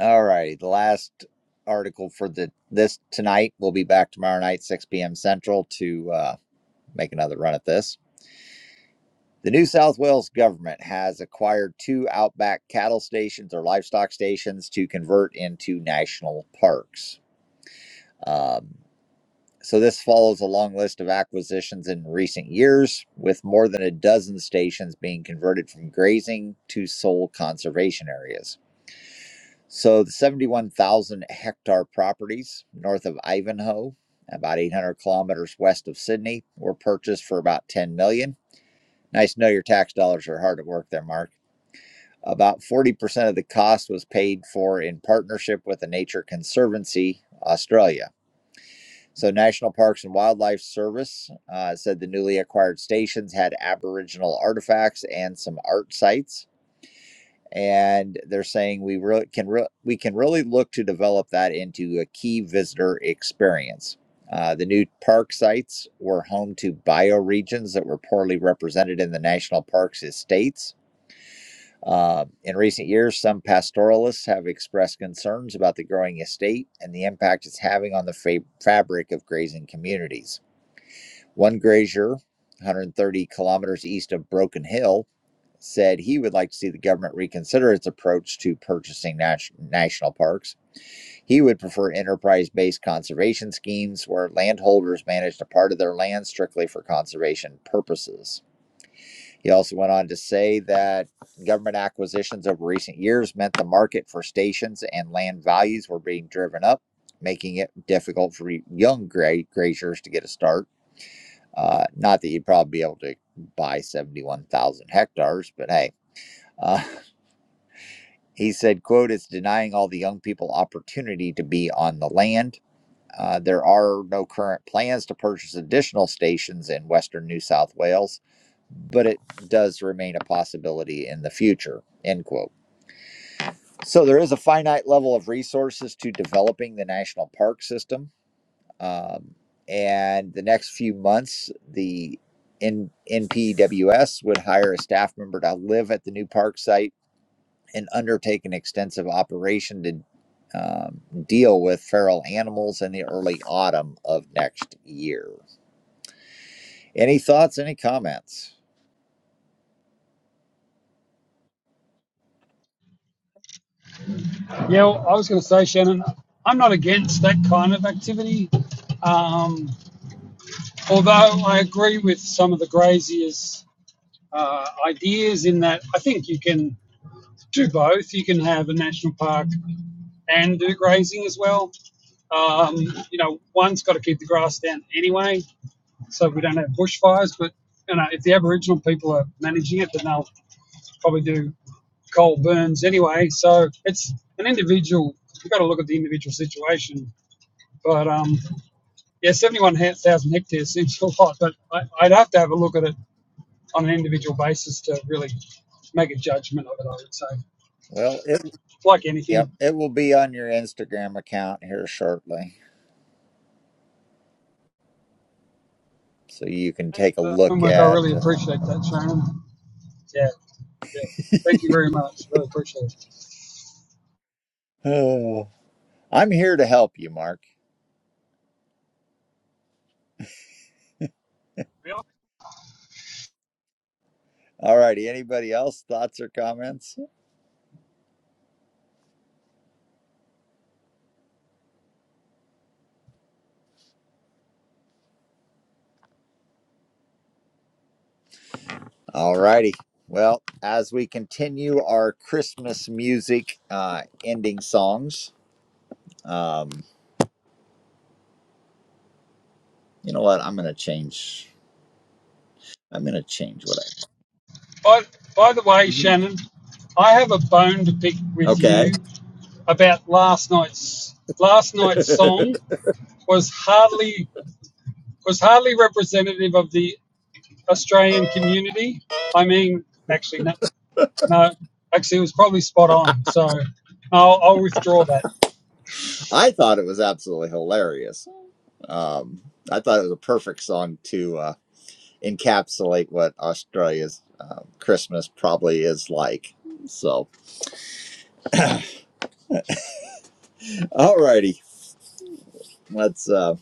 [SPEAKER 1] All right, the last article for the this tonight. We'll be back tomorrow night 6 p.m. Central to uh make another run at this. The New South Wales government has acquired two outback cattle stations or livestock stations to convert into national parks. Um, so, this follows a long list of acquisitions in recent years, with more than a dozen stations being converted from grazing to sole conservation areas. So, the 71,000 hectare properties north of Ivanhoe, about 800 kilometers west of Sydney, were purchased for about 10 million. dollars. Nice to know your tax dollars are hard at work there, Mark. About 40% of the cost was paid for in partnership with the Nature Conservancy Australia. So, National Parks and Wildlife Service uh, said the newly acquired stations had Aboriginal artifacts and some art sites. And they're saying we really can re- we can really look to develop that into a key visitor experience. Uh, the new park sites were home to bioregions that were poorly represented in the national parks estates uh, in recent years, some pastoralists have expressed concerns about the growing estate and the impact it's having on the fa- fabric of grazing communities. One grazier, 130 kilometers east of Broken Hill, said he would like to see the government reconsider its approach to purchasing nat- national parks. He would prefer enterprise based conservation schemes where landholders managed a part of their land strictly for conservation purposes. He also went on to say that government acquisitions over recent years meant the market for stations and land values were being driven up, making it difficult for young graziers to get a start. Uh, not that you'd probably be able to buy 71,000 hectares, but hey. Uh, he said, quote, it's denying all the young people opportunity to be on the land uh, there are no current plans to purchase additional stations in Western New South Wales, but it does remain a possibility in the future. End quote. So there is a finite level of resources to developing the national park system, um, and the next few months, the NPWS would hire a staff member to live at the new park site and undertake an extensive operation to um, deal with feral animals in the early autumn of next year. Any thoughts? Any comments?
[SPEAKER 4] Yeah, well, I was going to say, Shannon, I'm not against that kind of activity. Um, although I agree with some of the Grazier's uh, ideas in that I think you can do both. You can have a national park and do grazing as well. Um, you know, one's got to keep the grass down anyway, so we don't have bushfires. But you know, if the Aboriginal people are managing it, then they'll probably do coal burns anyway. So it's an individual. You've got to look at the individual situation. But um, yeah, seventy-one thousand hectares seems a lot, but I, I'd have to have a look at it on an individual basis to really make a judgment of it. I would say,
[SPEAKER 1] Well, it
[SPEAKER 4] like
[SPEAKER 1] yep,
[SPEAKER 4] anything,
[SPEAKER 1] it will be on your Instagram account here shortly, so you can
[SPEAKER 4] Thank you
[SPEAKER 1] take a
[SPEAKER 4] for the
[SPEAKER 1] look
[SPEAKER 4] homework. I
[SPEAKER 1] at.
[SPEAKER 4] really appreciate
[SPEAKER 1] Uh,
[SPEAKER 4] that, Shannon. Yeah, yeah. Thank you very much. Really appreciate it.
[SPEAKER 1] oh, I'm here to help you, Mark.
[SPEAKER 4] Really?
[SPEAKER 1] All righty. Anybody else? Thoughts or comments? All righty. Well, as we continue our Christmas music uh, ending songs, um, You know what? I'm gonna change. I'm gonna change what
[SPEAKER 4] By, by the way,
[SPEAKER 1] hmm
[SPEAKER 4] Shannon, I have a bone to pick
[SPEAKER 1] I. Mm-hmm.
[SPEAKER 4] with
[SPEAKER 1] Okay.
[SPEAKER 4] you about last night's last night's song was hardly was hardly representative of the Australian community. I mean, actually, no, no actually, it was probably spot on. So I'll, I'll withdraw that.
[SPEAKER 1] I thought it was absolutely hilarious. Um, I thought it was a perfect song to uh, encapsulate what Australia's uh, Christmas probably is like. So, all righty, let's uh,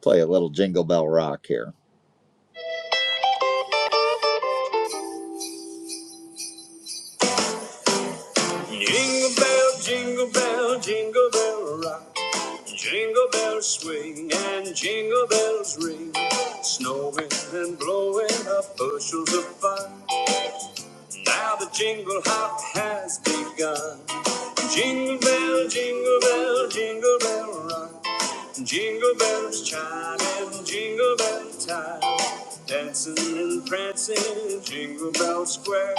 [SPEAKER 1] play a little Jingle Bell Rock here. Jingle bell, jingle bell rock, jingle bells swing and jingle bells ring. Snowing and blowing up bushels of fun. Now the jingle hop has begun. Jingle bell, jingle bell, jingle bell run. Jingle bells chime and jingle bell time. Dancing and prancing in Jingle Bell Square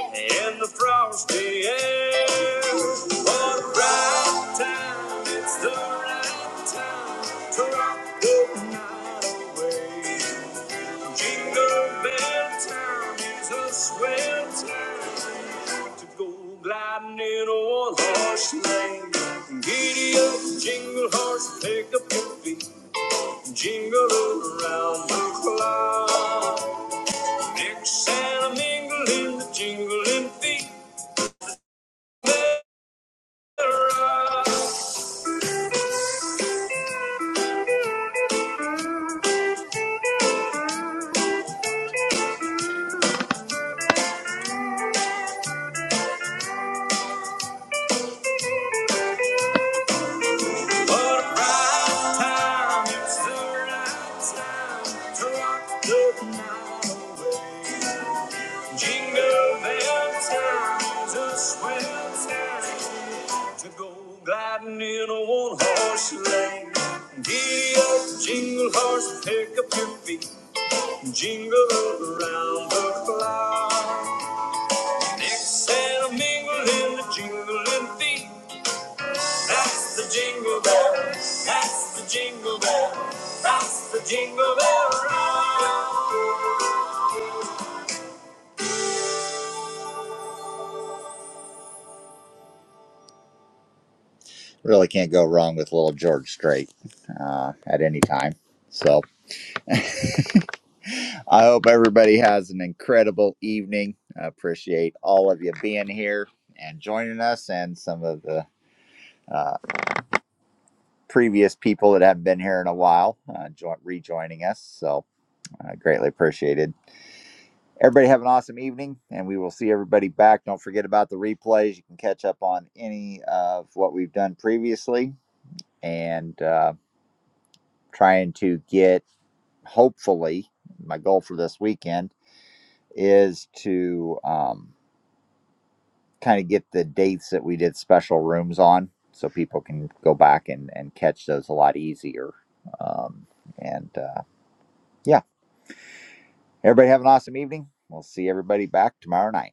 [SPEAKER 1] in the frosty air. What a right time, it's the right time to rock the night away. Jingle bell town is a swell time to go gliding on horseback. Giddy up, jingle horse, pick up your feet, jingle around the clock. Mix and a mingle in the jingling feet. What a right time, it's the right time to rock the night away. Jingle bell time, a swell time to go gliding in a one horse sleigh. Giddy up, jingle horse, pick up your feet, jingle around the clock. Mix and mingle in the jingling feet. That's the jingle bell, that's the jingle bell, that's the jingle bell rock. really can't go wrong with little George Strait uh, at any time. So I hope everybody has an incredible evening. I appreciate all of you being here and joining us, and some of the uh, previous people that haven't been here in a while uh, jo- rejoining us. So uh, greatly appreciated. Everybody have an awesome evening, and we will see everybody back. Don't forget about the replays. You can catch up on any of what we've done previously, and uh, trying to get hopefully, my goal for this weekend is to um, kind of get the dates that we did special rooms on so people can go back and, and catch those a lot easier. Um, and uh, yeah, everybody have an awesome evening. We'll see everybody back tomorrow night.